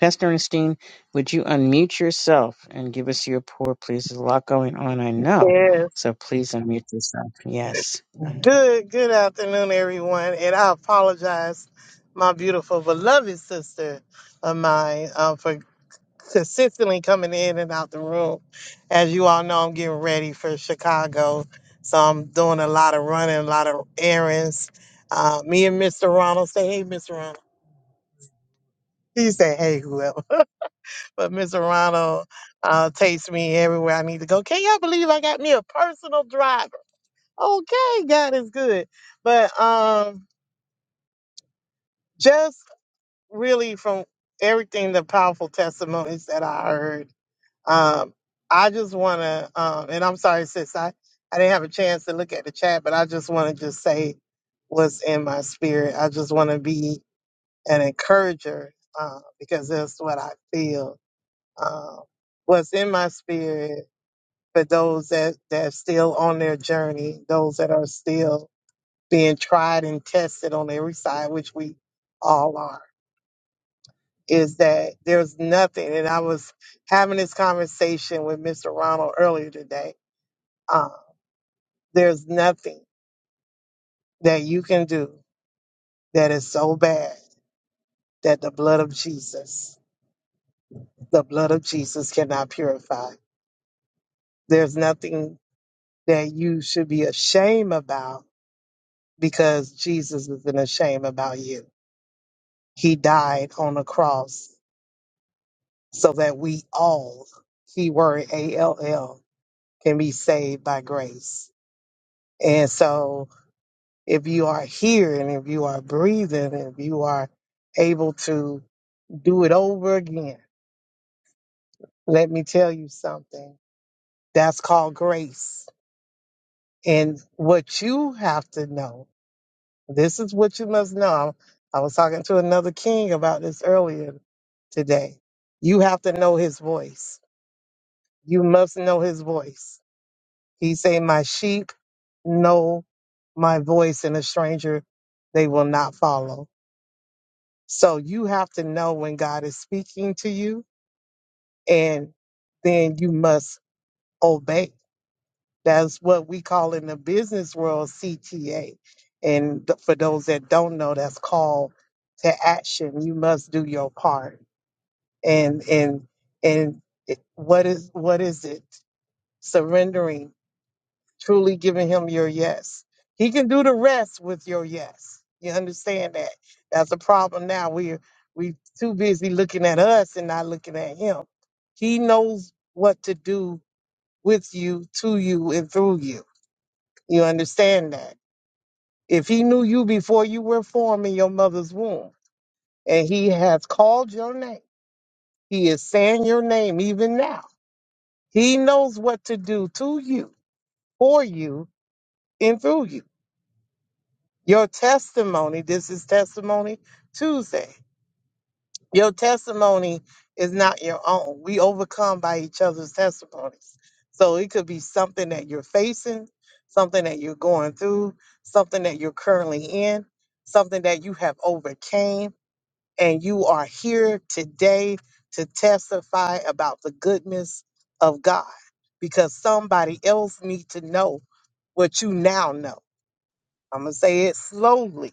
S1: Pastor Ernestine. Would you unmute yourself and give us your pour, please? There's a lot going on, I know,
S8: Yes.
S1: so please unmute yourself. Yes, Uh,
S8: Good good afternoon, everyone. And I apologize, my beautiful beloved sister of mine, um, for consistently coming in and out the room. As you all know, I'm getting ready for Chicago. So I'm doing a lot of running, a lot of errands. Uh, me and Mr. Ronald say, hey, Mr. Ronald. He said, hey, whoever. (laughs) But Mr. Ronald uh, takes me everywhere I need to go. Can y'all believe I got me a personal driver? Okay, God is good. But um just really from everything the powerful testimonies that I heard. Um, I just want to, um, and I'm sorry, sis, I, I didn't have a chance to look at the chat, but I just want to just say what's in my spirit. I just want to be an encourager uh, because that's what I feel. Um, what's in my spirit for those that, that are still on their journey, those that are still being tried and tested on every side, which we all are is that there's nothing. And I was having this conversation with Mr. Ronald earlier today. Uh, there's nothing that you can do that is so bad that the blood of Jesus, the blood of Jesus cannot purify. There's nothing that you should be ashamed about because Jesus isn't ashamed about you. He died on the cross so that we all, keyword A L L, can be saved by grace. And so if you are here and if you are breathing, if you are able to do it over again, let me tell you something. That's called grace. And what you have to know, this is what you must know. I was talking to another king about this earlier today. You have to know his voice. You must know his voice. He say, my sheep know my voice and a stranger they will not follow So you have to know when God is speaking to you, and then you must obey. That's what we call in the business world CTA. And th- for those that don't know, that's call to action. You must do your part. And and and it- what is what is it? Surrendering truly giving him your yes. He can do the rest with your yes. You understand that? That's a problem now. We're we too busy looking at us and not looking at him. He knows what to do with you, to you, and through you. You understand that? If he knew you before you were formed in your mother's womb, and he has called your name, he is saying your name even now. He knows what to do to you, for you, and through you. Your testimony, this is Testimony Tuesday. Your testimony is not your own. We overcome by each other's testimonies. So it could be something that you're facing, something that you're going through, something that you're currently in, something that you have overcame, and you are here today to testify about the goodness of God because somebody else needs to know what you now know. I'm going to say it slowly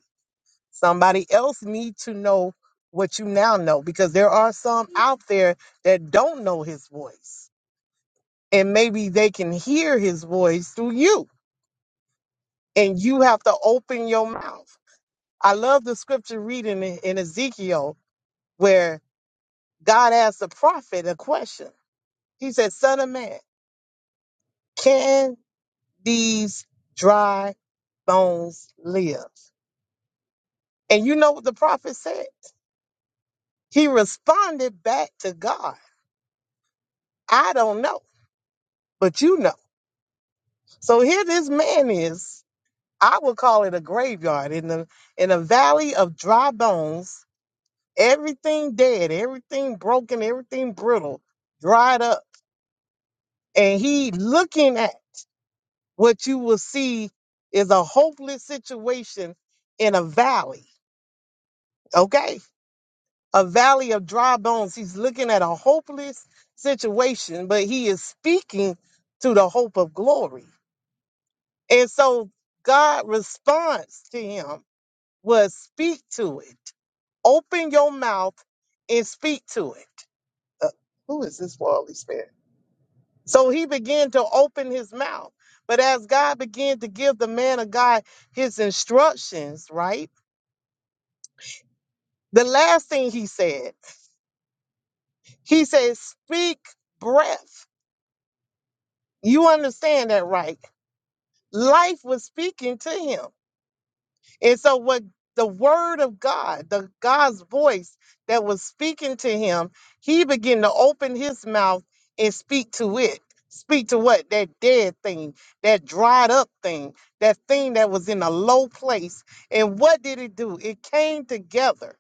S8: Somebody else need to know what you now know because there are some out there that don't know his voice. And maybe they can hear his voice through you. And you have to open your mouth. I love the scripture reading in in Ezekiel where God asked the prophet a question. He said, Son of man, can these dry bones live? And you know what the prophet said? He responded back to God. I don't know, but you know. So here this man is. I would call it a graveyard in the in a valley of dry bones, everything dead, everything broken, everything brittle, dried up. And he looking at what you will see is a hopeless situation in a valley. Okay? A valley of dry bones. He's looking at a hopeless situation, but he is speaking to the hope of glory. And so God responds to him was speak to it. Open your mouth and speak to it. Uh, who is this worldly spirit? So he began to open his mouth. But as God began to give the man of God his instructions, right? The last thing he said, he said, Speak breath. You understand that, right? Life was speaking to him. And so what the word of God, the God's voice that was speaking to him, he began to open his mouth and speak to it. Speak to what? That dead thing, that dried up thing, that thing that was in a low place. And what did it do? It came together.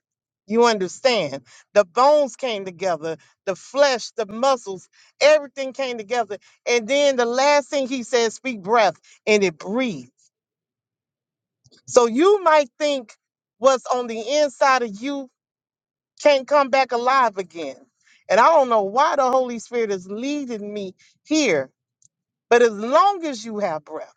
S8: You understand? The bones came together, the flesh, the muscles, everything came together. And then the last thing he said, speak breath, and it breathed. So you might think what's on the inside of you can't come back alive again. And I don't know why the Holy Spirit is leading me here, but as long as you have breath.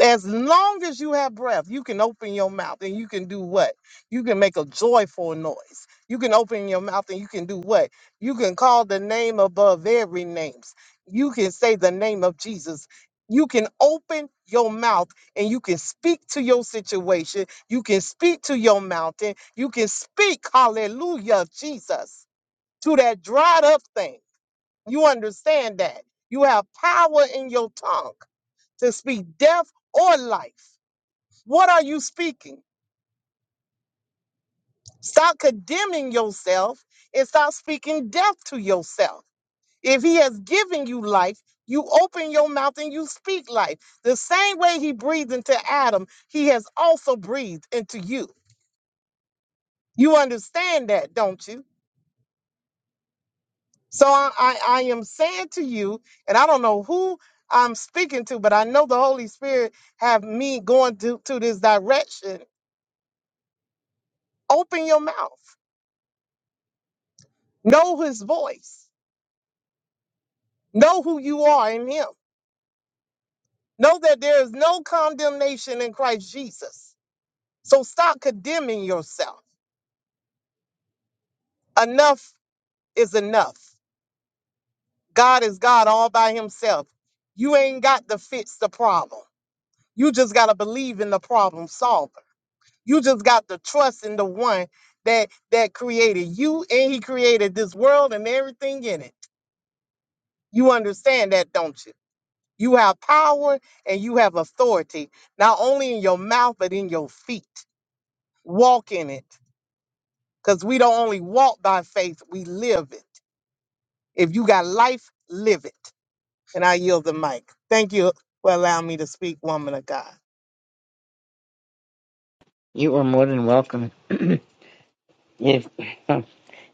S8: As long as you have breath, you can open your mouth and you can do what? You can make a joyful noise. You can open your mouth and you can do what? You can call the name above every names. You can say the name of Jesus. You can open your mouth and you can speak to your situation. You can speak to your mountain. You can speak, hallelujah, Jesus, to that dried up thing. You understand that. You have power in your tongue to speak death or life. What are you speaking? Stop condemning yourself and stop speaking death to yourself. If he has given you life, you open your mouth and you speak life. The same way he breathed into Adam, he has also breathed into you. You understand that, don't you? So I, I, I am saying to you, and I don't know who I'm speaking to, but I know the Holy Spirit have me going to, to this direction. Open your mouth. Know his voice. Know who you are in him. Know that there is no condemnation in Christ Jesus. So stop condemning yourself. Enough is enough. God is God all by himself. You ain't got to fix the problem. You just got to believe in the problem solver. You just got to trust in the one that that created you and he created this world and everything in it. You understand that, don't you? You have power and you have authority, not only in your mouth but in your feet. Walk in it because we don't only walk by faith, we live it. If you got life, live it. And I yield the mic. Thank you for allowing me to speak, woman of God.
S1: you are more than welcome. (clears throat) if um,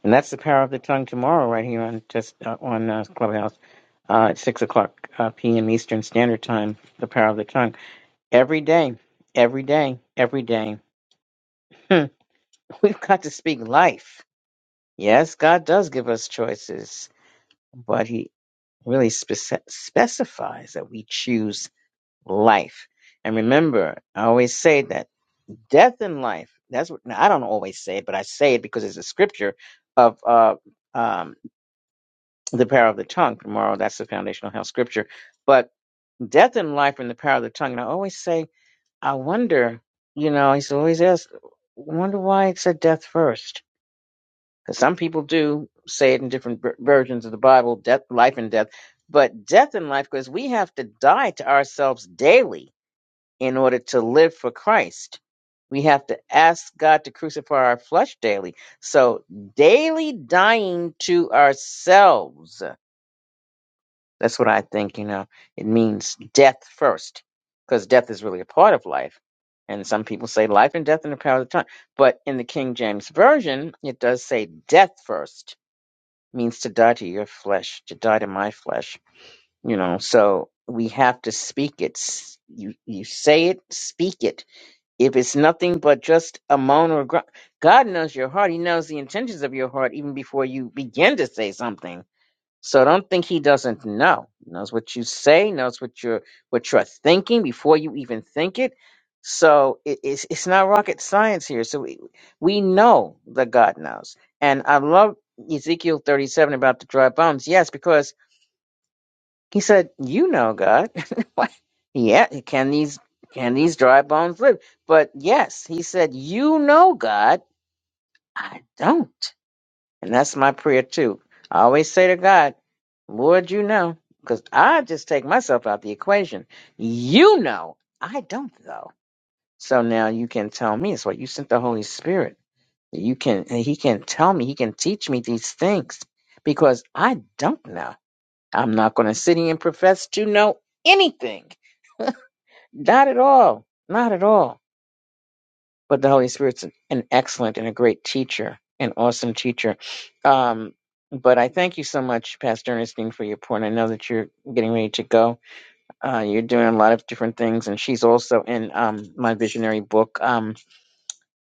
S1: And that's the power of the tongue tomorrow, right here on just uh, on uh, Clubhouse uh, at six o'clock uh, p.m. Eastern Standard Time. The power of the tongue every day, every day, every day. Hmm. (laughs) We've got to speak life. Yes, God does give us choices, but He really spec- specifies that we choose life. And remember, I always say that death and life. That's what now, I don't always say it, but I say it because it's a scripture of uh, um, the power of the tongue tomorrow. That's the foundational health scripture. But death and life are in the power of the tongue. And I always say, I wonder, you know, he's always asked, wonder why it said death first. Because some people do say it in different ver- versions of the Bible, death, life and death. But death and life, because we have to die to ourselves daily in order to live for Christ. We have to ask God to crucify our flesh daily. So daily dying to ourselves That's what I think, you know. It means death first, because death is really a part of life. And some people say life and death in the power of the tongue. But in the King James Version, it does say death first, means to die to your flesh, to die to my flesh, you know. So we have to speak it. S- You, you say it, speak it. If it's nothing but just a moan or a grunt, God knows your heart. He knows the intentions of your heart even before you begin to say something so don't think he doesn't know. He knows what you say, knows what you're what you're thinking before you even think it. So it, it's it's not rocket science here. So we, we know that God knows. And I love Ezekiel 37 about the dry bones. Yes, because he said, "You know, God." (laughs) Why- yeah, can these can these dry bones live? But yes, he said, "You know, God." I don't. And that's my prayer too. I always say to God, Lord, you know, because I just take myself out the equation. You know, I don't though. So now you can tell me. It's what you sent the Holy Spirit. You can, and He can tell me, He can teach me these things because I don't know. I'm not going to sit here and profess to know anything. Not at all. Not at all. but the Holy Spirit's an excellent and a great teacher, an awesome teacher. Um, but I thank you so much, Pastor Ernestine, for your point. I know that you're getting ready to go. Uh, you're doing a lot of different things, and she's also in um, my visionary book. Um,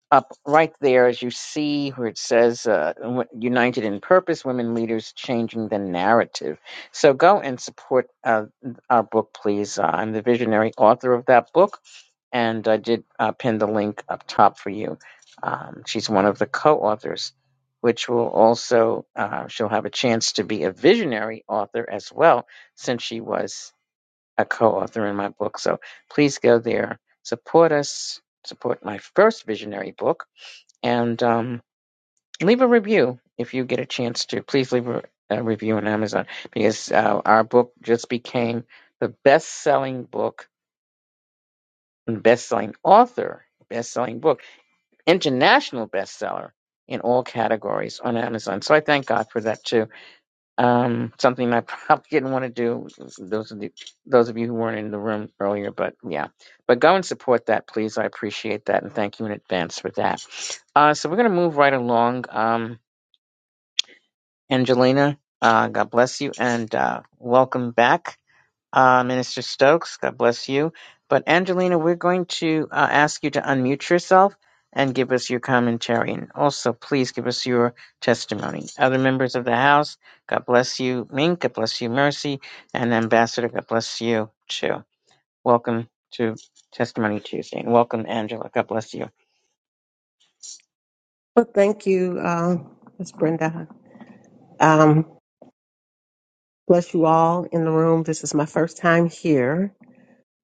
S1: up right there, as you see where it says uh, w- "United in Purpose: Women Leaders Changing the Narrative." So go and support uh, our book, please. Uh, I'm the visionary author of that book and I did uh, pin the link up top for you. Um, she's one of the co-authors, which will also uh, she'll have a chance to be a visionary author as well, since she was a co-author in my book. So please go there, support us, support my first visionary book, and um, leave a review if you get a chance to. Please leave a, a review on Amazon because uh, our book just became the best-selling book, best-selling author, best-selling book international bestseller in all categories on Amazon. So I thank God for that too. Um, something I probably (laughs) didn't want to do. Those of the, those of you who weren't in the room earlier, but yeah, but go and support that, please. I appreciate that and thank you in advance for that. Uh, so we're gonna move right along. Um, Angelina, uh, God bless you and uh, welcome back uh, Minister Stokes. God bless you. But Angelina, we're going to uh, ask you to unmute yourself and give us your commentary. And also, please give us your testimony. Other members of the House, God bless you. Mink, God bless you. Mercy. And Ambassador, God bless you too. Welcome to Testimony Tuesday. And welcome, Angela. God bless you.
S6: Well, thank you, uh, Ms. Brenda. Um, bless here.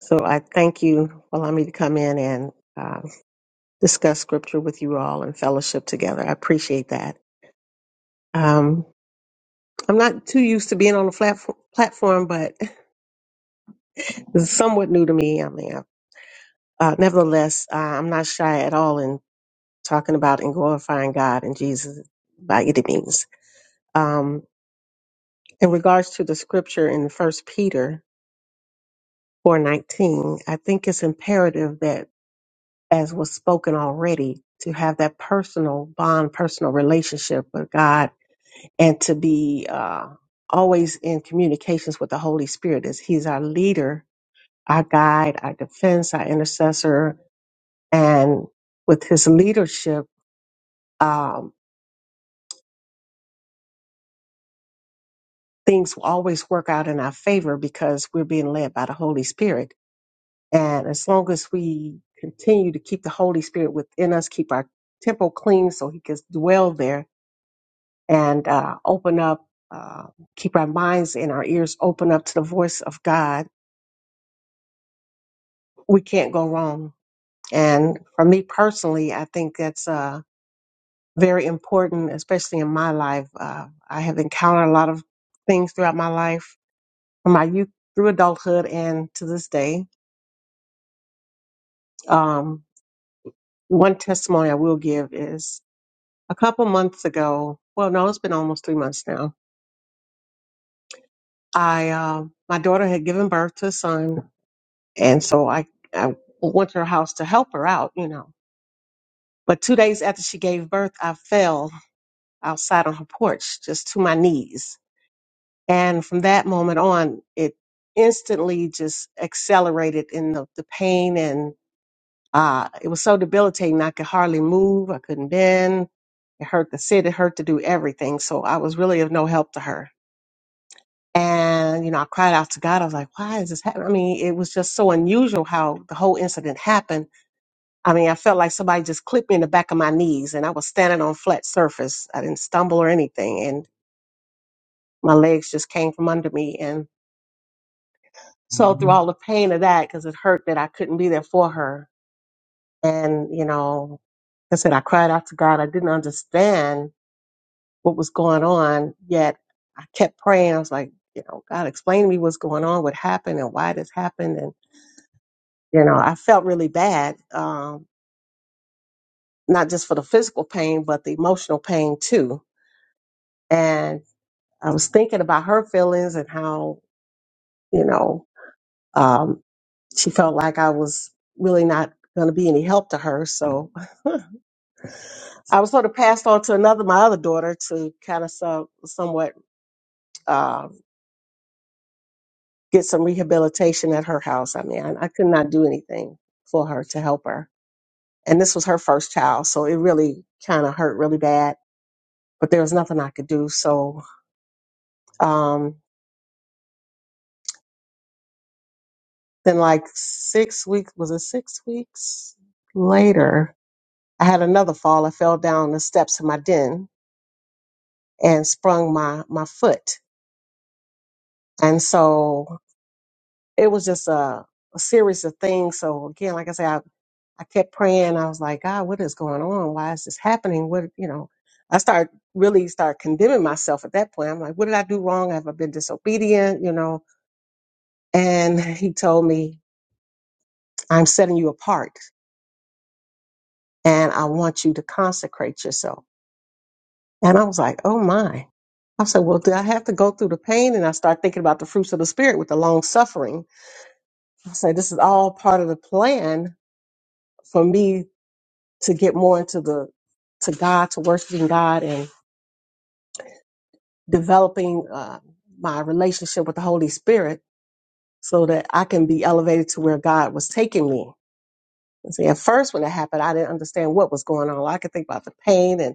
S6: So I thank you for allowing me to come in and uh, discuss scripture with you all and fellowship together. I appreciate that. Um, I'm not too used to being on the flat platform, but (laughs) it's somewhat new to me. I mean, uh, uh, nevertheless, uh, I'm not shy at all in talking about and glorifying God and Jesus by any means. Um, in regards to the scripture in First Peter, 419, I think it's imperative that, as was spoken already, to have that personal bond, personal relationship with God, and to be uh, always in communications with the Holy Spirit, as He's our leader, our guide, our defense, our intercessor, and with His leadership, um, things will always work out in our favor because we're being led by the Holy Spirit And as long as we continue to keep the Holy Spirit within us, keep our temple clean so he can dwell there and uh, open up, uh, keep our minds and our ears open up to the voice of God, we can't go wrong. And for me personally, I think that's uh, very important, especially in my life. Uh, I have encountered a lot of things throughout my life, from my youth through adulthood and to this day. Um, one testimony I will give is a couple months ago. Well, no, it's been almost three months now. I uh, my daughter had given birth to a son, and so I I went to her house to help her out, you know. But two days after she gave birth, I fell outside on her porch, just to my knees. And from that moment on, it instantly just accelerated in the, the pain, and uh, it was so debilitating. I could hardly move. I couldn't bend. It hurt to sit. It hurt to do everything. So I was really of no help to her And, you know, I cried out to God. I was like, why is this happening? I mean, it was just so unusual how the whole incident happened. I mean, I felt like somebody just clipped me in the back of my knees and I was standing on flat surface. I didn't stumble or anything. And my legs just came from under me. And so through all the pain of that, because it hurt that I couldn't be there for her. And, you know, like I said, I cried out to God. I didn't understand what was going on, yet I kept praying. I was like, you know, God, explain to me what's going on, what happened and why this happened. and you know, I felt really bad, um, not just for the physical pain, but the emotional pain too. And I was thinking about her feelings and how, you know, um, she felt like I was really not going to be any help to her. So I was sort of passed on to another, my other daughter to kind of so, somewhat uh, get some rehabilitation at her house. I mean, I, I could not do anything for her to help her. And this was her first child. So it really kind of hurt really bad but there was nothing I could do. So um, then, like six weeks, was it six weeks later? I had another fall. I fell down the steps in my den and sprung my my foot, and so it was just a, a series of things. So again, like I said, I I kept praying. I was like, God, what is going on? Why is this happening? What you know? I start really start condemning myself at that point. I'm like, what did I do wrong? Have I been disobedient? You know? And he told me I'm setting you apart and I want you to consecrate yourself. And I was like, oh my. I said, well, do I have to go through the pain? And I start thinking about the fruits of the spirit with the long suffering. I said, this is all part of the plan for me to get more into the, to God, to worshiping God and developing uh, my relationship with the Holy Spirit so that I can be elevated to where God was taking me. And see, at first when it happened, I didn't understand what was going on. I could think about the pain and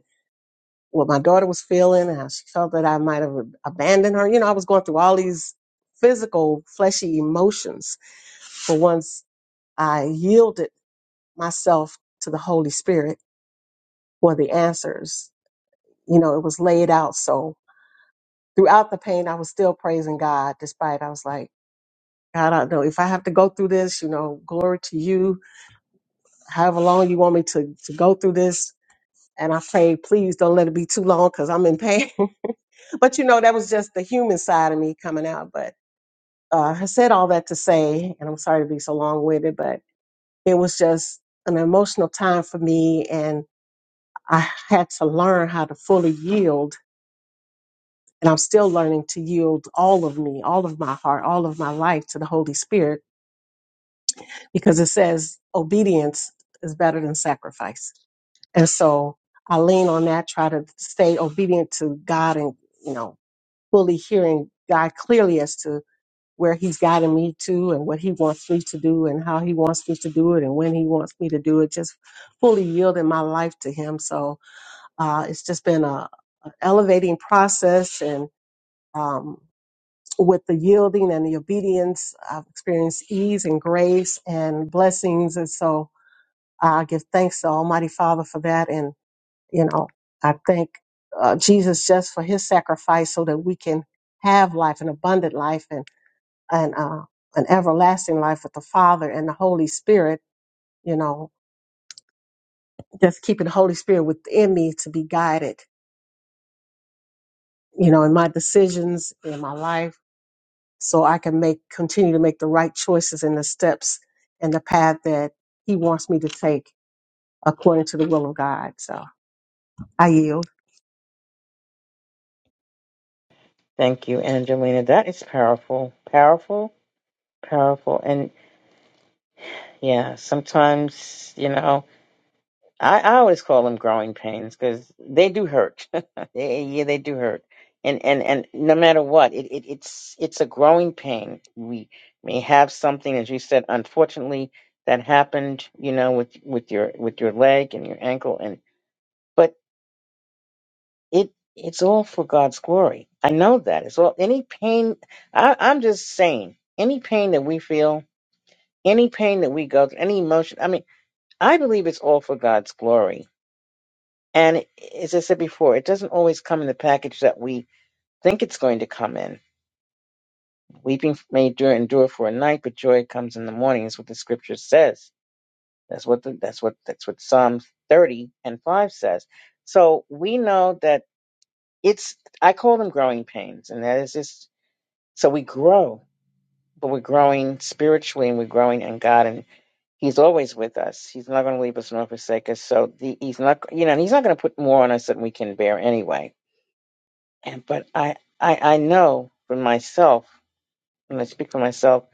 S6: what my daughter was feeling and how she felt that I might have abandoned her. You know, I was going through all these physical, fleshy emotions. But once I yielded myself to the Holy Spirit for the answers, you know, it was laid out. So throughout the pain, I was still praising God, despite I was like, God, I don't know if I have to go through this, you know, glory to you, however long you want me to, to go through this. And I prayed, please don't let it be too long because I'm in pain. (laughs) but you know, that was just the human side of me coming out. But uh, I said all that to say, and I'm sorry to be so long winded, but it was just an emotional time for me, and I had to learn how to fully yield. And I'm still learning to yield all of me, all of my heart, all of my life to the Holy Spirit, because it says obedience is better than sacrifice. And so I lean on that, try to stay obedient to God and, you know, fully hearing God clearly as to where he's guiding me to and what he wants me to do and how he wants me to do it and when he wants me to do it just fully yielding my life to him so uh, it's just been a, a elevating process and um, with the yielding and the obedience i've experienced ease and grace and blessings and so i give thanks to almighty father for that and you know i thank uh, jesus just for his sacrifice so that we can have life an abundant life and uh, an everlasting life with the Father and the Holy Spirit, you know, just keeping the Holy Spirit within me to be guided, you know, in my decisions, in my life, so I can make, continue to make the right choices and the steps and the path that He wants me to take according to the will of God. So I yield.
S1: Thank you, Angelina. That is powerful. Powerful. Powerful. And yeah, sometimes, you know, I, I always call them growing pains because they do hurt. (laughs) They- yeah, they do hurt. And, and, and no matter what, it, it, it's, it's a growing pain. We may have something, as you said, unfortunately that happened, you know, with, with your, with your leg and your ankle. And, but it, it's all for God's glory. I know that it's all any pain. I, I'm just saying any pain that we feel, any pain that we go through, any emotion. I mean, I believe it's all for God's glory. And as I said before, it doesn't always come in the package that we think it's going to come in. Weeping may endure, endure for a night, but joy comes in the morning. Is what the scripture says. That's what the, that's what that's what Psalm thirty and five says. So we know that it's. I call them growing pains, and that is just so we grow, but we're growing spiritually and we're growing in God and He's always with us. He's not going to leave us nor forsake us. So the, he's not, you know, and he's not going to put more on us than we can bear anyway. And but I, I, I know for myself, and I speak for myself,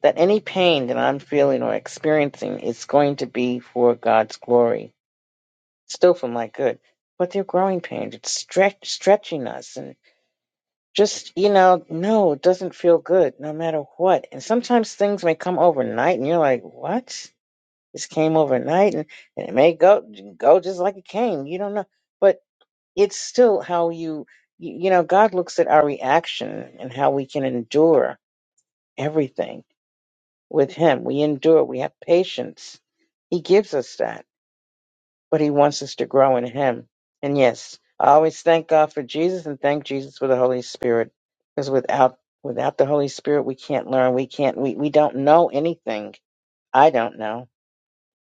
S1: that any pain that I'm feeling or experiencing is going to be for God's glory, still for my good. But they're growing pains. It's stretch, stretching us, and just you know, no, it doesn't feel good, no matter what. And sometimes things may come overnight, and you're like, what? This came overnight, and, and it may go go just like it came. You don't know, but it's still how you, you you know God looks at our reaction and how we can endure everything with Him. We endure. We have patience. He gives us that, but He wants us to grow in Him. And yes, I always thank God for Jesus and thank Jesus for the Holy Spirit, because without without the Holy Spirit, we can't learn. We can't. We we don't know anything. I don't know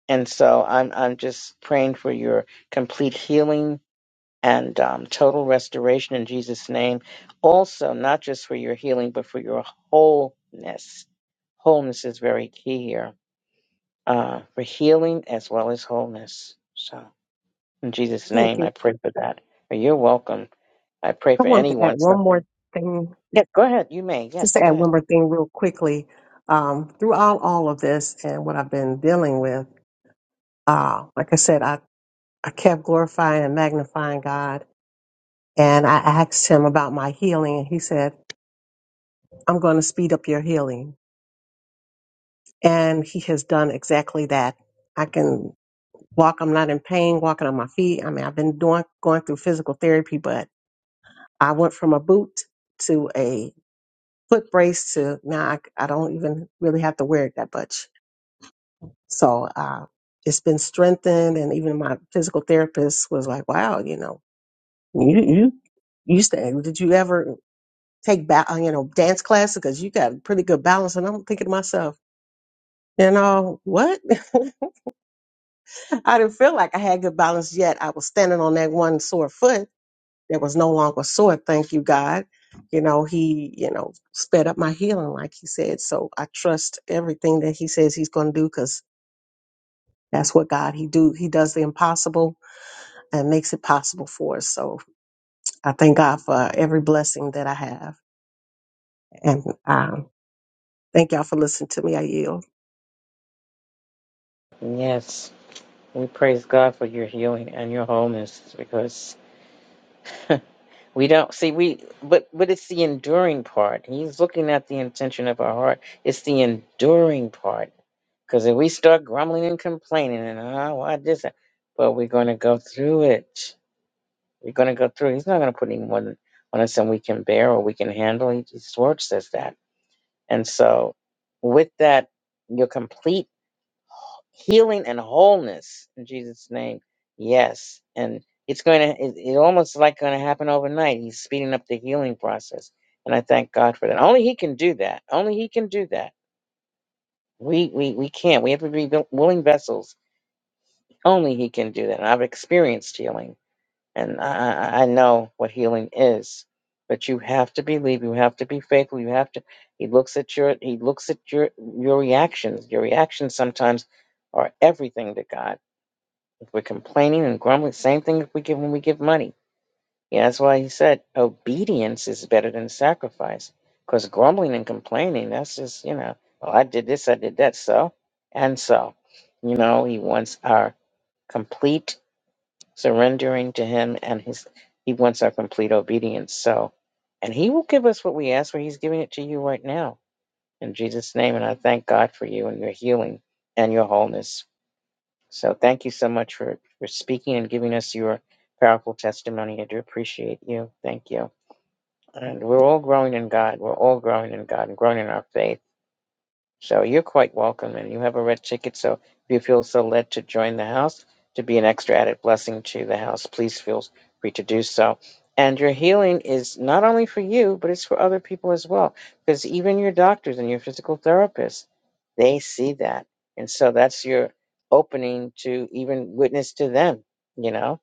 S1: And so I'm I'm just praying for your complete healing and um, total restoration in Jesus' name. Also, not just for your healing, but for your wholeness. Wholeness is very key here uh, for healing as well as wholeness. So in Jesus'
S6: Thank
S1: name,
S6: you.
S1: I pray for that. You're welcome. I pray
S6: I
S1: for
S6: wanted to add
S1: anyone
S6: one more
S1: suffering.
S6: thing,
S1: Yeah, go ahead. You may.
S6: just
S1: Yes,
S6: to add
S1: go ahead.
S6: one more thing real quickly. Um, throughout all of this and what I've been dealing with, uh, like I said, I I kept glorifying and magnifying God. And I asked him about my healing, and he said, I'm going to speed up your healing. And he has done exactly that. I can walk, I'm not in pain, walking on my feet. I mean, I've been doing, going through physical therapy, but I went from a boot to a foot brace to now I, I don't even really have to wear it that much. So uh, it's been strengthened. And even my physical therapist was like, wow, you know, you, you you used to did you ever take ba- uh, you know dance class because you got pretty good balance and i'm thinking to myself you know what (laughs) i didn't feel like i had good balance yet i was standing on that one sore foot that was no longer sore thank you god you know he you know sped up my healing like he said so i trust everything that he says he's going to do because that's what god he do he does the impossible and makes it possible for us so i thank god for every blessing that i have and um, Thank y'all for listening to me. I yield.
S1: Yes. We praise God for your healing and your wholeness because (laughs) We don't see we but but it's the enduring part. He's looking at the intention of our heart. It's the enduring part. Because if we start grumbling and complaining and oh why this but we're gonna go through it. We're gonna go through it. He's not gonna put any more than on us than we can bear or we can handle. He- His word says that. And so with that, you're complete healing and wholeness in Jesus' name. Yes, and it's going to. It, it almost like going to happen overnight. He's speeding up the healing process, and I thank God for that. Only He can do that. Only He can do that. We we we can't. We have to be vil- willing vessels. Only He can do that. And I've experienced healing, and I I I know what healing is. But you have to believe. You have to be faithful. You have to. He looks at your. He looks at your your reactions. Your reactions sometimes are everything to God if we're complaining and grumbling, same thing if we give when we give money. Yeah, that's why he said obedience is better than sacrifice. Because grumbling and complaining, that's just, you know, well, I did this, I did that, so and so. You know, he wants our complete surrendering to him and his he wants our complete obedience. So and he will give us what we ask for. He's giving it to you right now. In Jesus' name, and I thank God for you and your healing and your wholeness. So thank you so much for, for speaking and giving us your powerful testimony. I do appreciate you. Thank you. And we're all growing in God. We're all growing in God and growing in our faith. So you're quite welcome, and you have a red ticket. So if you feel so led to join the house to be an extra added blessing to the house, please feel free to do so. And your healing is not only for you, but it's for other people as well. Because even your doctors and your physical therapists, they see that. And so that's your opening to even witness to them, you know,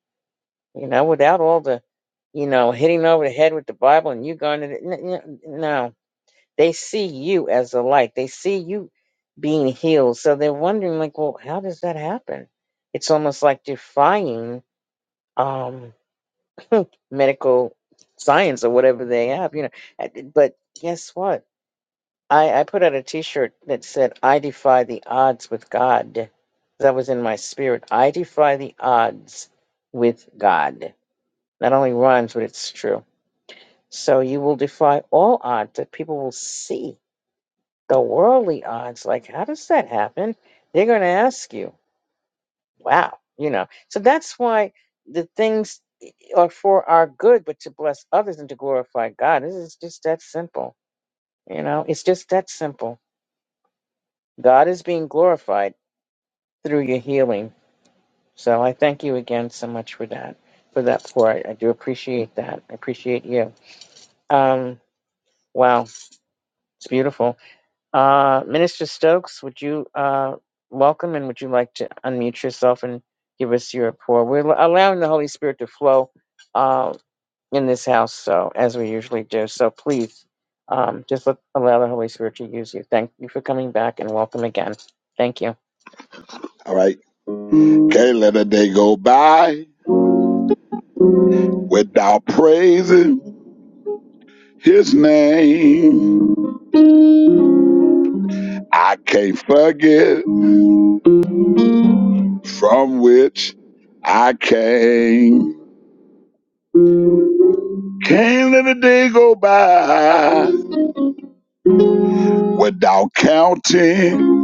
S1: you know, without all the, you know, hitting over the head with the Bible and you going to, the, n- n- no, they see you as a light. They see you being healed. So they're wondering, like, well, how does that happen? It's almost like defying um, (laughs) medical science or whatever they have, you know. Uh, But guess what? I, I put out a T-shirt that said, "I defy the odds with God." That was in my spirit. I defy the odds with God. Not only rhymes, but it's true. So you will defy all odds that people will see the worldly odds like how does that happen they're going to ask you wow you know so that's why the things i- are for our good but to bless others and to glorify god this is just that simple you know it's just that simple god is being glorified through your healing so i thank you again so much for that for that pour i, I do appreciate that i appreciate you um wow it's beautiful Uh, Minister Stokes, would you uh, welcome and would you like to unmute yourself and give us your report? We're allowing the Holy Spirit to flow uh, in this house, so as we usually do. So please, um, just let, allow the Holy Spirit to use you. Thank you for coming back and welcome again. Thank you.
S9: All right. Can't let a day go by without praising his name. I can't forget from which I came. Can't let a day go by without counting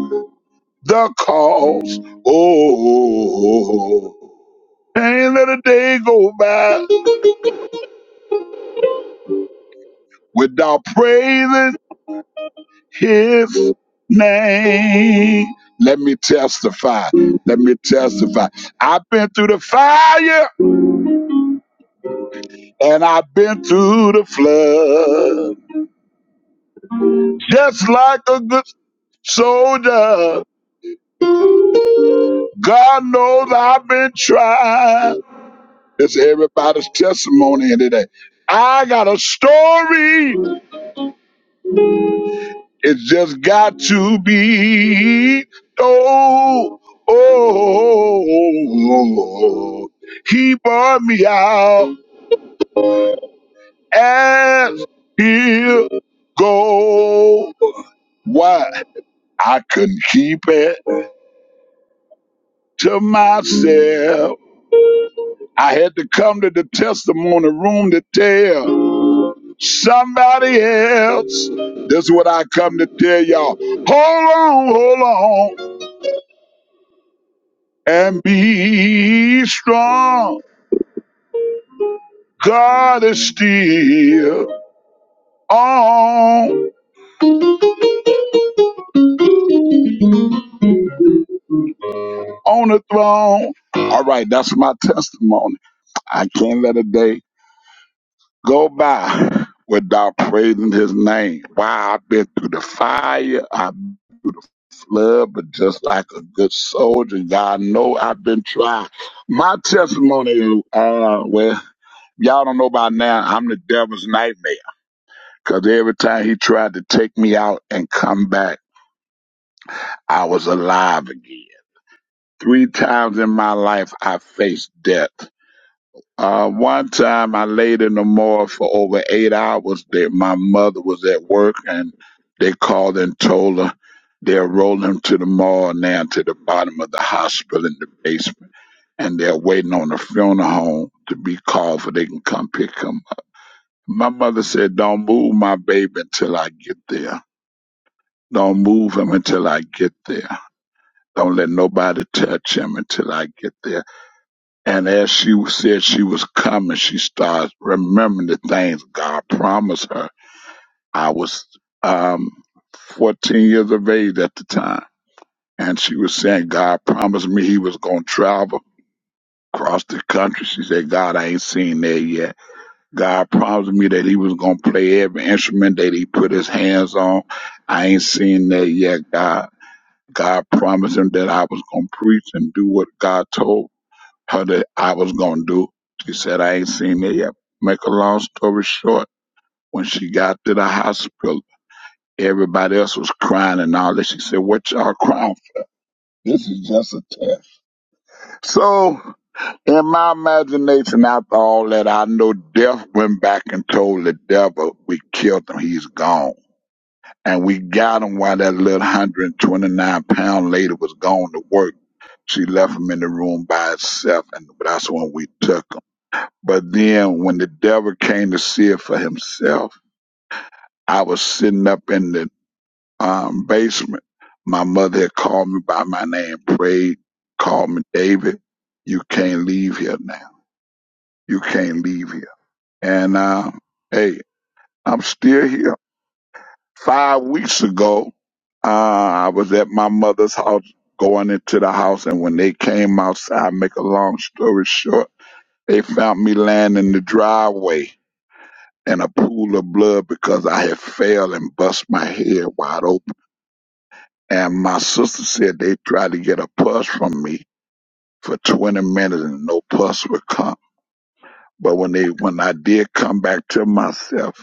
S9: the cost. Oh, can't let a day go by without praising his name. Let me testify. Let me testify. I've been through the fire and I've been through the flood. Just like a good soldier, God knows I've been tried. It's everybody's testimony here today. I got a story. It's just got to be. Oh, oh, oh, oh. oh. he bought me out as he'll go. Why? I couldn't keep it to myself. I had to come to the testimony room to tell somebody else. This is what I come to tell y'all. Hold on, hold on. and be strong. God is still on on the throne. All right, that's my testimony. I can't let a day go by without praising His name. Wow, I've been through the fire, I've been flood, but just like a good soldier, God know I've been tried. My testimony, uh, well, y'all don't know by now, I'm the devil's nightmare. Cause every time he tried to take me out and come back. I was alive again. Three times in my life, I faced death. Uh, one time I laid in the morgue for over eight hours. That my mother was at work and they called and told her they're rolling to the morgue now to the bottom of the hospital in the basement. And they're waiting on the funeral home to be called for they can come pick him up. My mother said, don't move my baby until I get there. Don't move him until I get there. Don't let nobody touch him until I get there. And as she said she was coming, she starts remembering the things God promised her. I was um, 14 years of age at the time. And she was saying, God promised me he was going to travel across the country. She said, God, I ain't seen that yet. God promised me that he was going to play every instrument that he put his hands on. I ain't seen that yet, God. God promised him that I was going to preach and do what God told her that I was gonna do. She said I ain't seen it yet. Make a long story short, when she got to the hospital, everybody else was crying and all that. She said, What y'all crying for? This is just a test. So in my imagination, after all that, I know death went back and told the devil, We killed him, he's gone. And we got him while that little 129 pound lady was going to work. She left him in the room by itself, and that's when we took him. But then when the devil came to see it for himself, I was sitting up in the um, basement. My mother had called me by my name, prayed, called me, David, you can't leave here now. You can't leave here. And, uh, hey, I'm still here. Five weeks ago, uh, I was at my mother's house going into the house. And when they came outside, make a long story short, they found me laying in the driveway in a pool of blood because I had fell and bust my head wide open. And my sister said they tried to get a pulse from me for 20 minutes and no pulse would come. But when they when I did come back to myself,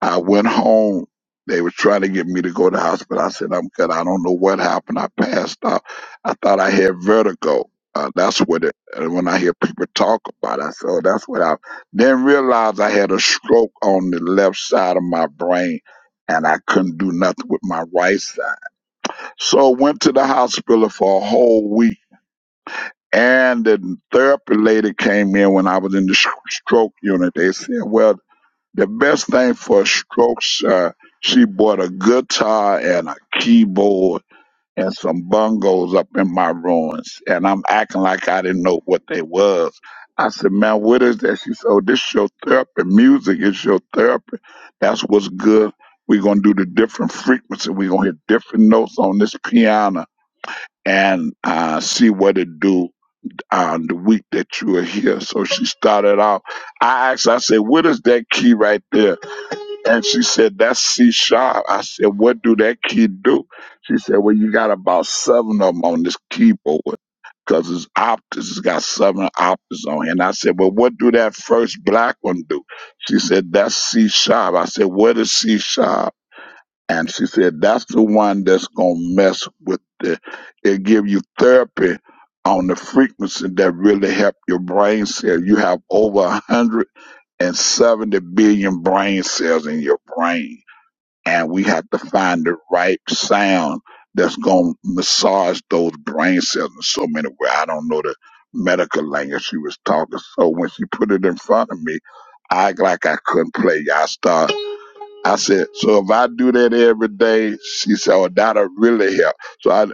S9: I went home. They were trying to get me to go to the hospital. I said, I'm good. I don't know what happened. I passed out. I thought I had vertigo. Uh, that's what it, and when I hear people talk about it, I said, oh, that's what I didn't realize I had a stroke on the left side of my brain and I couldn't do nothing with my right side. So I went to the hospital for a whole week. And the therapy lady came in when I was in the sh- stroke unit. They said, well, the best thing for strokes, uh, she bought a guitar and a keyboard and some bongos up in my ruins, and I'm acting like I didn't know what they was. I said, "Man, what is that?" She said, "Oh, this is your therapy. Music is your therapy. That's what's good. We're gonna do the different frequency. We're gonna hit different notes on this piano." And uh, see what it do on the week that you are here. So she started off I asked, I said, what is that key right there? And she said, That's C sharp. I said, What do that kid do? She said, Well, you got about seven of them on this keyboard because it's octaves. It's got seven octaves on it. And I said, Well, what do that first black one do? She said, That's C sharp. I said, What is C sharp? And she said, That's the one that's going to mess with the, it give you therapy on the frequency that really help your brain cell. You have over 170 billion brain cells in your brain and we have to find the right sound that's going to massage those brain cells in so many ways. I don't know the medical language she was talking. So when she put it in front of me, I act like I couldn't play. I start. I said, so if I do that every day, she said, oh, that'll really help. So I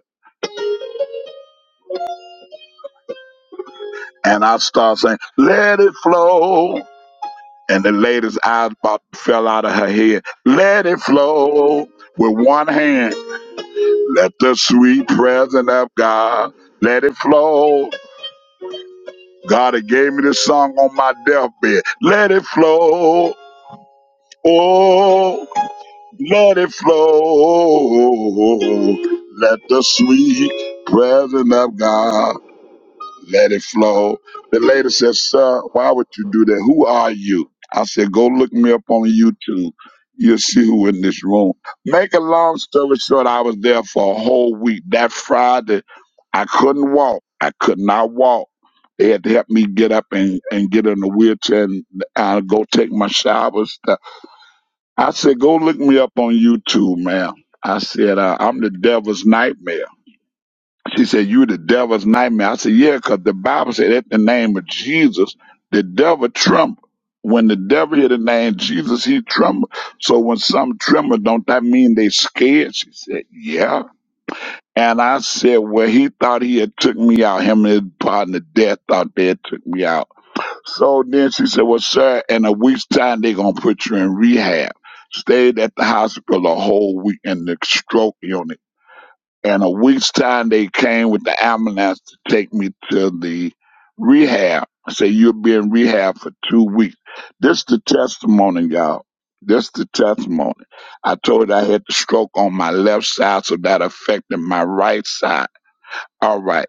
S9: and I start saying, let it flow. And the lady's eyes about fell out of her head. Let it flow with one hand. Let the sweet presence of God let it flow. God that gave me this song on my deathbed. Let it flow. Oh, let it flow. Let the sweet presence of God. let it flow. The lady said, Sir, why would you do that? Who are you? I said, Go look me up on YouTube. You'll see who in this room. Make a long story short, I was there for a whole week. That Friday, I couldn't walk. I could not walk. They had to help me get up and, and get in a wheelchair and uh, go take my shower and stuff. I said, Go look me up on YouTube, man. I said, uh, I'm the devil's nightmare. She said, You the devil's nightmare. I said, Yeah, 'cause the Bible said at the name of Jesus, the devil trembled. When the devil hear the name Jesus, he trembled. So when some tremble, don't that mean they scared? She said, Yeah. And I said, Well, he thought he had took me out. Him and his partner death thought they had took me out. So then she said, Well, sir, in a week's time they gonna put you in rehab. Stayed at the hospital a whole week in the stroke unit and a week's time, they came with the ambulance to take me to the rehab. I say, you'll be in rehab for two weeks. This the testimony, y'all. This the testimony. I told you I had the stroke on my left side, so that affected my right side. All right.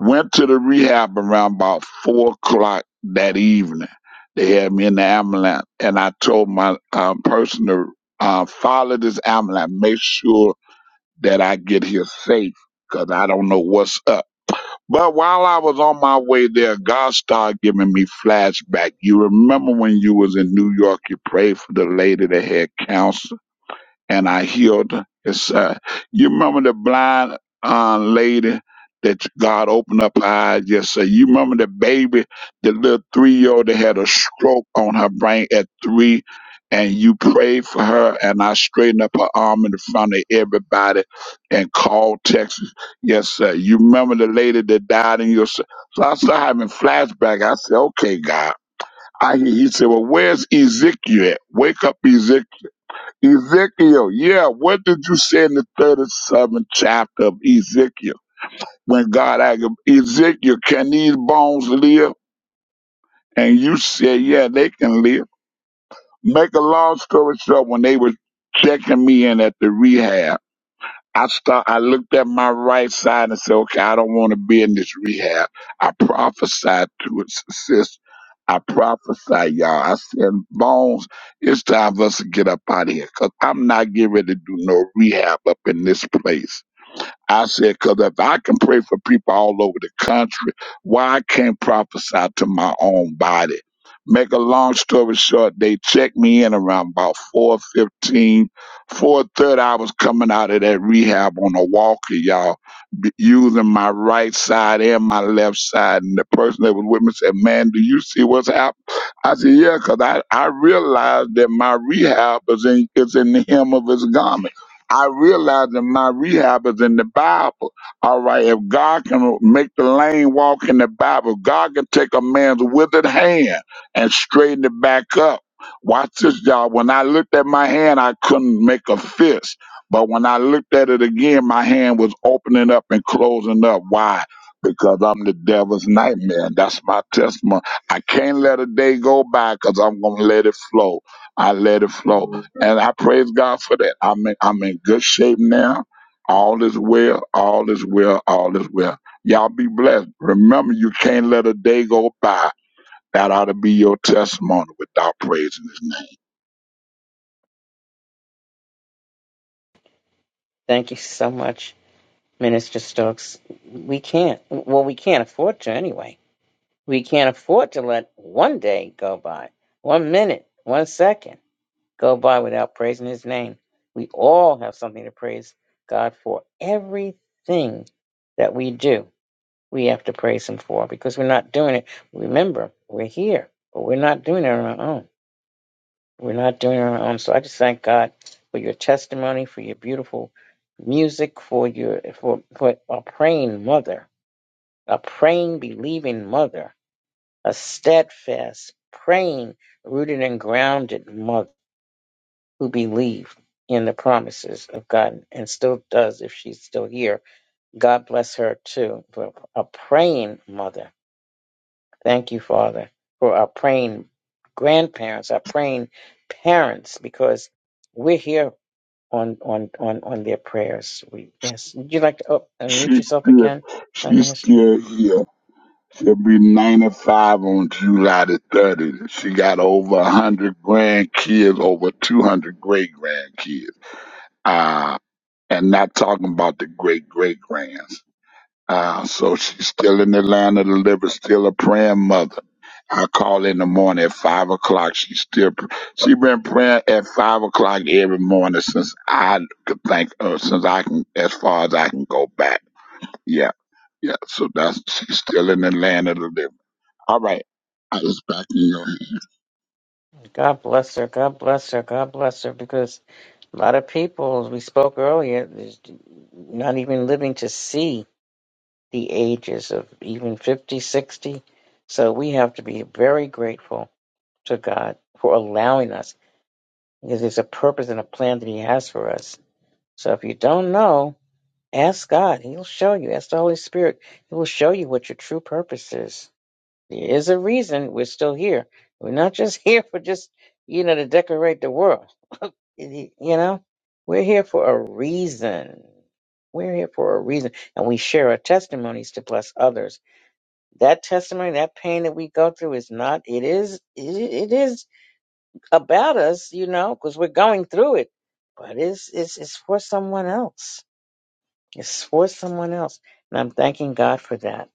S9: Went to the rehab around about four o'clock that evening. They had me in the ambulance, and I told my uh, person to uh, follow this ambulance, make sure that I get here safe because I don't know what's up. But while I was on my way there, God started giving me flashback. You remember when you was in New York, you prayed for the lady that had cancer? and I healed his. Uh, you remember the blind uh, lady that God opened up her eyes yesterday? You remember the baby, the little three year old that had a stroke on her brain at three, and you prayed for her, and I straightened up her arm in front of everybody and called Texas. Yes, sir. You remember the lady that died in your. So I started having flashback. I said, okay, God. I, he said, well, where's Ezekiel at? Wake up, Ezekiel Ezekiel, yeah, what did you say in the 37th chapter of Ezekiel? When God asked him, Ezekiel, can these bones live? And you said, yeah, they can live. Make a long story short, when they were checking me in at the rehab, I start, I looked at my right side and said, okay, I don't want to be in this rehab. I prophesied to it, sis. I prophesied, y'all. I said, Bones, it's time for us to get up out of here because I'm not getting ready to do no rehab up in this place. I said, because if I can pray for people all over the country, why I can't prophesy to my own body? Make a long story short, they checked me in around about four fifteen, four thirty. I was coming out of that rehab on a walker, y'all, b- using my right side and my left side. And the person that was with me said, man, do you see what's happening? I said, yeah, because I, I realized that my rehab is in, is in the hem of his garment. I realize that my rehab is in the Bible. All right, if God can make the lame walk in the Bible, God can take a man's withered hand and straighten it back up. Watch this, y'all. When I looked at my hand, I couldn't make a fist. But when I looked at it again, my hand was opening up and closing up. Why? Because I'm the devil's nightmare. That's my testimony. I can't let a day go by because I'm going to let it flow. I let it flow. And I praise God for that. I'm in, I'm in good shape now. All is well. All is well. All is well. Y'all be blessed. Remember, you can't let a day go by. That ought to be your testimony without praising his name.
S1: Thank you so much, Minister Stokes. We can't, well, we can't afford to anyway. We can't afford to let one day go by, one minute, one second. go by without praising his name. We all have something to praise God for. Everything that we do, we have to praise him for because we're not doing it. Remember, we're here, but we're not doing it on our own. We're not doing it on our own. So I just thank God for your testimony, for your beautiful music, for your for, for a praying mother, a praying, believing mother, a steadfast, praying, rooted and grounded mother. who believed in the promises of God and still does if she's still here. God bless her too for a praying mother. Thank you, Father, for our praying grandparents, our praying parents, because we're here on on on on their prayers. We yes. Would you like to oh, unmute
S9: She's
S1: yourself again,
S9: still,
S1: uh,
S9: she's
S1: Minister?
S9: still here. She'll be 95 on July the 30th. She got over 100 grandkids, over 200 great grandkids. Uh, and not talking about the great great grands. Uh, so she's still in the line of the living, still a praying mother. I call in the morning at five o'clock. She's still, pr- she been praying at five o'clock every morning since I could think of, since I can, as far as I can go back. Yeah. Yeah. So that's, she's still in the land of the living. All right. I was back in your hand.
S1: God bless her. God bless her. God bless her because. A lot of people, as we spoke earlier, is not even living to see the ages of even 50, 60. So we have to be very grateful to God for allowing us because there's a purpose and a plan that He has for us. So if you don't know, ask God. He'll show you. Ask the Holy Spirit. He will show you what your true purpose is. There is a reason we're still here. We're not just (laughs) here for just, you know, to decorate the world. You know, we're here for a reason. We're here for a reason. And we share our testimonies to bless others that testimony, that pain that we go through is not, it is, it, it is about us, you know, because we're going through it, but it's, it's, it's for someone else. It's for someone else. And I'm thanking God for that.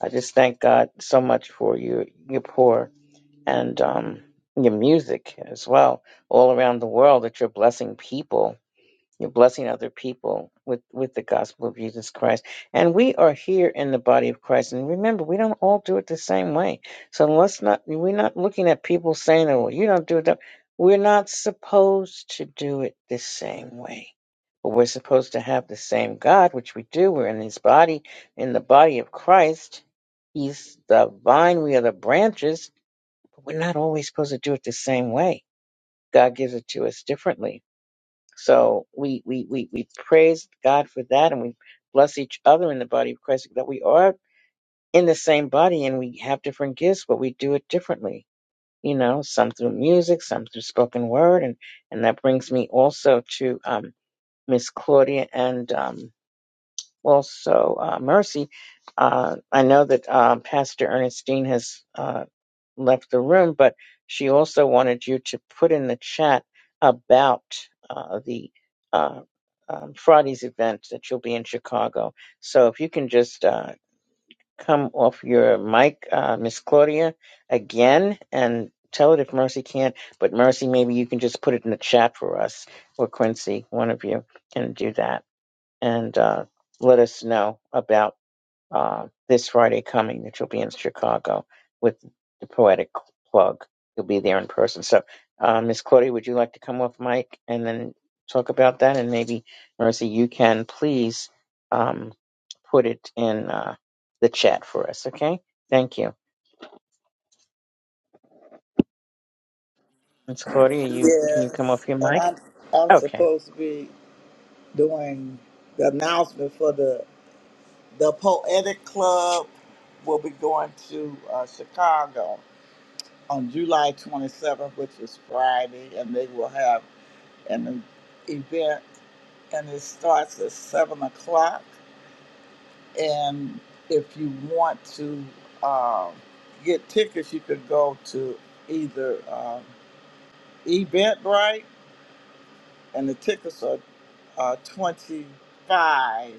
S1: I just thank God so much for your, your pour and, um, your music as well, all around the world that you're blessing people you're blessing other people with, with the gospel of Jesus Christ. And we are here in the body of Christ. And remember, we don't all do it the same way. So let's not, we're not looking at people saying, oh, well, you don't do it. That. We're not supposed to do it the same way. But we're supposed to have the same God, which we do. We're in his body, in the body of Christ. He's the vine, we are the branches. But we're not always supposed to do it the same way. God gives it to us differently so we, we, we, we praise God for that and we bless each other in the body of Christ that we are in the same body and we have different gifts, but we do it differently. You know, some through music, some through spoken word. And, and that brings me also to um, Miss Claudia and um, also uh, Mercy. Uh, I know that uh, Pastor Ernestine has. uh, left the room, but she also wanted you to put in the chat about uh, the uh, um, Friday's event that you'll be in Chicago. So if you can just uh, come off your mic, uh, Miss Claudia, again and tell it if Mercy can't. But Mercy, maybe you can just put it in the chat for us, or Quincy, one of you can do that, and uh, let us know about uh, this Friday coming that you'll be in Chicago with the poetic plug. You'll be there in person. So, uh, Miss Claudia, would you like to come off mic and then talk about that? And maybe, Mercy, you can please um, put it in uh, the chat for us, okay? Thank you. Miss Claudia, you can you come
S7: Yes,
S1: off your
S7: and
S1: mic?
S7: I'm I'm
S1: Okay.
S7: supposed to be doing the announcement for the the Poetic Club. will be going to uh, Chicago on July 27th, which is Friday, and they will have an e- event, and it starts at seven o'clock. And if you want to um, get tickets, you could go to either um, Eventbrite, and the tickets are uh, twenty five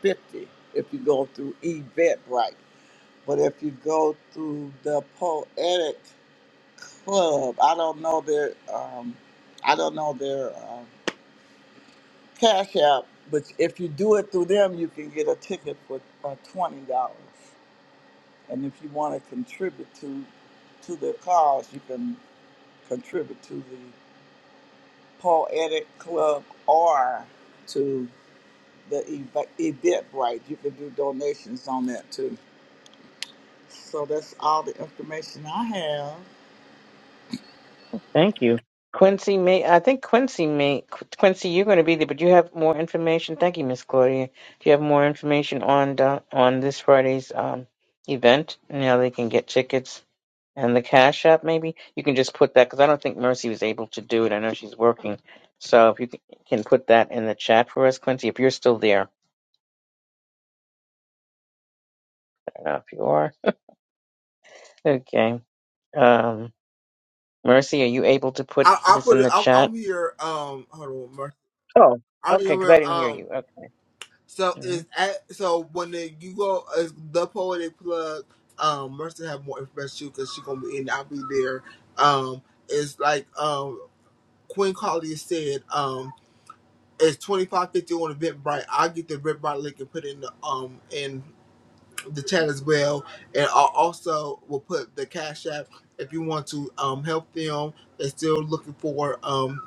S7: fifty if you go through Eventbrite. But if you go through the Poetic Club, I don't know their, um, I don't know their. uh, Cash App, but if you do it through them, you can get a ticket for uh, twenty dollars. And if you want to contribute to to the cause, you can contribute to the Poetic Club or to the ev- Eventbrite. You can do donations on that too. So that's all the information I have.
S1: Thank you. Quincy may I think Quincy may Quincy, you're gonna be there, but you have more information. Thank you, Miss Claudia. Do you have more information on the, on this Friday's um event? And how they can get tickets and the cash app maybe? You can just put that because I don't think Mercy was able to do it. I know she's working. So if you can can put that in the chat for us, Quincy, if you're still there. I don't know if you are. Okay. Um Mercy, are you able to put
S5: I, I
S1: this
S5: put
S1: in
S5: it.
S1: the
S5: I'm,
S1: chat?
S5: I'm here. Um, hold on, Mercy.
S1: Oh,
S5: I am
S1: okay, because
S5: here.
S1: I didn't hear
S5: Um,
S1: you.
S5: so
S1: Okay.
S5: it's at so when the, you go it's the poetic plug. Um, Mercy have more information because she gonna be in. I'll be there. Um, it's like um Queen Carly said. Um, it's twenty five fifty on Eventbrite. I will get the Eventbrite link and put it in the um in the chat as well. And i also will put the cash app if you want to um, help them. They're still looking for. Um,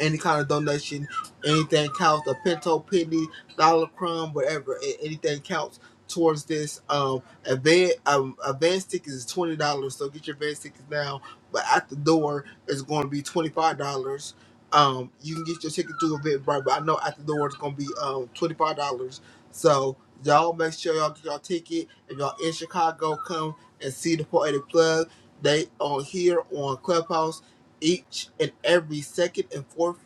S5: any kind of donation, anything counts. A pinto penny, dollar crumb, whatever, a- anything counts towards this. Um, advance um, advance tickets is twenty dollars, so get your advance tickets now. But at the door, it's going to be twenty five dollars. Um, you can get your ticket through Eventbrite, but I know at the door it's going to be um twenty five dollars. So y'all make sure y'all get y'all ticket. If y'all in Chicago, come and see the poetic plug. They on here on Clubhouse each and every second and fourth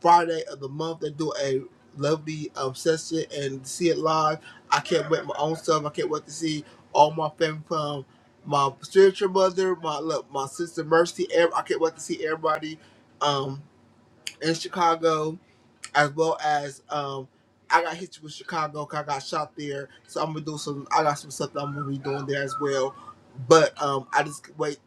S5: Friday of the month. They do a lovely um, session and see it live. I can't wait my own stuff. I can't wait to see all my family from my spiritual mother, my look, my sister Mercy. ev- I can't wait to see everybody um, in Chicago as well as um, I got hit with Chicago 'cause I got shot there. So I'm gonna do some. I got some stuff that I'm gonna be doing there as well. But um, I just can't wait,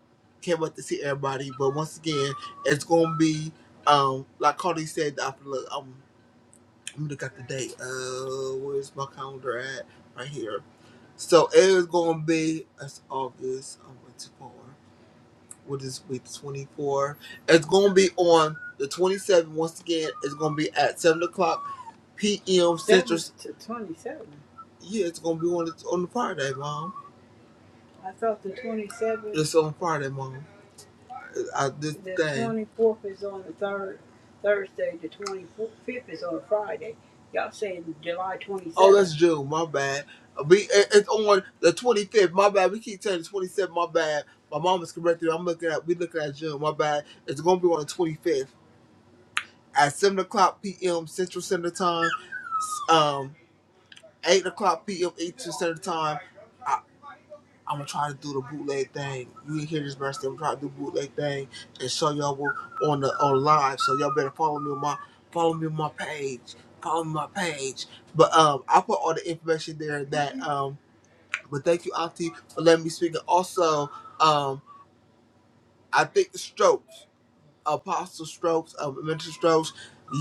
S5: can't wait to see everybody. But once again, it's gonna be um, like Carly said. I look, um, I'm gonna look at the date. Uh, where's my calendar at? Right here. So it is gonna be that's August. I'm going to four. What is week twenty four? It's gonna be on the twenty seventh. Once again, it's gonna be at seven o'clock p.m. Central. to 27. Yeah, it's gonna be on the, on the Friday, mom. I thought the 27th, It's on Friday, mom. I, this the thing. 24th is on the third Thursday, the 25th is on a Friday. Y'all saying July twenty-seventh? Oh, that's June. My bad. We it's on the 25th. My bad. We keep saying the 27th. My bad. My mom is correcting. me. I'm looking at we looking at June. My bad. It's gonna be on the 25th at 7 o'clock p.m. Central Standard Time. Um, eight o'clock p.m. Eastern Standard Time. I, I'm gonna try to do the bootleg thing. You didn't hear this, but I'm trying to do the bootleg thing and show y'all what on the on live. So y'all better follow me on my follow me on my page. Follow me on my page. But um, I put all the information there that um. But thank you, Auntie, for letting me speak. And also, um, I think the strokes. Apostle Strokes, of Mental Strokes.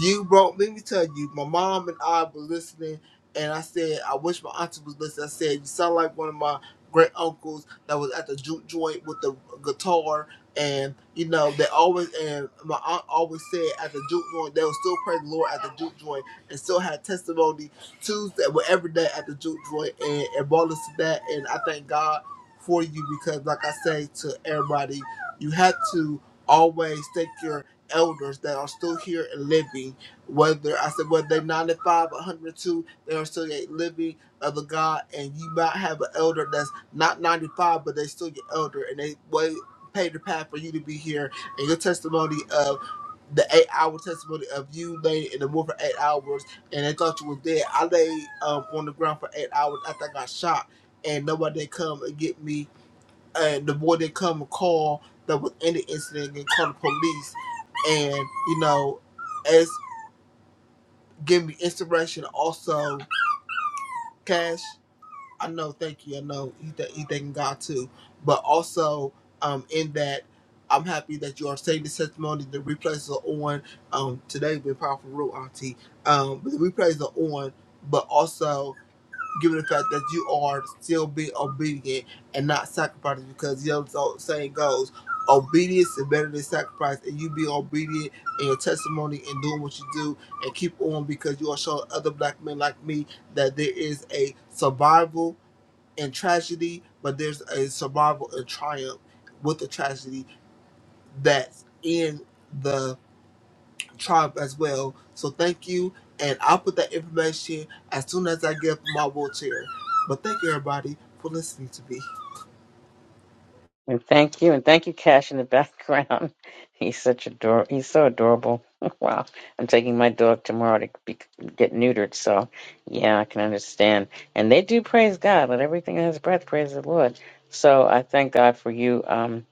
S5: You brought, let me tell you, my mom and I were listening, and I said, I wish my auntie was listening. I said, You sound like one of my great uncles that was at the juke joint with the guitar. And, you know, they always, and my aunt always said at the juke joint, they would still praise the Lord at the juke joint and still had testimony Tuesday, well, every day at the juke joint. And it brought us to that. And I thank God for you because, like I say to everybody, you had to always take your elders that are still here and living, whether I said whether they're 95, 102, they are still yet living of the God, and you might have an elder that's not 95, but they still your elder, and they way paved the path for you to be here, and your testimony of the eight hour testimony of you laying in the wood for eight hours and they thought you was dead. I lay um, on the ground for eight hours after I got shot and nobody come and get me uh, the boy didn't come and call that was in the incident and call the police. And, you know, as give me inspiration also, Cash, I know, thank you, I know he, th- he thanking God too. But also, um, in that, I'm happy that you are saying this testimony. The replays are on. Um, today been powerful, real auntie. Um, but the replays are on. But also, given the fact that you are still being obedient and not sacrificing because you know the old saying goes obedience is better than sacrifice and you be obedient in your testimony and doing what you do and keep on because you are showing other black men like me that there is a survival in tragedy but there's a survival in triumph with the tragedy that's in the tribe as well. So thank you, and I'll put that information as soon as I get up in my wheelchair. But thank you, everybody, for listening to me.
S1: And thank you, and thank you, Cash, in the background. (laughs) He's such ador He's so adorable. (laughs) wow, I'm taking my dog tomorrow to be, get neutered. So, yeah, I can understand. And they do praise God. Let everything that has breath praise the Lord. So I thank God for you, um,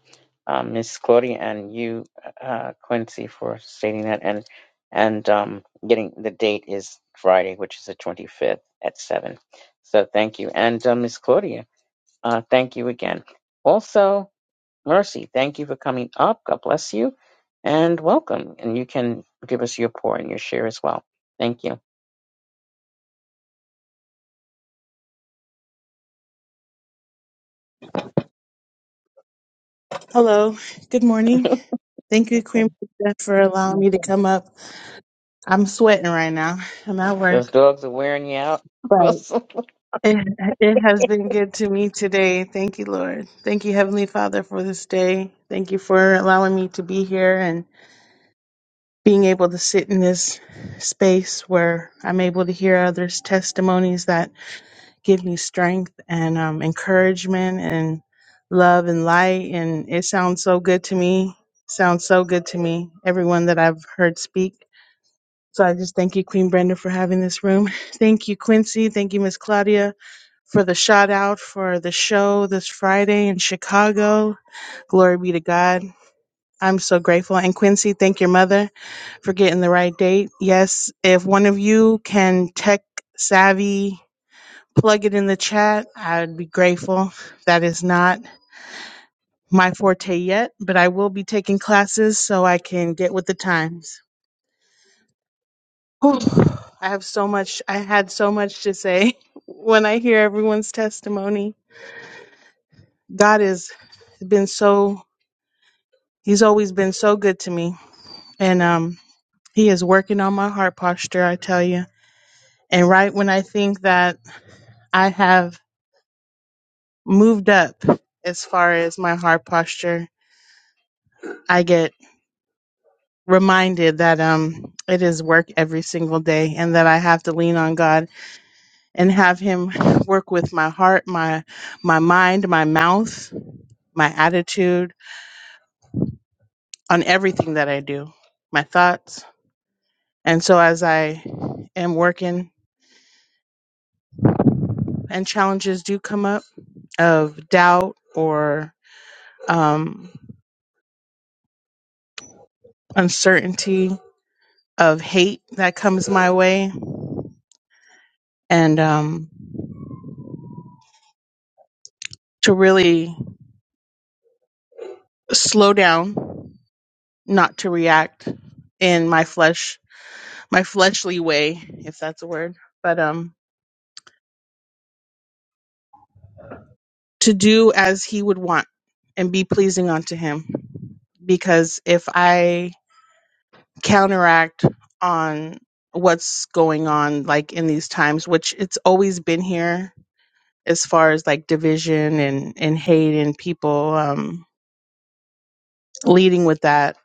S1: um, Miss Claudia, and you, uh, Quincy, for stating that. And and um, getting the date is Friday, which is the 25th at seven. So thank you, and uh, Miss Claudia, uh, thank you again. Also. Mercy, thank you for coming up. God bless you and welcome. And you can give us your pour and your share as well. Thank you.
S10: Hello, good morning. Thank you, Queen
S1: Okay.
S10: Priscilla, for allowing me to come up. I'm sweating right now. I'm at
S1: Those
S10: work,
S1: dogs are wearing you out. (laughs)
S10: but
S1: Wilson.
S10: it, it has been good to me today. Thank you, Lord. Thank you, Heavenly Father, for this day. Thank you for allowing me to be here and being able to sit in this space where I'm able to hear others' testimonies that give me strength and um, encouragement and love and light. And it sounds so good to me. Sounds so good to me. Everyone that I've heard speak. So I just thank you, Queen Brenda, for having this room. (laughs) Thank you, Quincy. Thank you, Miss Claudia, for the shout out for the show this Friday in Chicago. Glory be to God. I'm so grateful. And Quincy, thank your mother for getting the right date. Yes, if one of you can tech savvy plug it in the chat. I'd be grateful. That is not my forte yet, but I will be taking classes so I can get with the times. Whew. I have so much, I had so much to say (laughs) when I hear everyone's testimony. God has been so, He's always been so good to me. And um, He is working on my heart posture, I tell you. And right when I think that I have moved up as far as my heart posture, I get reminded that um it is work every single day and that I have to lean on God and have him work with my heart, my my mind, my mouth, my attitude on everything that I do, my thoughts. And so as I am working and challenges do come up of doubt or um uncertainty of hate that comes my way and um to really slow down not to react in my flesh, my fleshly way, if that's a word, but um, to do as He would want and be pleasing unto Him. Because if I counteract on what's going on, like in these times, which it's always been here as far as like division and and hate and people um leading with that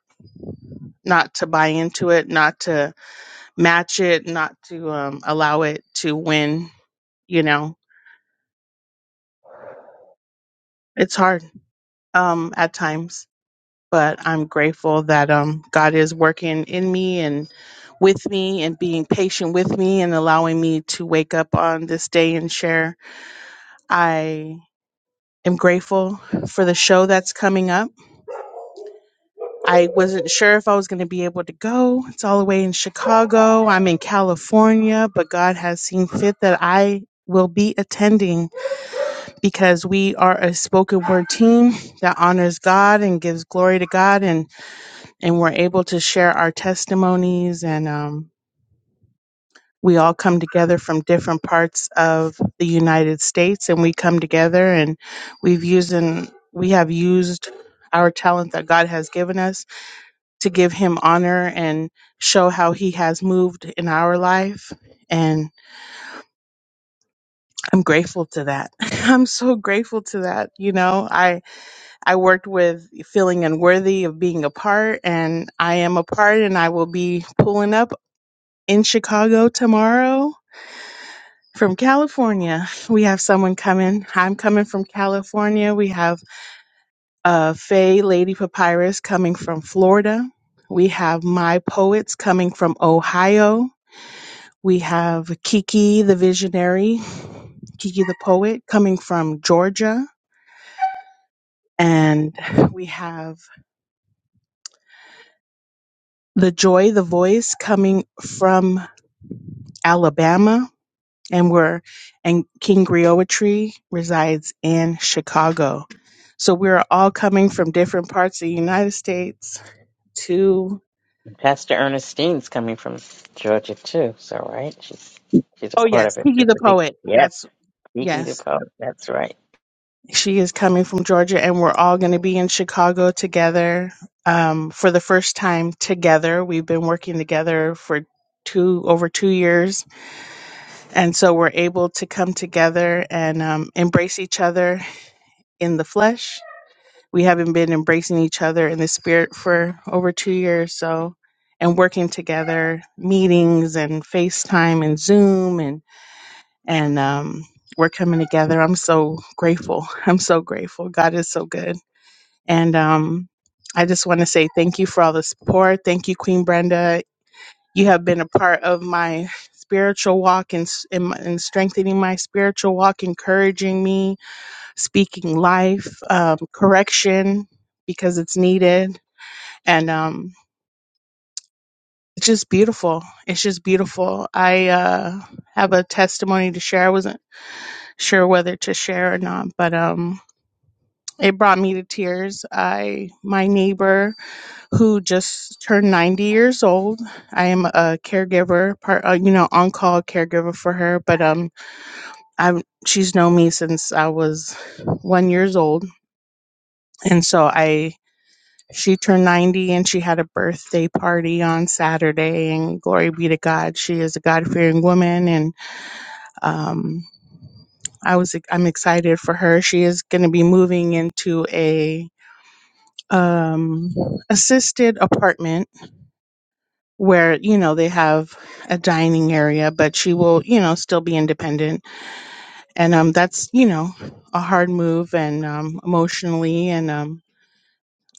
S10: not to buy into it not to match it not to um allow it to win you know It's hard um, at times, but I'm grateful that um, God is working in me and with me and being patient with me and allowing me to wake up on this day and share. I am grateful for the show that's coming up. I wasn't sure if I was going to be able to go. It's all the way in Chicago. I'm in California, but God has seen fit that I will be attending because we are a spoken word team that honors God and gives glory to God and and we're able to share our testimonies and um, we all come together from different parts of the united states and we come together and we've used and we have used our talent that god has given us to give him honor and show how he has moved in our life and i'm grateful to that (laughs) i'm so grateful to that you know i i worked with feeling unworthy of being a part and i am a part and i will be pulling up in Chicago tomorrow from California. We have someone coming. I'm coming from California. We have uh, Faye Lady Papyrus coming from Florida. We have My Poets coming from Ohio. We have Kiki the Visionary, Kiki the Poet coming from Georgia. And we have The Joy, the Voice coming from Alabama. And we're, and King Griotry resides in Chicago. So we're all coming from different parts of the United States to,
S1: Pastor Ernestine's coming from Georgia too. So right, she's she's a
S10: oh,
S1: part
S10: yes,
S1: of it.
S10: Tiki
S1: It's
S10: the
S1: a big
S10: Poet.
S1: yeah.
S10: That's,
S1: Kiki the
S10: yes,
S1: poet. That's right.
S10: she is coming from Georgia, and we're all going to be in Chicago together um, for the first time together. We've been working together for two over two years and so we're able to come together and um, embrace each other in the flesh we haven't been embracing each other in the spirit for over two years so and working together meetings and facetime and zoom and and um, we're coming together i'm so grateful (laughs) i'm so grateful god is so good and um, i just want to say thank you for all the support thank you queen brenda you have been a part of my spiritual walk and, and, and strengthening my spiritual walk encouraging me speaking life, um, correction because it's needed, and um, it's just beautiful. It's just beautiful. I uh, have a testimony to share. I wasn't sure whether to share or not, but um, it brought me to tears. I my neighbor who just turned ninety years old. I am a caregiver, part uh, you know on call caregiver for her, but um, I she's known me since I was one years old, and so I She turned 90 and she had a birthday party on Saturday. And glory be to God, she is a God fearing woman. And um, I was I'm excited for her. She is going to be moving into a um, assisted apartment where you know they have a dining area, but she will you know still be independent. And um, that's you know a hard move and um, emotionally. And um,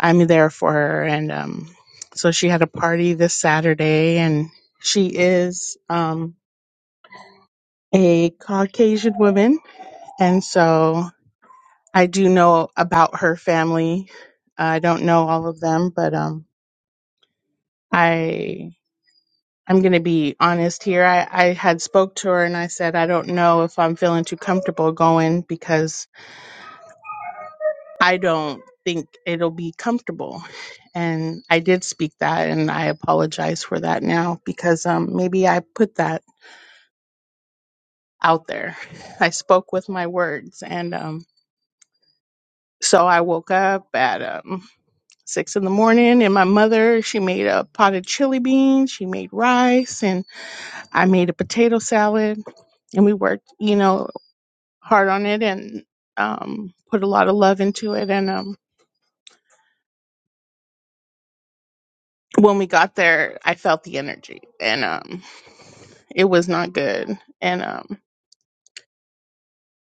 S10: I'm there for her. And um, so she had a party this Saturday, and she is um, a Caucasian woman. And so I do know about her family. I don't know all of them, but um, I. I'm going to be honest here. I, I had spoke to her and I said, I don't know if I'm feeling too comfortable going because I don't think it'll be comfortable. And I did speak that and I apologize for that now because um maybe I put that out there. I spoke with my words and um so I woke up at um six in the morning and my mother she made a pot of chili beans, she made rice and I made a potato salad and we worked, you know, hard on it and um put a lot of love into it and um when we got there, I felt the energy and um it was not good and um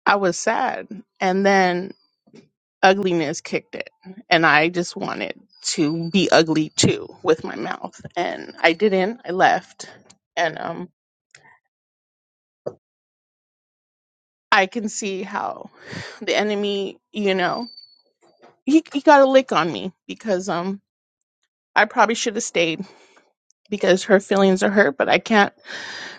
S10: I was sad and then ugliness kicked it and I just wanted to be ugly too with my mouth and I didn't. I left and um I can see how the enemy, you know, he he got a lick on me because um I probably should have stayed because her feelings are hurt, but I can't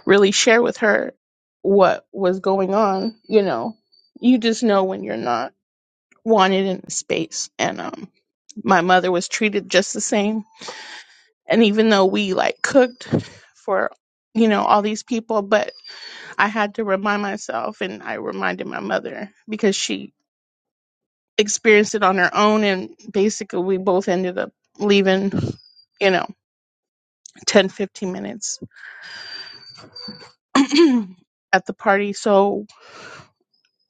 S10: really share with her what was going on, you know. You just know when you're not wanted in the space. And um my mother was treated just the same. And even though we like cooked for you know all these people, but I had to remind myself and I reminded my mother because she experienced it on her own and basically we both ended up leaving, you know, 10 15 minutes (clears throat) at the party. So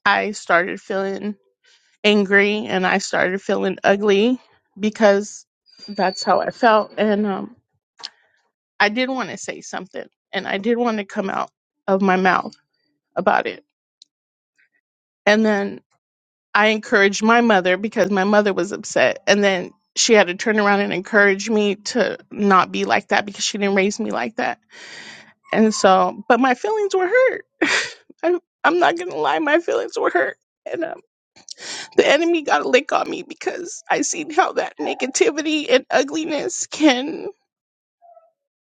S10: I started feeling angry and I started feeling ugly because that's how I felt. And um, I did want to say something and I did want to come out of my mouth about it. And then I encouraged my mother because my mother was upset. And then she had to turn around and encourage me to not be like that because she didn't raise me like that. And so, but my feelings were hurt. (laughs) I, I'm not going to lie, my feelings were hurt. And. uh, the enemy got a lick on me because I seen how that negativity and ugliness can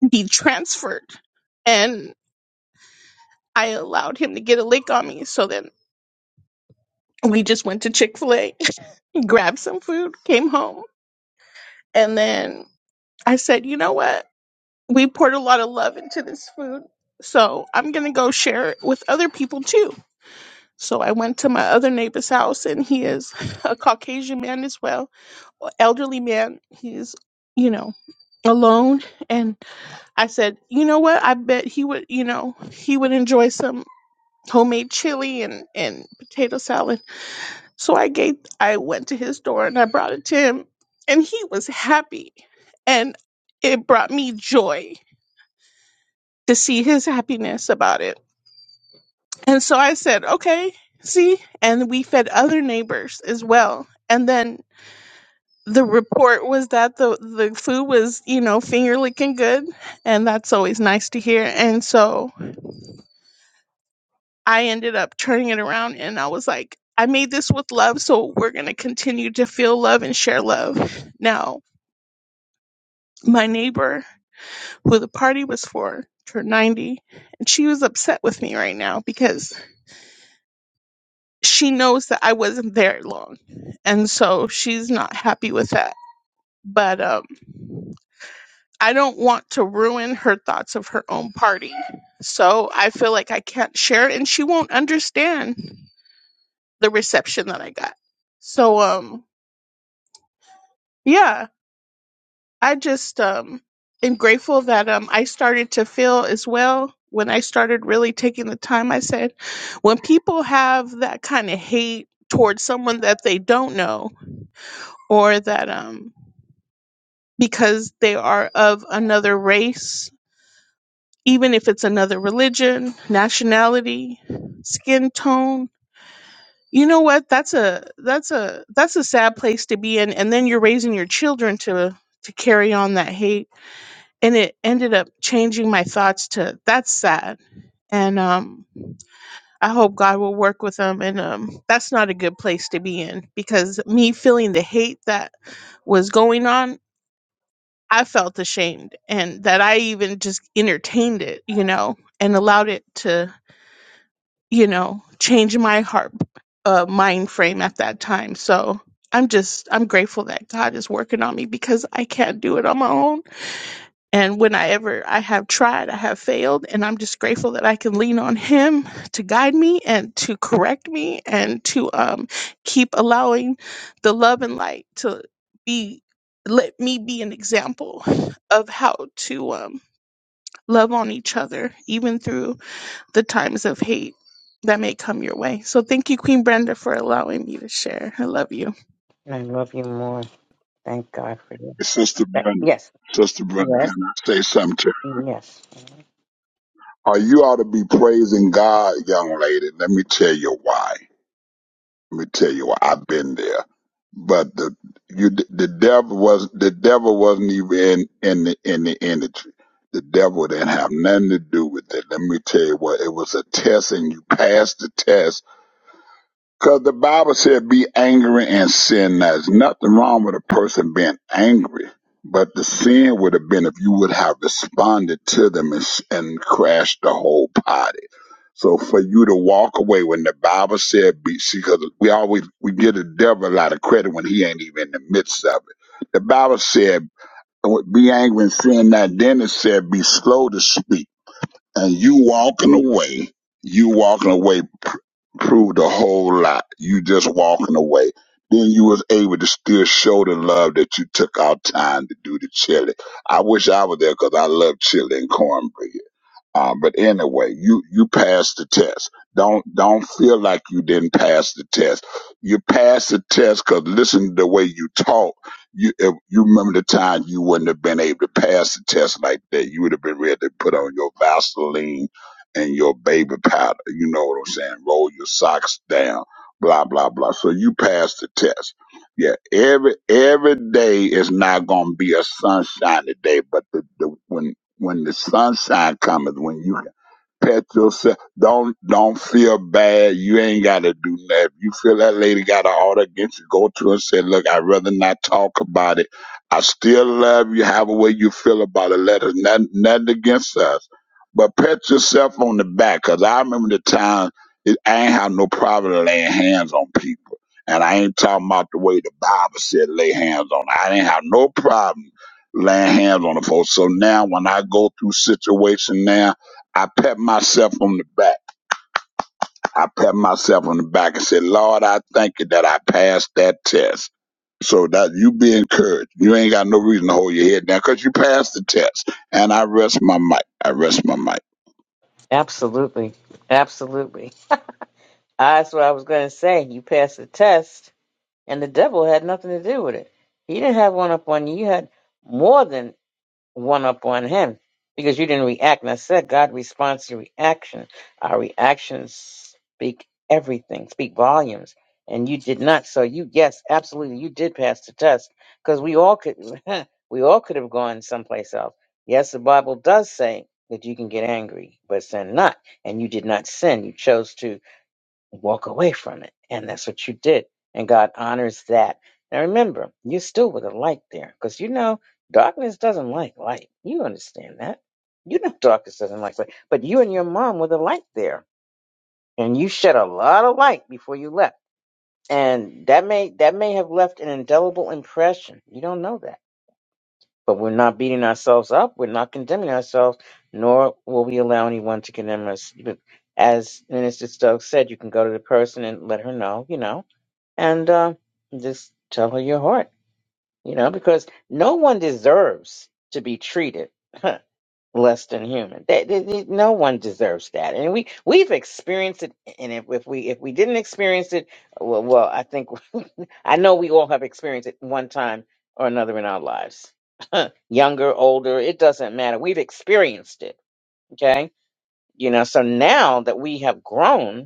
S10: be transferred. And I allowed him to get a lick on me. So then we just went to Chick fil A, (laughs) grabbed some food, came home. And then I said, you know what? We poured a lot of love into this food. So I'm going to go share it with other people too So I went to my other neighbor's house, and he is (laughs) a Caucasian man as well, a elderly man. He's, you know, alone. And I said, you know what? I bet he would, you know, he would enjoy some homemade chili and and potato salad. So I gave, I went to his door and I brought it to him, and he was happy, and it brought me joy to see his happiness about it. And so I said, okay, see? And we fed other neighbors as well. And then the report was that the, the food was, you know, finger licking good. And that's always nice to hear. And so I ended up turning it around and I was like, I made this with love. So we're going to continue to feel love and share love. Now, my neighbor who the party was for turned 90 and she was upset with me right now because she knows that I wasn't there long. And so she's not happy with that. But um I don't want to ruin her thoughts of her own party. So I feel like I can't share it and she won't understand the reception that I got. So um yeah, I just um am grateful that um I started to feel as well when I started really taking the time I said when people have that kind of hate towards someone that they don't know or that um because they are of another race, even if it's another religion, nationality, skin tone. You know what? That's a that's a that's a sad place to be in and then you're raising your children to to carry on that hate and it ended up changing my thoughts to that's sad and um I hope God will work with them and um that's not a good place to be in because me feeling the hate that was going on I felt ashamed and that I even just entertained it, you know, and allowed it to, you know, change my heart uh, mind frame at that time. So I'm just I'm grateful that God is working on me because I can't do it on my own. And when I ever I have tried, I have failed, and I'm just grateful that I can lean on Him to guide me and to correct me and to um, keep allowing the love and light to be let me be an example of how to um, love on each other, even through the times of hate that may come your way. So thank you, Queen Brenda, for allowing me to share. I love you.
S1: And I love you more. Thank God for you.
S9: Sister
S1: But
S9: Brenda,
S1: yes,
S9: Sister Brenda, can
S1: yes,
S9: I say something to you?
S1: yes.
S9: Oh, you ought to be praising God, young lady. Let me tell you why. Let me tell you, what, I've been there. But the you the devil was the devil wasn't even in in the in the industry. The devil didn't have nothing to do with it. Let me tell you what, it was a test and you passed the test. Cause the Bible said be angry and sin. Now, There's nothing wrong with a person being angry. But the sin would have been if you would have responded to them and, s- and crashed the whole party so for you to walk away when the Bible said, be, see, because we always we give the devil a lot of credit when he ain't even in the midst of it. The Bible said, "Be angry and sin not." Then it said, "Be slow to speak." And you walking away, you walking away pr- proved a whole lot. You just walking away. Then you was able to still show the love that you took out time to do the chili. I wish I was there because I love chili and cornbread. Uh, but anyway, you you passed the test. Don't don't feel like you didn't pass the test. You passed the test because listen to the way you talk. You if you remember the time you wouldn't have been able to pass the test like that. You would have been ready to put on your Vaseline and your baby powder. You know what I'm saying? Roll your socks down. Blah blah blah. So you passed the test. Yeah, every every day is not gonna be a sunshiny day, but the, the when when the sunshine cometh, when you Pet yourself. Don't don't feel bad. You ain't gotta do nothing. If you feel that lady got an order against you, go to her and say, Look, I'd rather not talk about it. I still love you, Have a way you feel about it. Let us nothing, nothing against us. But pat yourself on the back, cause I remember the time it, I ain't have no problem laying hands on people. And I ain't talking about the way the Bible said lay hands on. I didn't have no problem laying hands on the folks. So now when I go through situation now I pat myself on the back. I pat myself on the back and said, Lord, I thank you that I passed that test. So that you be encouraged. You ain't got no reason to hold your head down because you passed the test. And I rest my mic. I rest my mic.
S1: Absolutely, absolutely. Ah, That's what I was going to say. You passed the test and the devil had nothing to do with it. He didn't have one up on you. You had more than one up on him because you didn't react. And I said, God responds to reaction. Our reactions speak everything, speak volumes. And you did not. So you, yes, absolutely, you did pass the test because we all could, (laughs) we all could have gone someplace else. Yes, the Bible does say that you can get angry, but sin not. And you did not sin. You chose to walk away from it. And that's what you did. And God honors that. Now remember, you still with a light there because you know darkness doesn't like light. You understand that. You know (laughs) darkness doesn't like light. But you and your mom were the light there. And you shed a lot of light before you left. And that may that may have left an indelible impression. You don't know that. But we're not beating ourselves up. We're not condemning ourselves, nor will we allow anyone to condemn us. But as Minister Stokes said, you can go to the person and let her know, you know and uh, just tell her your heart, you know, because no one deserves to be treated (laughs) less than human. They, they, they- no one deserves that, and we we've experienced it. And if, if we if we didn't experience it, well, well, I think (laughs) I know we all have experienced it one time or another in our lives, (laughs) younger, older, it doesn't matter. We've experienced it, okay? You know, so now that we have grown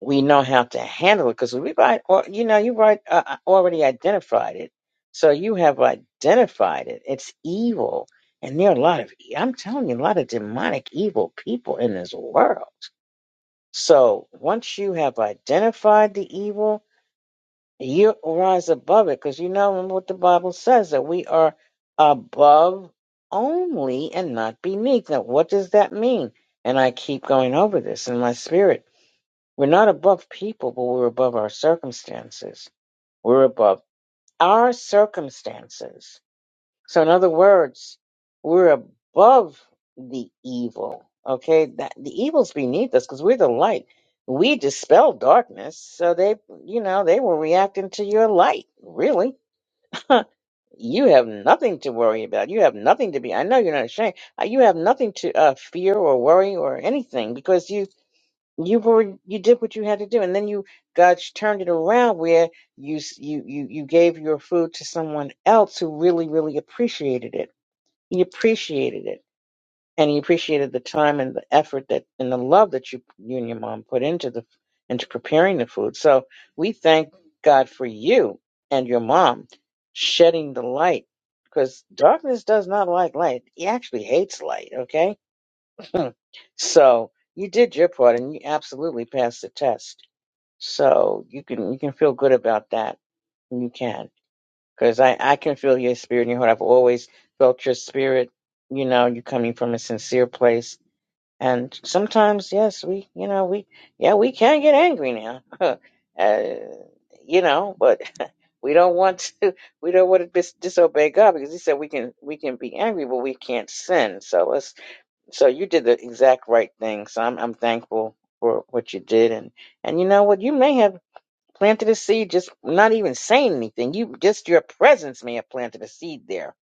S1: we know how to handle it because we right or you know you right uh, uh, already identified it so you have identified it it's evil and there are a lot of e- i'm telling you a lot of demonic evil people in this world so once you have identified the evil you rise above it because you know remember what the bible says that we are above only and not beneath now what does that mean and i keep going over this in my spirit we're not above people, but we're above our circumstances. We're above our circumstances. So, in other words, we're above the evil. Okay, that the evil's beneath us because we're the light. We dispel darkness. So they, you know, they were reacting to your light. Really, (laughs) you have nothing to worry about. You have nothing to be. I know you're not ashamed. Uh, You have nothing to uh, fear or worry or anything because you you were you did what you had to do and then you God turned it around where you s- you you you gave your food to someone else who really really appreciated it he appreciated it and he appreciated the time and the effort that and the love that you you and your mom put into the into preparing the food so we thank God for you and your mom shedding the light because darkness does not like light he actually hates light okay so you did your part and you absolutely passed the test so you can you can feel good about that. You can, because I I can feel your spirit in your heart. I've always felt your spirit. You know, you are coming from a sincere place. And sometimes, yes, we you know we yeah we can get angry now. (laughs) uh, you know, but (laughs) we don't want to (laughs) we don't want to dis- disobey God because He said we can we can be angry, but we can't sin. So let's so you did the exact right thing. So I'm I'm thankful for what you did and. And you know what? You may have. Planted a seed, just not even saying anything. You just your presence may have planted a seed there.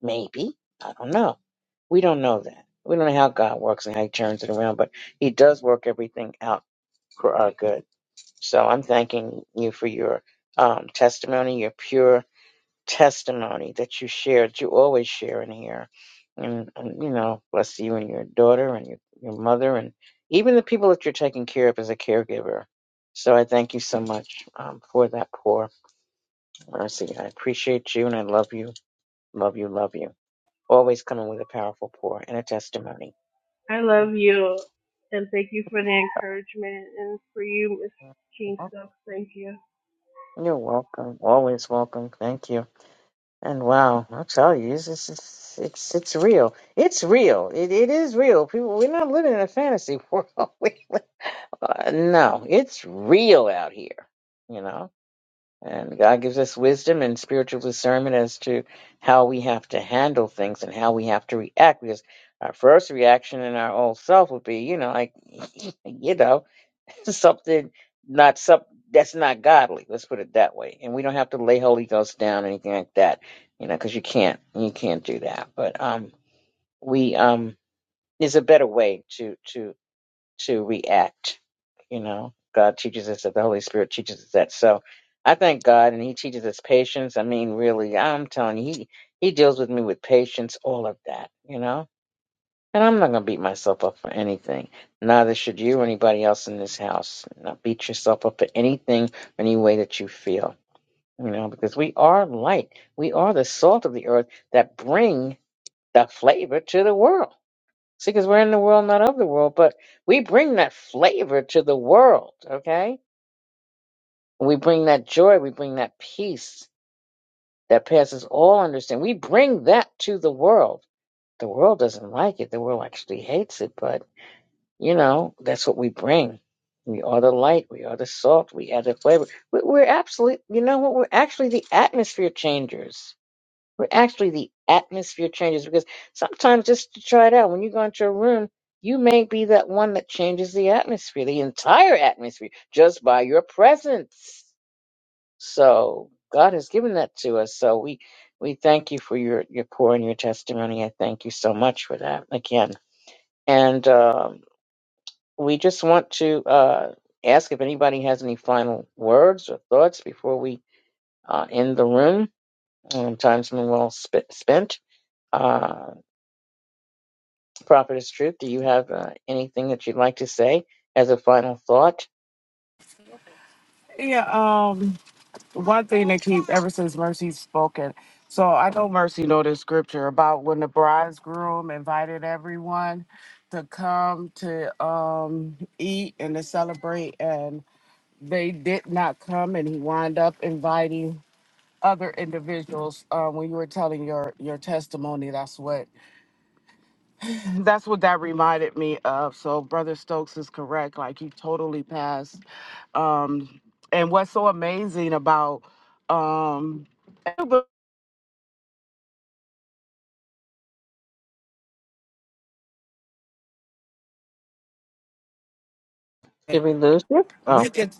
S1: Maybe. I don't know. We don't know that. We don't know how God works and how he turns it around, but he does work everything out for our good. So I'm thanking you for your um, testimony, your pure testimony that you shared, you always share in here. And, and you know, bless you and your daughter and your, your mother and even the people that you're taking care of as a caregiver. So I thank you so much um, for that pour. Mercy, I appreciate you and I love you, love you, love you. Always coming with a powerful pour and a testimony.
S10: I love you, and thank you for the encouragement, and for you, Miss Kingstuff. Thank you.
S1: You're welcome. Always welcome. Thank you. And wow, I'll tell you, it's it's it's it's, it's real. It's real. It it is real. People, we're not living in a fantasy (laughs) world. We, live- uh, no, it's real out here. You know, and God gives us wisdom and spiritual discernment as to how we have to handle things and how we have to react. Because our first reaction in our old self would be, you know, like, (laughs) you know to something not some that's not godly. Let's put it that way. And we don't have to lay Holy Ghost down or anything like that, you know, because you can't you can't do that. But um, we um, there's a better way to to to react. You know, God teaches us that the Holy Spirit teaches us that. So I thank God, and He teaches us patience. I mean, really, I'm telling you, He He deals with me with patience, all of that. You know and I'm not going to beat myself up for anything. Neither should you or anybody else in this house. Not beat yourself up for anything, any way that you feel. You know, because we are light. We are the salt of the earth that bring the flavor to the world. See, because we're in the world, not of the world, but we bring that flavor to the world, okay? We bring that joy. We bring that peace that passes all understanding. We bring that to the world. The world doesn't like it. The world actually hates it, but. You know, that's what we bring. We are the light. We are the salt. We add the flavor. We- We're absolutely, you know what? We're actually the atmosphere changers. We're actually the atmosphere changers because sometimes just to try it out, when you go into a room, you may be that one that changes the atmosphere, the entire atmosphere, just by your presence. So God has given that to us. So we, we thank you for your, your pour and your testimony. I thank you so much for that again. And, um we just want to uh, ask if anybody has any final words or thoughts before we uh, end the room. Um, time's been well sp- spent. Uh, Prophet Truth, do you have uh, anything that you'd like to say as a final thought?
S3: Yeah, um, one thing that keep ever since Mercy's spoken. So I know Mercy know this scripture about when the bridegroom invited everyone to come to um eat and to celebrate, and they did not come, and he wound up inviting other individuals. Uh, when you were telling your your testimony, that's what That's what that reminded me of. So Brother Stokes is correct. Like he totally passed. Um, and what's so amazing about um and
S1: Did we lose you? Oh,
S3: we get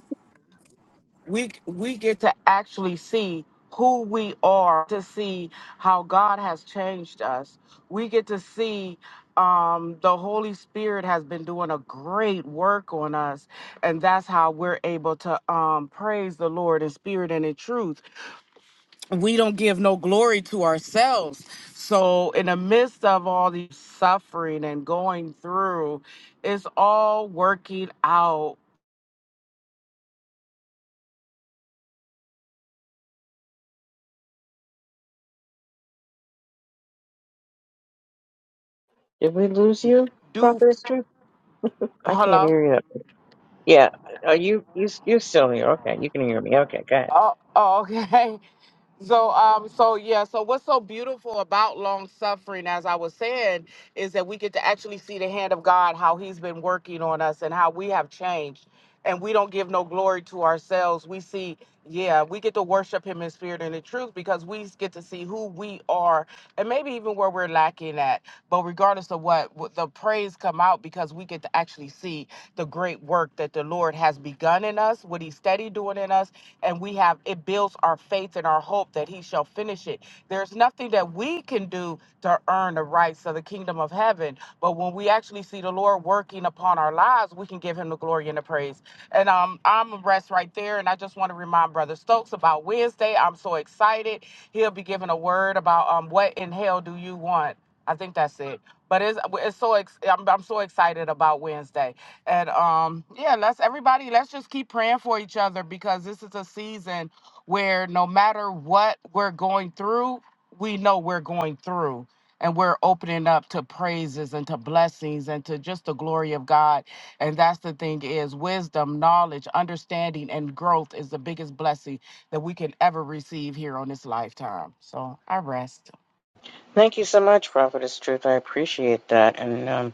S3: we we get to actually see who we are to see how God has changed us. We get to see um the Holy Spirit has been doing a great work on us and that's how we're able to um praise the Lord in spirit and in truth we don't give no glory to ourselves. So, in the midst of all the suffering and going through, it's all working out.
S1: did we lose you,
S3: Do
S1: Prophet Truth? I can't
S3: hello?
S1: hear you. Yeah, are you, you, you're still here. Okay, you can hear me. Okay, go ahead.
S3: Oh, oh, okay. (laughs) So um so yeah so what's so beautiful about long suffering as I was saying is that we get to actually see the hand of God how he's been working on us and how we have changed and we don't give no glory to ourselves we see yeah we get to worship him in spirit and in truth because we get to see who we are and maybe even where we're lacking at but regardless of what what the praise come out because we get to actually see the great work that the Lord has begun in us what he's steady doing in us and we have it builds our faith and our hope that he shall finish it. There's nothing that we can do to earn the rights of the kingdom of heaven, but when we actually see the Lord working upon our lives, we can give him the glory and the praise. And um, I'm gonna rest right there, and I just want to remind Brother Stokes about Wednesday. I'm so excited. He'll be giving a word about um, what in hell do you want. I think that's it. But it's, it's so ex- I'm, I'm so excited about Wednesday. And um, yeah, let's everybody, let's just keep praying for each other because this is a season where no matter what we're going through, we know we're going through. And we're opening up to praises and to blessings and to just the glory of God. And that's the thing is wisdom, knowledge, understanding, and growth is the biggest blessing that we can ever receive here on this lifetime. So I rest.
S1: Thank you so much, Prophet Truth. I appreciate that. And um,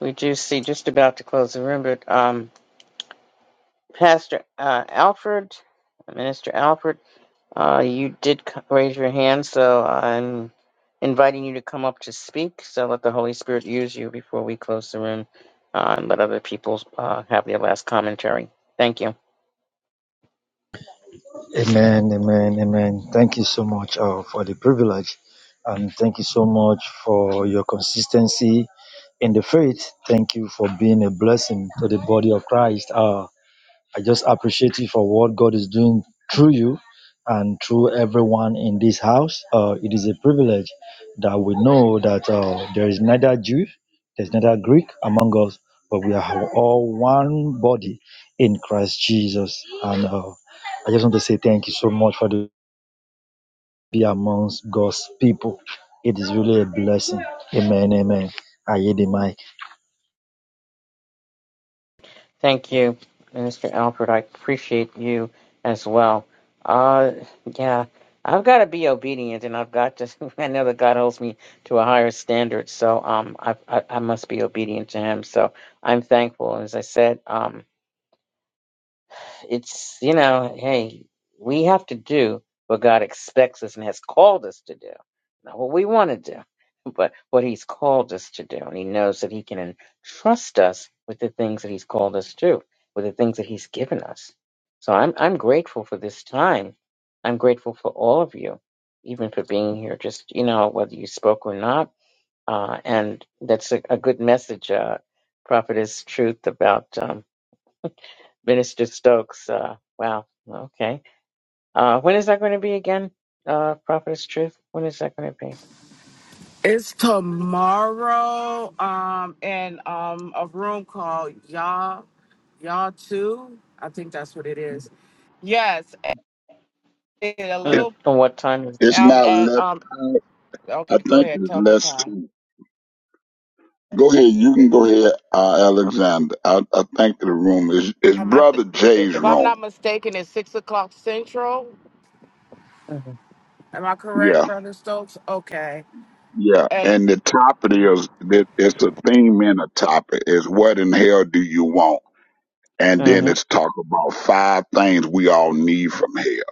S1: we do see just about to close the room, but. Um, Pastor uh, Alfred, Minister Alfred, uh, you did c- raise your hand, so I'm inviting you to come up to speak. So let the Holy Spirit use you before we close the room uh, and let other people uh, have their last commentary. Thank you.
S11: Amen, amen, amen. Thank you so much uh, for the privilege. And thank you so much for your consistency in the faith. Thank you for being a blessing to the body of Christ. Uh, I just appreciate you for what God is doing through you and through everyone in this house. Uh, it is a privilege that we know that uh, there is neither Jew, there's neither Greek among us, but we are all one body in Christ Jesus. And uh, I just want to say thank you so much for the be amongst God's people. It is really a blessing. Amen. Amen. I yield the mic.
S1: Thank you, Minister Alpert. I appreciate you as well. Uh, yeah, I've got to be obedient, and I've got to. (laughs) I know that God holds me to a higher standard, so um, I I, I must be obedient to Him. So I'm thankful. As I said, um, it's, you know, hey, we have to do what God expects us and has called us to do. Not what we want to do, (laughs) but what He's called us to do. And He knows that He can entrust us with the things that He's called us to, with the things that He's given us. So I'm, I'm grateful for this time. I'm grateful for all of you, even for being here, just, you know, whether you spoke or not. Uh, and that's a, a good message, uh, prophetess truth about. um, Minister Stokes. Uh, wow. Okay. Uh, when is that going to be again, uh, Prophetess Truth? When is that going to be?
S3: It's tomorrow, um, in um a room called Y'all Y'all Too. I think that's what it is. Yes, and a
S9: It,
S1: Mm,
S3: little
S1: and what time is it?
S9: it's
S3: um
S9: not
S3: at
S9: left.
S3: um
S9: I
S3: okay, go
S9: think
S3: ahead,
S9: it's
S3: tell me what
S9: less.
S3: time.
S9: Go ahead. You can go ahead, uh, Alexander. I, I think the room is it's
S3: Um I
S9: Brother
S3: th-
S9: Jay's
S3: if I'm
S9: room.
S3: not mistaken, it's six o'clock central.
S1: Mm-hmm.
S3: Am I correct,
S9: Yeah.
S3: Brother Stokes? Okay.
S9: Yeah,
S3: and.
S9: and the topic is that it's a theme in a topic is what in hell do you want? And then
S1: Mm-hmm.
S9: it's talk about five things we all need from hell.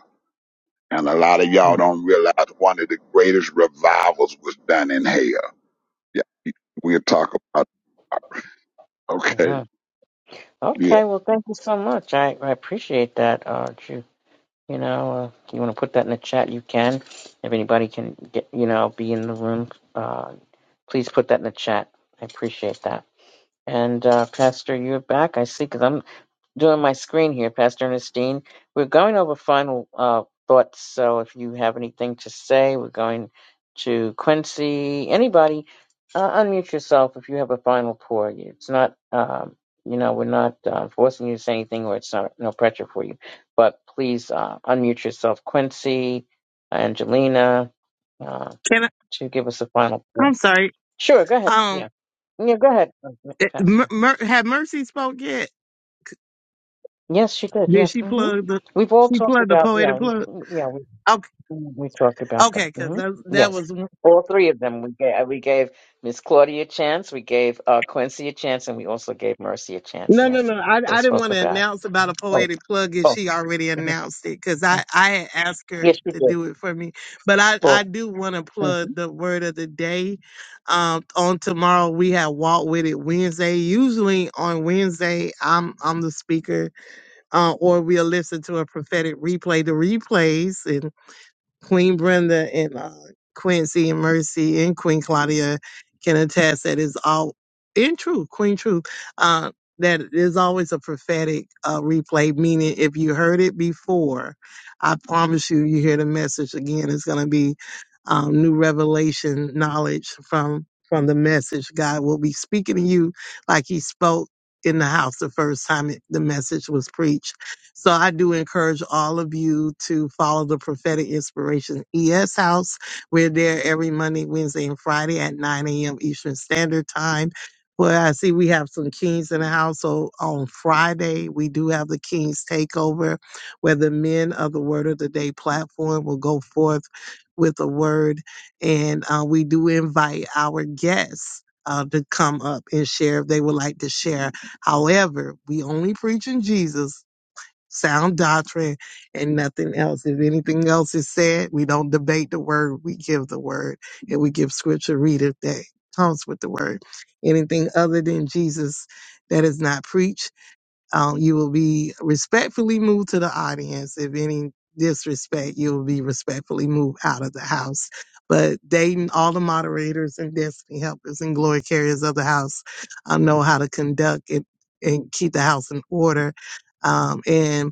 S9: And a lot of y'all don't realize one of the greatest revivals was done in hell. Yeah, we'll talk about. Okay,
S1: mm-hmm.
S9: yeah,
S1: Okay. Well, thank you so much. I, I appreciate that, uh, Judith. You know, uh, if you want to put that in the chat, you can. If anybody can get, you know, be in the room, uh, please put that in the chat. I appreciate that. And uh, Pastor, you're back. I see. Because I'm doing my screen here, Pastor Ernestine. We're going over final uh, thoughts, so if you have anything to say, we're going to Quincy. Anybody, uh, unmute yourself if you have a final pour. It's not, um, you know, we're not uh, forcing you to say anything, or it's not no pressure for you. But please uh, unmute yourself, Quincy, Angelina, uh,
S8: Can I?
S1: to give us a final pour.
S8: I'm sorry.
S1: Sure, go ahead.
S8: Um,
S1: Yeah, yeah, go ahead,
S8: eh, Mer,
S1: Pastor.
S8: Mer, had Mercy spoke yet?
S1: Yes, she did.
S8: Did
S1: Yeah.
S8: she
S1: hmm
S8: plug the?
S1: We've all
S8: She
S1: talked
S8: plugged the
S1: about,
S8: poetic
S1: yeah, we-
S8: plug.
S1: yeah, we
S8: Okay,
S1: we talked about that.
S8: okay, because
S1: hmm
S8: that, that
S1: Yes.
S8: was
S1: All three of them. We gave we gave Miss Claudia a chance, we gave uh, Quincy a chance, and we also gave Mercy a chance.
S8: No, no,
S1: Yes.
S8: no. I,
S1: They
S8: I didn't
S1: spoke
S8: want to
S1: about. it.
S8: announce about a
S1: Oh,
S8: poetic plug if
S1: oh.
S8: she already
S1: mhm.
S8: announced it because I, I had asked
S1: Yes,
S8: her
S1: you
S8: to
S1: did.
S8: do it for me. But I,
S1: Well,
S8: I do want to
S1: mhm.
S8: plug the word of the day. Um, on tomorrow we have Walk With It Wednesday. Usually on Wednesday I'm I'm the speaker, uh, or we'll listen to a prophetic replay. The replays Queen Brenda and uh, Quincy and Mercy and Queen Claudia can attest that is all in truth, Queen Truth, uh, that is always a prophetic uh, replay, meaning if you heard it before, I promise you, you hear the message again. It's going to be um, new revelation knowledge from from the message. God will be speaking to you like he spoke in the house the first time it, the message was preached so I do encourage all of you to follow the Prophetic Inspiration ES House. We're there every Monday, Wednesday, and Friday at 9 a.m. Eastern Standard Time. Well, I see we have some kings in the house. So on Friday, we do have the King's Takeover, where the men of the Word of the Day platform will go forth with a word. And uh, we do invite our guests uh, to come up and share if they would like to share. However, we only preach in Jesus sound doctrine and nothing else. If anything else is said, we don't debate the word, we give the word and we give scripture reader that comes with the word. Anything other than Jesus that is not preached, um, you will be respectfully moved to the audience. If any disrespect, you will be respectfully moved out of the house. But Dayton, all the moderators and destiny helpers and glory carriers of the house uh, know how to conduct it and keep the house in order. Um, and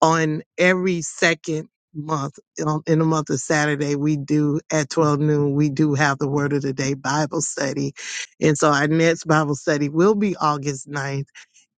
S8: on every second month on, in the month of saturday we do at 12 noon we do have the word of the day bible study and so our next bible study will be august ninth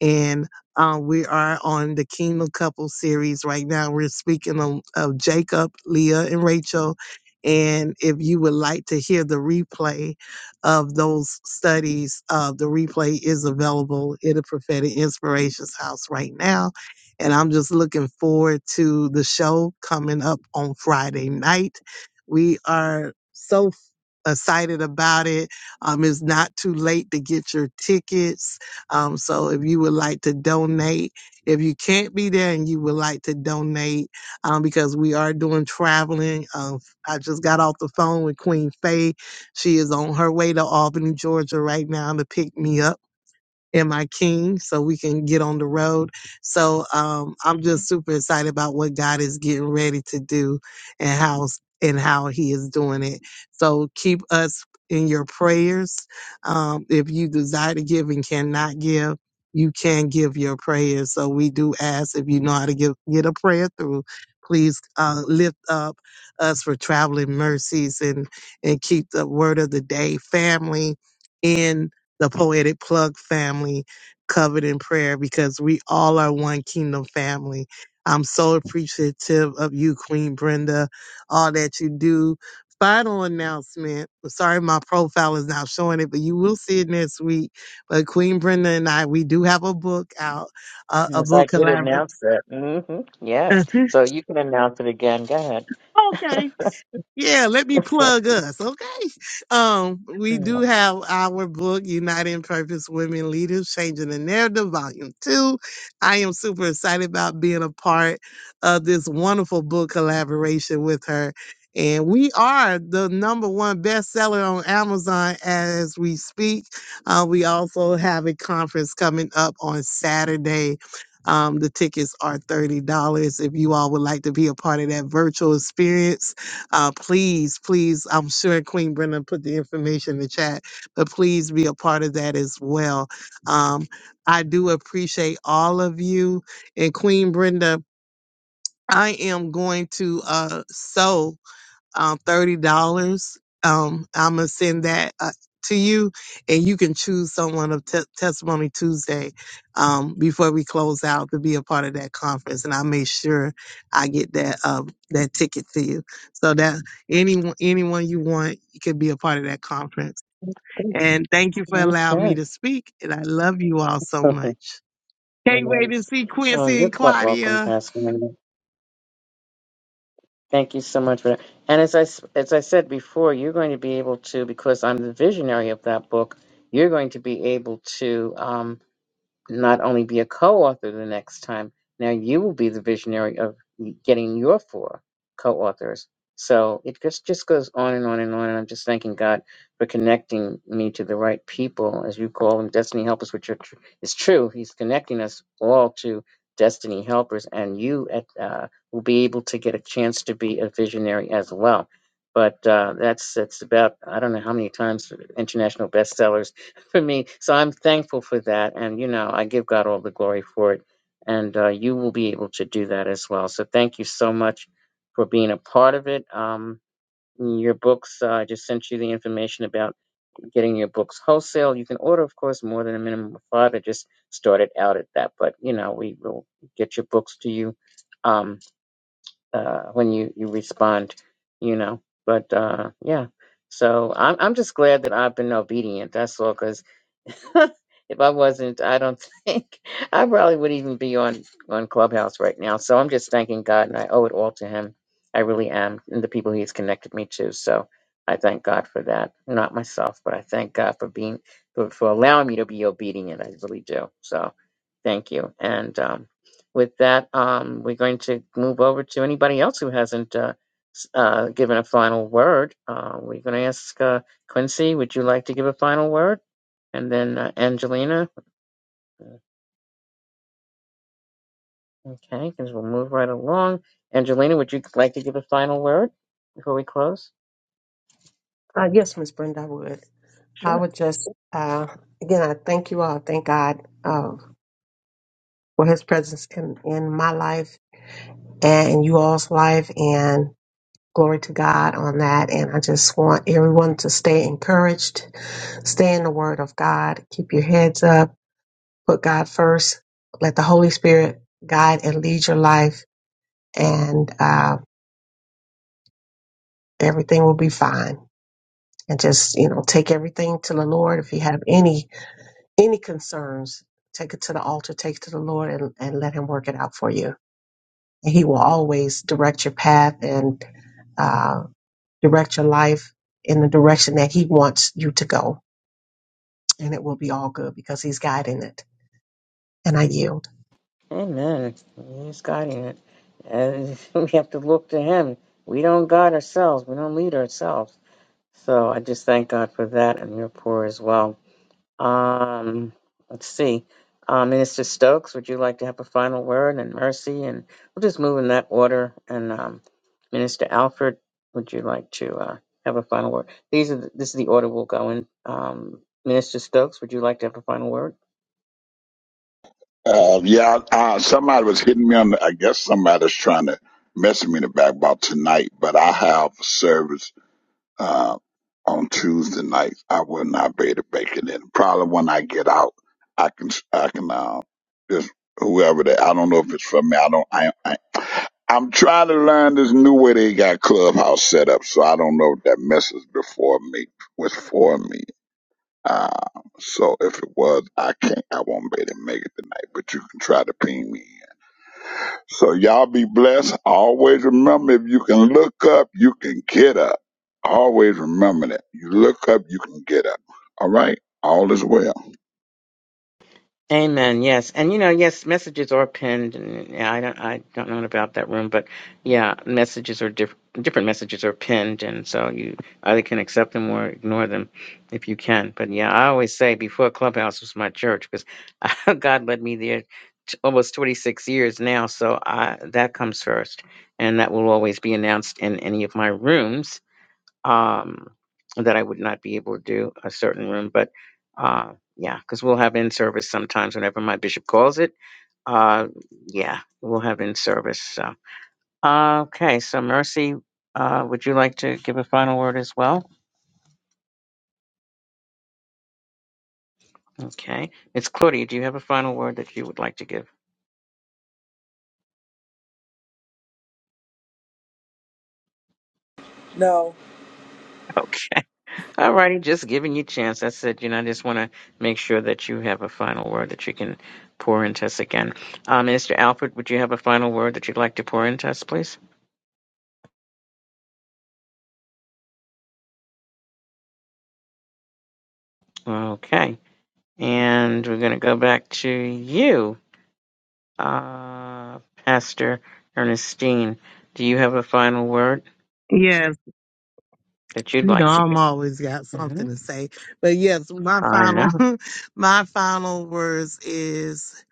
S8: and uh, we are on the Kingdom Couple series right now. We're speaking of, of Jacob, Leah, and Rachel. And if you would like to hear the replay of those studies, uh, the replay is available in the Prophetic Inspirations House right now. And I'm just looking forward to the show coming up on Friday night. We are so excited about it. Um, it's not too late to get your tickets. Um, so if you would like to donate, if you can't be there and you would like to donate, um, because we are doing traveling. Um, I just got off the phone with Queen Faye. She is on her way to Albany, Georgia right now to pick me up and my king so we can get on the road. So um, I'm just super excited about what God is getting ready to do and how and how he is doing it. So keep us in your prayers. Um, if you desire to give and cannot give, you can give your prayers. So we do ask if you know how to give, get a prayer through, please uh, lift up us for traveling mercies and, and keep the word of the day family in the Poetic Plug family covered in prayer because we all are one kingdom family. I'm so appreciative of you, Queen Brenda, all that you do. Final announcement. I'm sorry my profile is not showing it, but you will see it next week. But Queen Brenda and I, we do have a book out, uh, a
S1: yes, I
S8: book
S1: did
S8: collaboration.
S1: announce that. hmm
S8: (laughs)
S1: Yes. So you can announce it again. Go ahead.
S8: okay, Yeah, let me
S1: (laughs)
S8: plug us, okay? Um, we do
S1: Mm.
S8: have our book, "Uniting Purpose Women Leaders Changing the Narrative, Volume 2. I am super excited about being a part of this wonderful book collaboration with her. And we are the number one bestseller on Amazon as we speak. Uh, we also have a conference coming up on Saturday. Um, the tickets are $30. If you all would like to be a part of that virtual experience, uh, please, please, I'm sure Queen Brenda put the information in the chat, but please be a part of that as well. Um, I do appreciate all of you. And Queen Brenda, I am going to uh, sew um, thirty dollars. Um, I'm gonna send that uh, to you, and you can choose someone of te- Testimony Tuesday um, before we close out to be a part of that conference. And I make sure I get that uh, that ticket to you, so that anyone anyone you want you can be a part of that conference.
S1: okay.
S8: And thank you for allowing me to speak. And I love you all so
S1: (laughs)
S8: much. Can't wait to
S1: Yes.
S8: see
S1: Oh,
S8: Quincy
S1: you're
S8: and
S1: quite welcome,
S8: Claudia.
S1: Pastor. Thank you so much for that. And as I, s- as I said before, you're going to be able to, because I'm the visionary of that book, you're going to be able to. Um, not only be a co-author the next time now you will be the visionary of getting your four co-authors so it just just goes on and on and on and i'm just thanking god for connecting me to the right people as you call them destiny helpers which are tr- is true he's connecting us all to destiny helpers and you at uh, will be able to get a chance to be a visionary as well but uh, that's that's about i don't know how many times uh, international bestsellers for me. So I'm thankful for that. And, you know, I give God all the glory for it. And uh, you will be able to do that as well. So thank you so much for being a part of it. Um, your books, uh, I just sent you the information about getting your books wholesale. You can order, of course, more than a minimum of five. I just started out at that, but you know, we will get your books to you. Um, uh, when you you respond, you know. But uh, yeah, so I'm I'm just glad that I've been obedient. That's all. Because (laughs) if I wasn't, I don't (laughs) think I probably would even be on on Clubhouse right now. So I'm just thanking God, and I owe it all to Him. I really am, and the people He's connected me to. So I thank God for that. Not myself, but I thank God for being for, for allowing me to be obedient. I really do. So thank you, and um, with that, um, we're going to move over to anybody else who hasn't uh, s- uh, given a final word. Uh, we're going to ask uh, Quincy, would you like to give a final word? And then uh, Angelina. uh, Okay, because we'll move right along. Angelina, would you like to give a final word before we close?
S6: Uh, yes, Miss Brenda, I would. I
S1: Sure.
S6: would just, uh, again, I thank you all. Thank God uh, for his presence in, in my life and in you all's life. And glory to God on that. And I just want everyone to stay encouraged, stay in the word of God, keep your heads up, put God first, let the Holy Spirit guide and lead your life, and uh, everything will be fine. And just, you know, take everything to the Lord. If you have any any concerns, take it to the altar, take it to the Lord, and, and let Him work it out for you. And He will always direct your path and uh, direct your life in the direction that He wants you to go. And it will be all good because He's guiding it. And I yield.
S1: Amen. He's guiding it. And (laughs) we have to look to Him. We don't guide ourselves, we don't lead ourselves. So I just thank God for that and your pour as well. Um, let's see. Uh, Minister Stokes, would you like to have a final word and mercy? And we'll just move in that order. And um, Minister Alfred, would you like to uh, have a final word? These are the, this is the order we'll go in. Um, Minister Stokes, would you like to have a final word?
S9: uh, yeah. Uh, somebody was hitting me on. The, I guess somebody's trying to message me in the back about tonight. But I have service uh, on Tuesday nights. I will not be able to make it in. Probably when I get out, I can I can uh, just whoever that I don't know if it's for me. I don't. I, I I'm trying to learn this new way they got Clubhouse set up, so I don't know if that mess before me was for me. Uh, so if it was, I can't. I won't be able to make it tonight. But you can try to ping me so y'all be blessed. Always remember if you can look up, you can get up. Always remember that. You look up, you can get up. All right? All is well.
S1: Amen. Yes, and you know, yes, messages are pinned, and yeah, I don't, I don't know about that room, but yeah, messages are diff- different. Messages are pinned, and so you either can accept them or ignore them, if you can. But yeah, I always say before Clubhouse was my church because (laughs) God led me there t- almost 26 years now, so I, that comes first, and that will always be announced in any of my rooms um, that I would not be able to do a certain room, but uh, yeah, because we'll have in service sometimes whenever my bishop calls it. Uh, yeah, we'll have in service. So uh, okay, so Mercy, uh, would you like to give a final word as well? Okay, it's Claudia. Do you have a final word that you would like to give?
S7: No.
S1: Okay, all righty, just giving you chance. I said You know, I just want to make sure that you have a final word that you can pour into us again. Uh, Minister Alfred, would you have a final word that you'd like to pour into us, please? Okay. And we're going to go back to you, uh, Pastor Ernestine. Do you have a final word
S8: Yes.
S1: that you'd
S8: You know,
S1: like to
S8: I'm
S1: give?
S8: always got
S1: hmm
S8: something to say. But yes, my
S1: I know.
S8: final (laughs) my final words is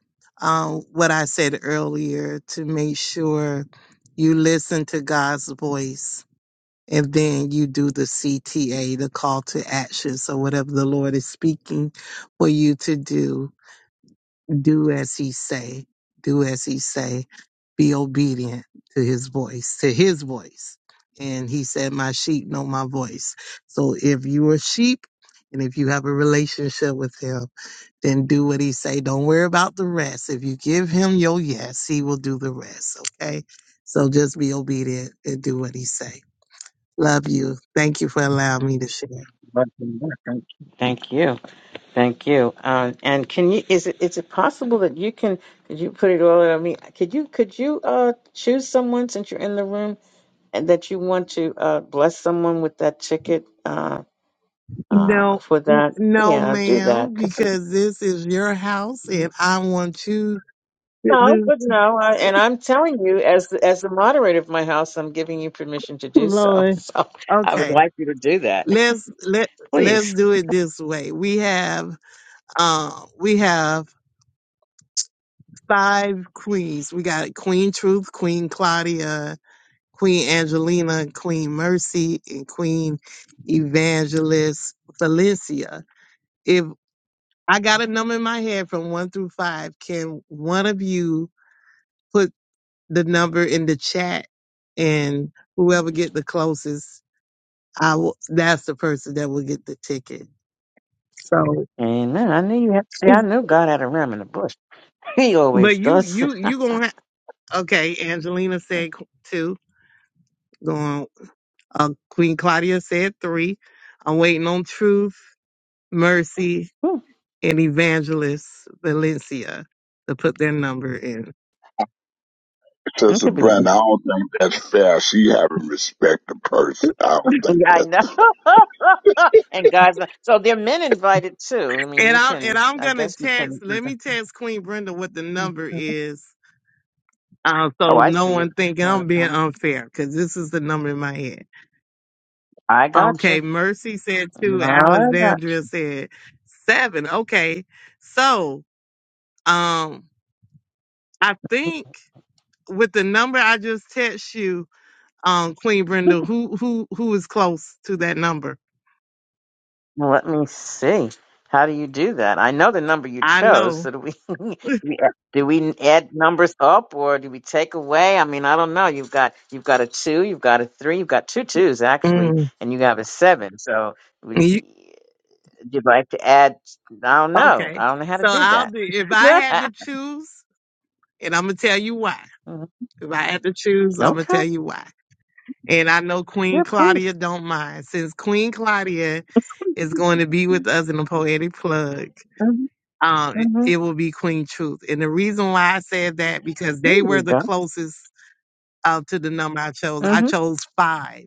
S8: um what I said earlier to make sure you listen to God's voice and then you do the CTA, the call to action. So whatever the Lord is speaking for you to do, do as he say. Do as he say. Be obedient to his voice, to his voice. And he said, my sheep know my voice. So if you are sheep and if you have a relationship with him, then do what he say. Don't worry about the rest. If you give him your yes, he will do the rest. Okay. So just be obedient and do what he say. Love you. Thank you for allowing me to share.
S1: Thank you. Thank you. Um, and can you, is it, is it possible that you can, could you put it all on me? Could you, could you, uh, choose someone since you're in the room and that you want to, uh, bless someone with that ticket, uh, uh,
S8: No,
S1: for
S8: n-
S1: that?
S8: no,
S1: Yeah, do that.
S8: ma'am, because this is your house and I want you
S1: No,
S8: Goodness,
S1: but no, I, and I'm telling you, as the- as the moderator of my house, I'm giving you permission to do so. (laughs)
S8: Lord.
S1: So I would
S8: Okay.
S1: like you to do that,
S8: Let's let let's
S1: please.
S8: do it this way. We have um we have five queens. We got Queen Truth, Queen Claudia, Queen Angelina, Queen Mercy, and Queen Evangelist Felicia. If I got a number in my head from one through five, can one of you put the number in the chat and whoever get the closest I will, that's the person that will get the ticket. So,
S1: Amen. I knew you had to say,
S8: (laughs)
S1: I knew God had a ram in the bush. (laughs) He
S8: but
S1: always
S8: you
S1: does. (laughs)
S8: you you gonna have, okay? Angelina said qu- two. Going, uh, Queen Claudia said three. I'm waiting on Truth, Mercy,
S1: Hmm,
S8: and Evangelist Valencia to put their number in.
S1: it
S9: Sister
S1: could be.
S9: Brenda, I don't think that's fair. She haven't respect the person. I don't think
S1: I
S9: that.
S1: know. (laughs) and God's not. So there are men invited too. I mean,
S8: And
S1: you
S8: I'm and
S1: can,
S8: I'm
S1: I
S8: gonna
S1: guess you
S8: text.
S1: can.
S8: Let me text Queen Brenda what the number is, uh,
S1: Oh,
S8: so
S1: I
S8: no
S1: see
S8: one
S1: it.
S8: thinking
S1: Well,
S8: I'm being
S1: um,
S8: unfair because this is the number in my head.
S1: I got you.
S8: Okay, Mercy said two.
S1: I got
S8: Alexandria
S1: you.
S8: said seven. Okay, so Um, I think with the number I just text you, um, Queen Brenda, who who who is close to that number?
S1: Well, Let me see. How do you do that? I know the number you
S8: I
S1: chose.
S8: know.
S1: So do we, (laughs)
S8: (laughs)
S1: we do we add numbers up or do we take away? I mean, I don't know. You've got you've got a two, you've got a three, you've got two twos actually,
S8: Mm,
S1: and you have a seven. So we.
S8: you-
S1: Would you like to add? I don't know.
S8: okay,
S1: I don't know how to
S8: so
S1: do
S8: I'll
S1: that.
S8: be if I had to
S1: (laughs)
S8: choose, and I'm gonna tell you why.
S1: Mhm.
S8: If I had to choose, I'm gonna
S1: okay.
S8: tell you why. And I know
S1: Yeah,
S8: Queen Claudia
S1: please.
S8: don't mind since Queen Claudia is going to be with us in the poetic plug.
S1: hmm
S8: Um, it,
S1: hmm
S8: it will be Queen Truth, and the reason why I said that because
S1: There
S8: they were
S1: you
S8: the
S1: go.
S8: closest uh, to the number I chose. I
S1: hmm
S8: chose five,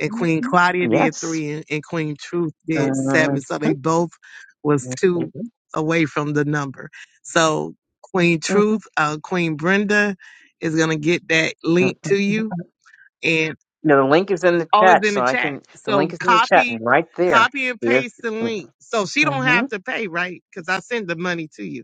S8: and Queen Claudia did
S1: Yes.
S8: three, and, and Queen Truth
S1: Uh,
S8: did seven. So they both was two
S1: mhm.
S8: away from the number. So Queen
S1: Mhm.
S8: Truth, uh, Queen Brenda is gonna get that
S1: No,
S8: link to you, and
S1: the link is in the
S8: oh, it's
S1: chat,
S8: in the
S1: so I
S8: chat.
S1: can. The link
S8: So
S1: is in the chat and
S8: copy,
S1: right there.
S8: copy and
S1: Yes.
S8: paste the link. So she don't
S1: hmm
S8: have to pay, right? Because I send the money to you.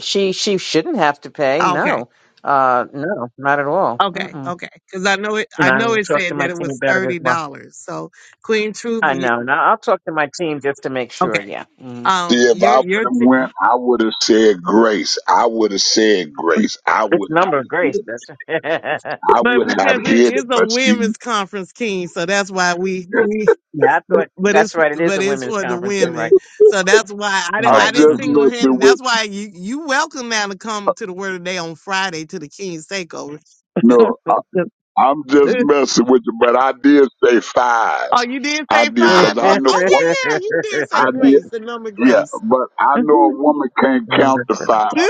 S1: She she shouldn't have to pay.
S8: Okay.
S1: No, uh, no, not at all.
S8: Okay,
S1: Mm-mm.
S8: okay, because I know it.
S1: And
S8: I
S1: I
S8: know
S1: will
S8: it
S1: talk to
S8: said that
S1: my
S8: it
S1: team
S8: was
S1: about it as
S8: thirty
S1: well.
S8: dollars. So Queen
S1: I
S8: Truth.
S1: know, and I- I'll talk to my team just to make sure.
S8: Okay.
S1: Yeah. Mm-hmm.
S9: See,
S8: Um,
S9: if
S8: you're
S9: I would
S8: you're,
S9: have
S8: t-
S9: went, I would have said grace. I would have said grace. I
S1: It's
S9: would have
S1: number of
S9: hit
S1: grace.
S9: it.
S1: That's (laughs) yeah.
S9: I
S8: but
S9: would have
S8: because it
S9: hit
S8: is
S9: it.
S8: a
S9: But see,
S8: women's conference, King, so that's why we we.
S1: I thought
S8: But
S1: that's
S8: it's
S1: right. It is
S8: but
S1: a
S8: it's
S1: women's
S8: for the
S1: conference. You're
S8: women,
S1: right.
S8: so that's why I
S1: You're
S8: di- I
S9: I'm
S1: Right.
S8: didn't
S9: just
S1: hmm
S8: single
S9: messing
S8: handed. That's
S9: with. you.
S8: why you you welcome now to come to the Word of the Day on Friday to the King's Takeover. The-
S9: No, I,
S8: the-
S9: I'm just
S8: uh,
S9: messing with you. But I did say five.
S8: Oh, you did
S9: I
S8: say
S9: did
S1: (laughs)
S8: five?
S9: because I
S8: What?
S9: know
S8: Oh
S9: what
S8: yeah, yeah, you did say
S9: I did.
S8: grace, the number
S9: Yeah,
S8: grace.
S9: but I know a woman can't
S1: number
S9: count
S1: of
S9: to
S1: grace.
S8: (laughs)
S9: five.
S8: no,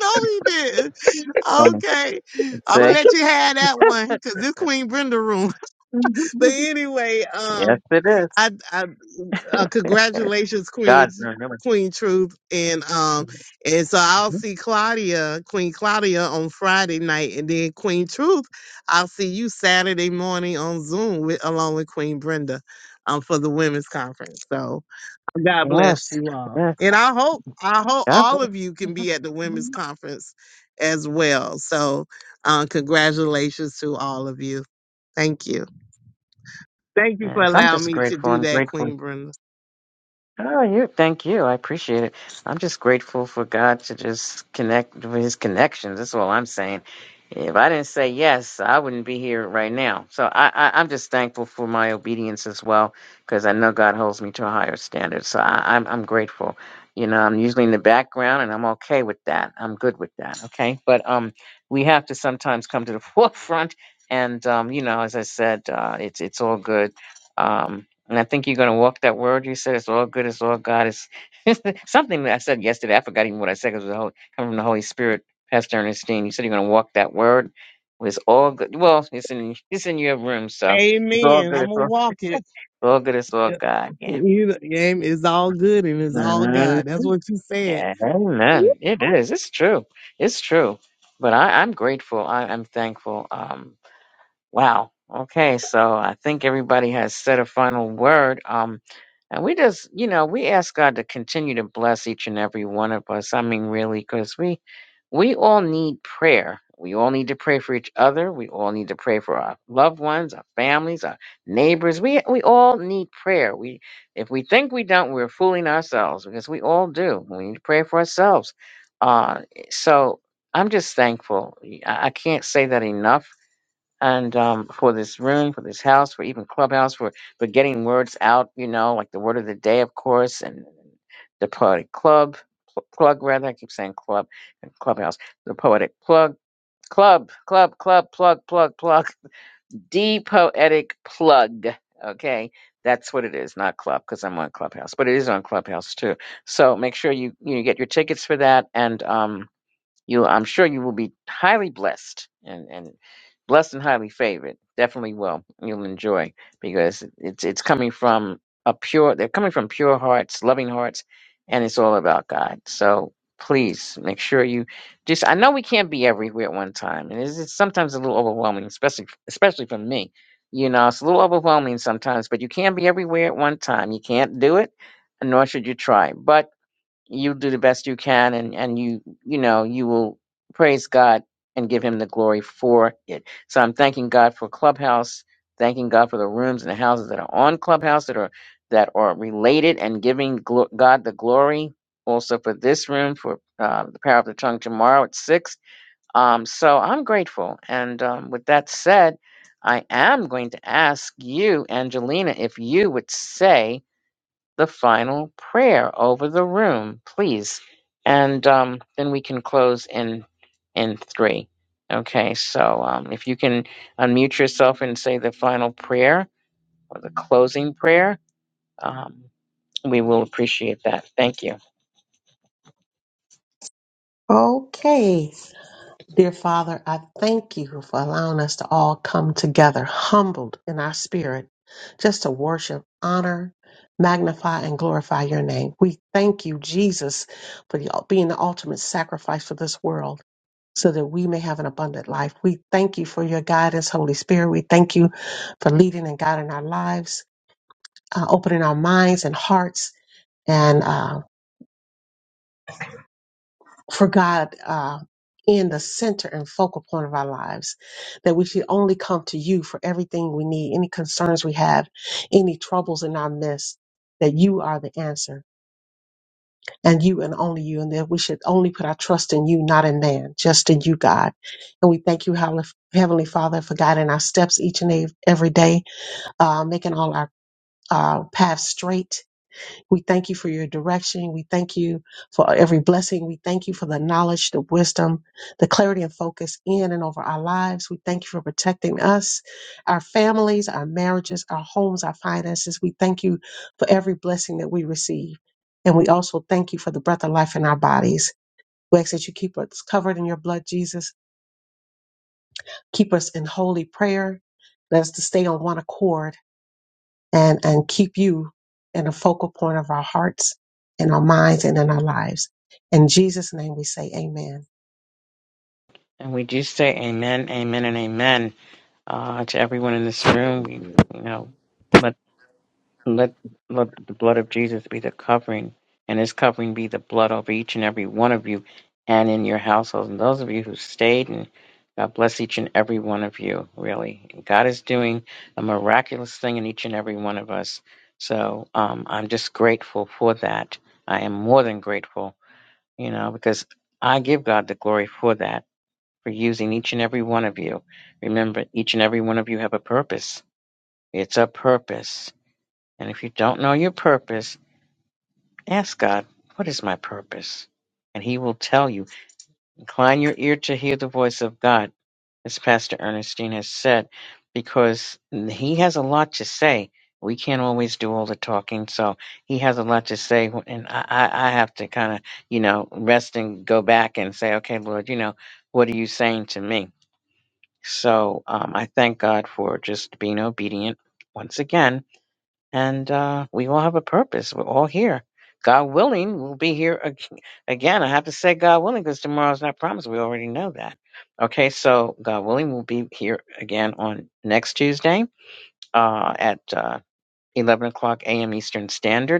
S8: you did.
S1: Funny.
S8: Okay, I'm gonna
S1: See.
S8: let you have that one
S1: (laughs)
S8: because this Queen Brenda room. (laughs) But
S1: Mhm.
S8: anyway, um,
S1: yes, it is.
S8: I, I uh, congratulations,
S1: God,
S8: Queen's
S1: remember.
S8: Queen Truth, and um,
S1: Mhm.
S8: and so I'll see Claudia, Queen Claudia, on Friday night, and then Queen Truth, I'll see you Saturday morning on Zoom with along with Queen Brenda, um, for the women's conference. So God bless
S1: Yes.
S8: you all,
S1: Yes.
S8: and I hope I hope
S1: God.
S8: all
S1: bless
S8: of you can be at the women's
S1: you.
S8: conference as well. So, um, congratulations to all of you. Thank you. Thank you for
S1: Yes. I'm
S8: allowing
S1: just
S8: me to
S1: grateful.
S8: do
S1: I'm
S8: that,
S1: grateful.
S8: Queen Brenda.
S1: Oh, you thank you. I appreciate it. I'm just grateful for God to just connect with His connections. That's all I'm saying. If I didn't say yes, I wouldn't be here right now. So I, I, I'm just thankful for my obedience as well, because I know God holds me to a higher standard. So I, I'm, I'm grateful. You know, I'm usually in the background, and I'm okay with that. I'm good with that. Okay, but um, we have to sometimes come to the (laughs) forefront, and um, you know, as I said, uh, it's it's all good. Um, and I think you're going to walk that word. You said it's all good. It's all God. It's (laughs) something that I said yesterday. I forgot even what I said because it was the whole, coming from the Holy Spirit, Pastor Ernestine. You said you're going to walk that word. It's all good. Well, it's in it's in your room, so it's all
S8: Amen.
S1: good.
S8: I'm
S1: It's
S8: gonna
S1: all, it's
S8: walk it.
S1: all good. It's all God. Yeah.
S8: You- It's all good and it's all
S1: Mhm.
S8: God. That's what you said.
S1: Yeah, Amen. It is. It's true. It's true. But I, I'm grateful. I, I'm thankful. Um, Wow. Okay. So I think everybody has said a final word. Um, and we just, you know, we ask God to continue to bless each and every one of us. I mean, really, because we, we all need prayer. We all need to pray for each other. We all need to pray for our loved ones, our families, our neighbors. We we all need prayer. We if we think we don't, we're fooling ourselves because we all do. We need to pray for ourselves. Uh, so I'm just thankful. I, I can't say that enough and um, for this room, for this house, for even Clubhouse, for for getting words out. You know, like the word of the day, of course, and the poetic club pl- plug. Rather, I keep saying club and Clubhouse. The poetic plug club club club plug plug plug. The poetic plug. Okay. That's what it is, not club, because I'm on Clubhouse, but it is on Clubhouse too. So make sure you you get your tickets for that, and um, you, I'm sure you will be highly blessed and, and blessed and highly favored. Definitely will. You'll enjoy because it's it's coming from a pure. They're coming from pure hearts, loving hearts, and it's all about God. So please make sure you just. I know we can't be everywhere at one time, and it's, it's sometimes a little overwhelming, especially especially for me. You know, it's a little overwhelming sometimes, but you can't be everywhere at one time. You can't do it, nor should you try. But you do the best you can and and you you know you will praise god and give him the glory for it so i'm thanking god for clubhouse thanking god for the rooms and the houses that are on clubhouse that are that are related and giving glo- god the glory also for this room for uh, the power of the tongue tomorrow at six um so i'm grateful and um, with that said i am going to ask you angelina if you would say the final prayer over the room, please. And um, then we can close in in three. Okay, so um, if you can unmute yourself and say the final prayer or the closing prayer, um, we will appreciate that. Thank you.
S6: Okay. Dear Father, I thank you for allowing us to all come together, humbled in our spirit, just to worship, honor, magnify, and glorify your name. We thank you, Jesus, for the, being the ultimate sacrifice for this world. So that we may have an abundant life. We thank you for your guidance, Holy Spirit. We thank you for leading and guiding our lives, uh, opening our minds and hearts, and uh, for God uh, in the center and focal point of our lives, that we should only come to you for everything we need, any concerns we have, any troubles in our midst, that you are the answer and you and only you, and that we should only put our trust in you, not in man, just in you, God. And we thank you, Heavenly Heavenly Father, for guiding our steps each and ev- every day, uh, making all our uh, paths straight we thank you for your direction. We thank you for every blessing. We thank you for the knowledge, the wisdom, the clarity and focus in and over our lives. We thank you for protecting us, our families, our marriages, our homes, our finances. We thank you for every blessing that we receive. And we also thank you for the breath of life in our bodies. We ask that you keep us covered in your blood, Jesus. Keep us in holy prayer. Let us to stay on one accord and, and keep you in the focal point of our hearts, in our minds, and in our lives. In Jesus' name we say amen.
S1: And we do say amen, amen, and amen uh, to everyone in this room. We, you know, let, let let the blood of Jesus be the covering, and His covering be the blood over each and every one of you, and in your households. And those of you who stayed, and God bless each and every one of you. Really, God is doing a miraculous thing in each and every one of us. So um, I'm just grateful for that. I am more than grateful, you know, because I give God the glory for that for using each and every one of you. Remember, each and every one of you have a purpose. It's a purpose. And if you don't know your purpose, ask God, what is my purpose? And He will tell you. Incline your ear to hear the voice of God, as Pastor Ernestine has said, because He has a lot to say. We can't always do all the talking, so he has a lot to say, and I, I I have to kind of, you know, rest and go back and say, okay, Lord, you know, what are you saying to me? So um, I thank God for just being obedient once again. And uh, we all have a purpose. We're all here. God willing, we'll be here ag- again. I have to say God willing because tomorrow's not promised. We already know that. Okay, so God willing, we'll be here again on next Tuesday uh, at uh, 11 o'clock a.m. Eastern Standard.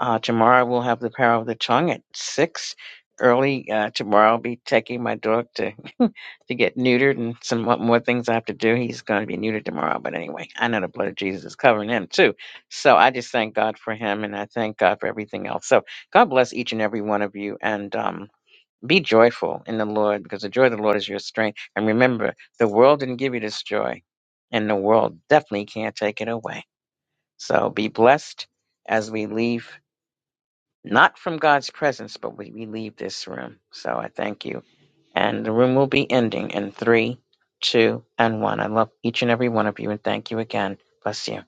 S1: Uh, tomorrow we'll have the power of the tongue at six early. Uh, tomorrow I'll be taking my dog to (laughs) to get neutered and some mo- more things I have to do. He's going to be neutered tomorrow, but anyway, I know the blood of Jesus is covering him too. So I just thank God for him, and I thank God for everything else. So God bless each and every one of you, and um, be joyful in the Lord because the joy of the Lord is your strength. And remember, the world didn't give you this joy, and the world definitely can't take it away. So be blessed as we leave not from God's presence, but we, we leave this room. So I thank you. And the room will be ending in three, two, and one. I love each and every one of you and thank you again. Bless you.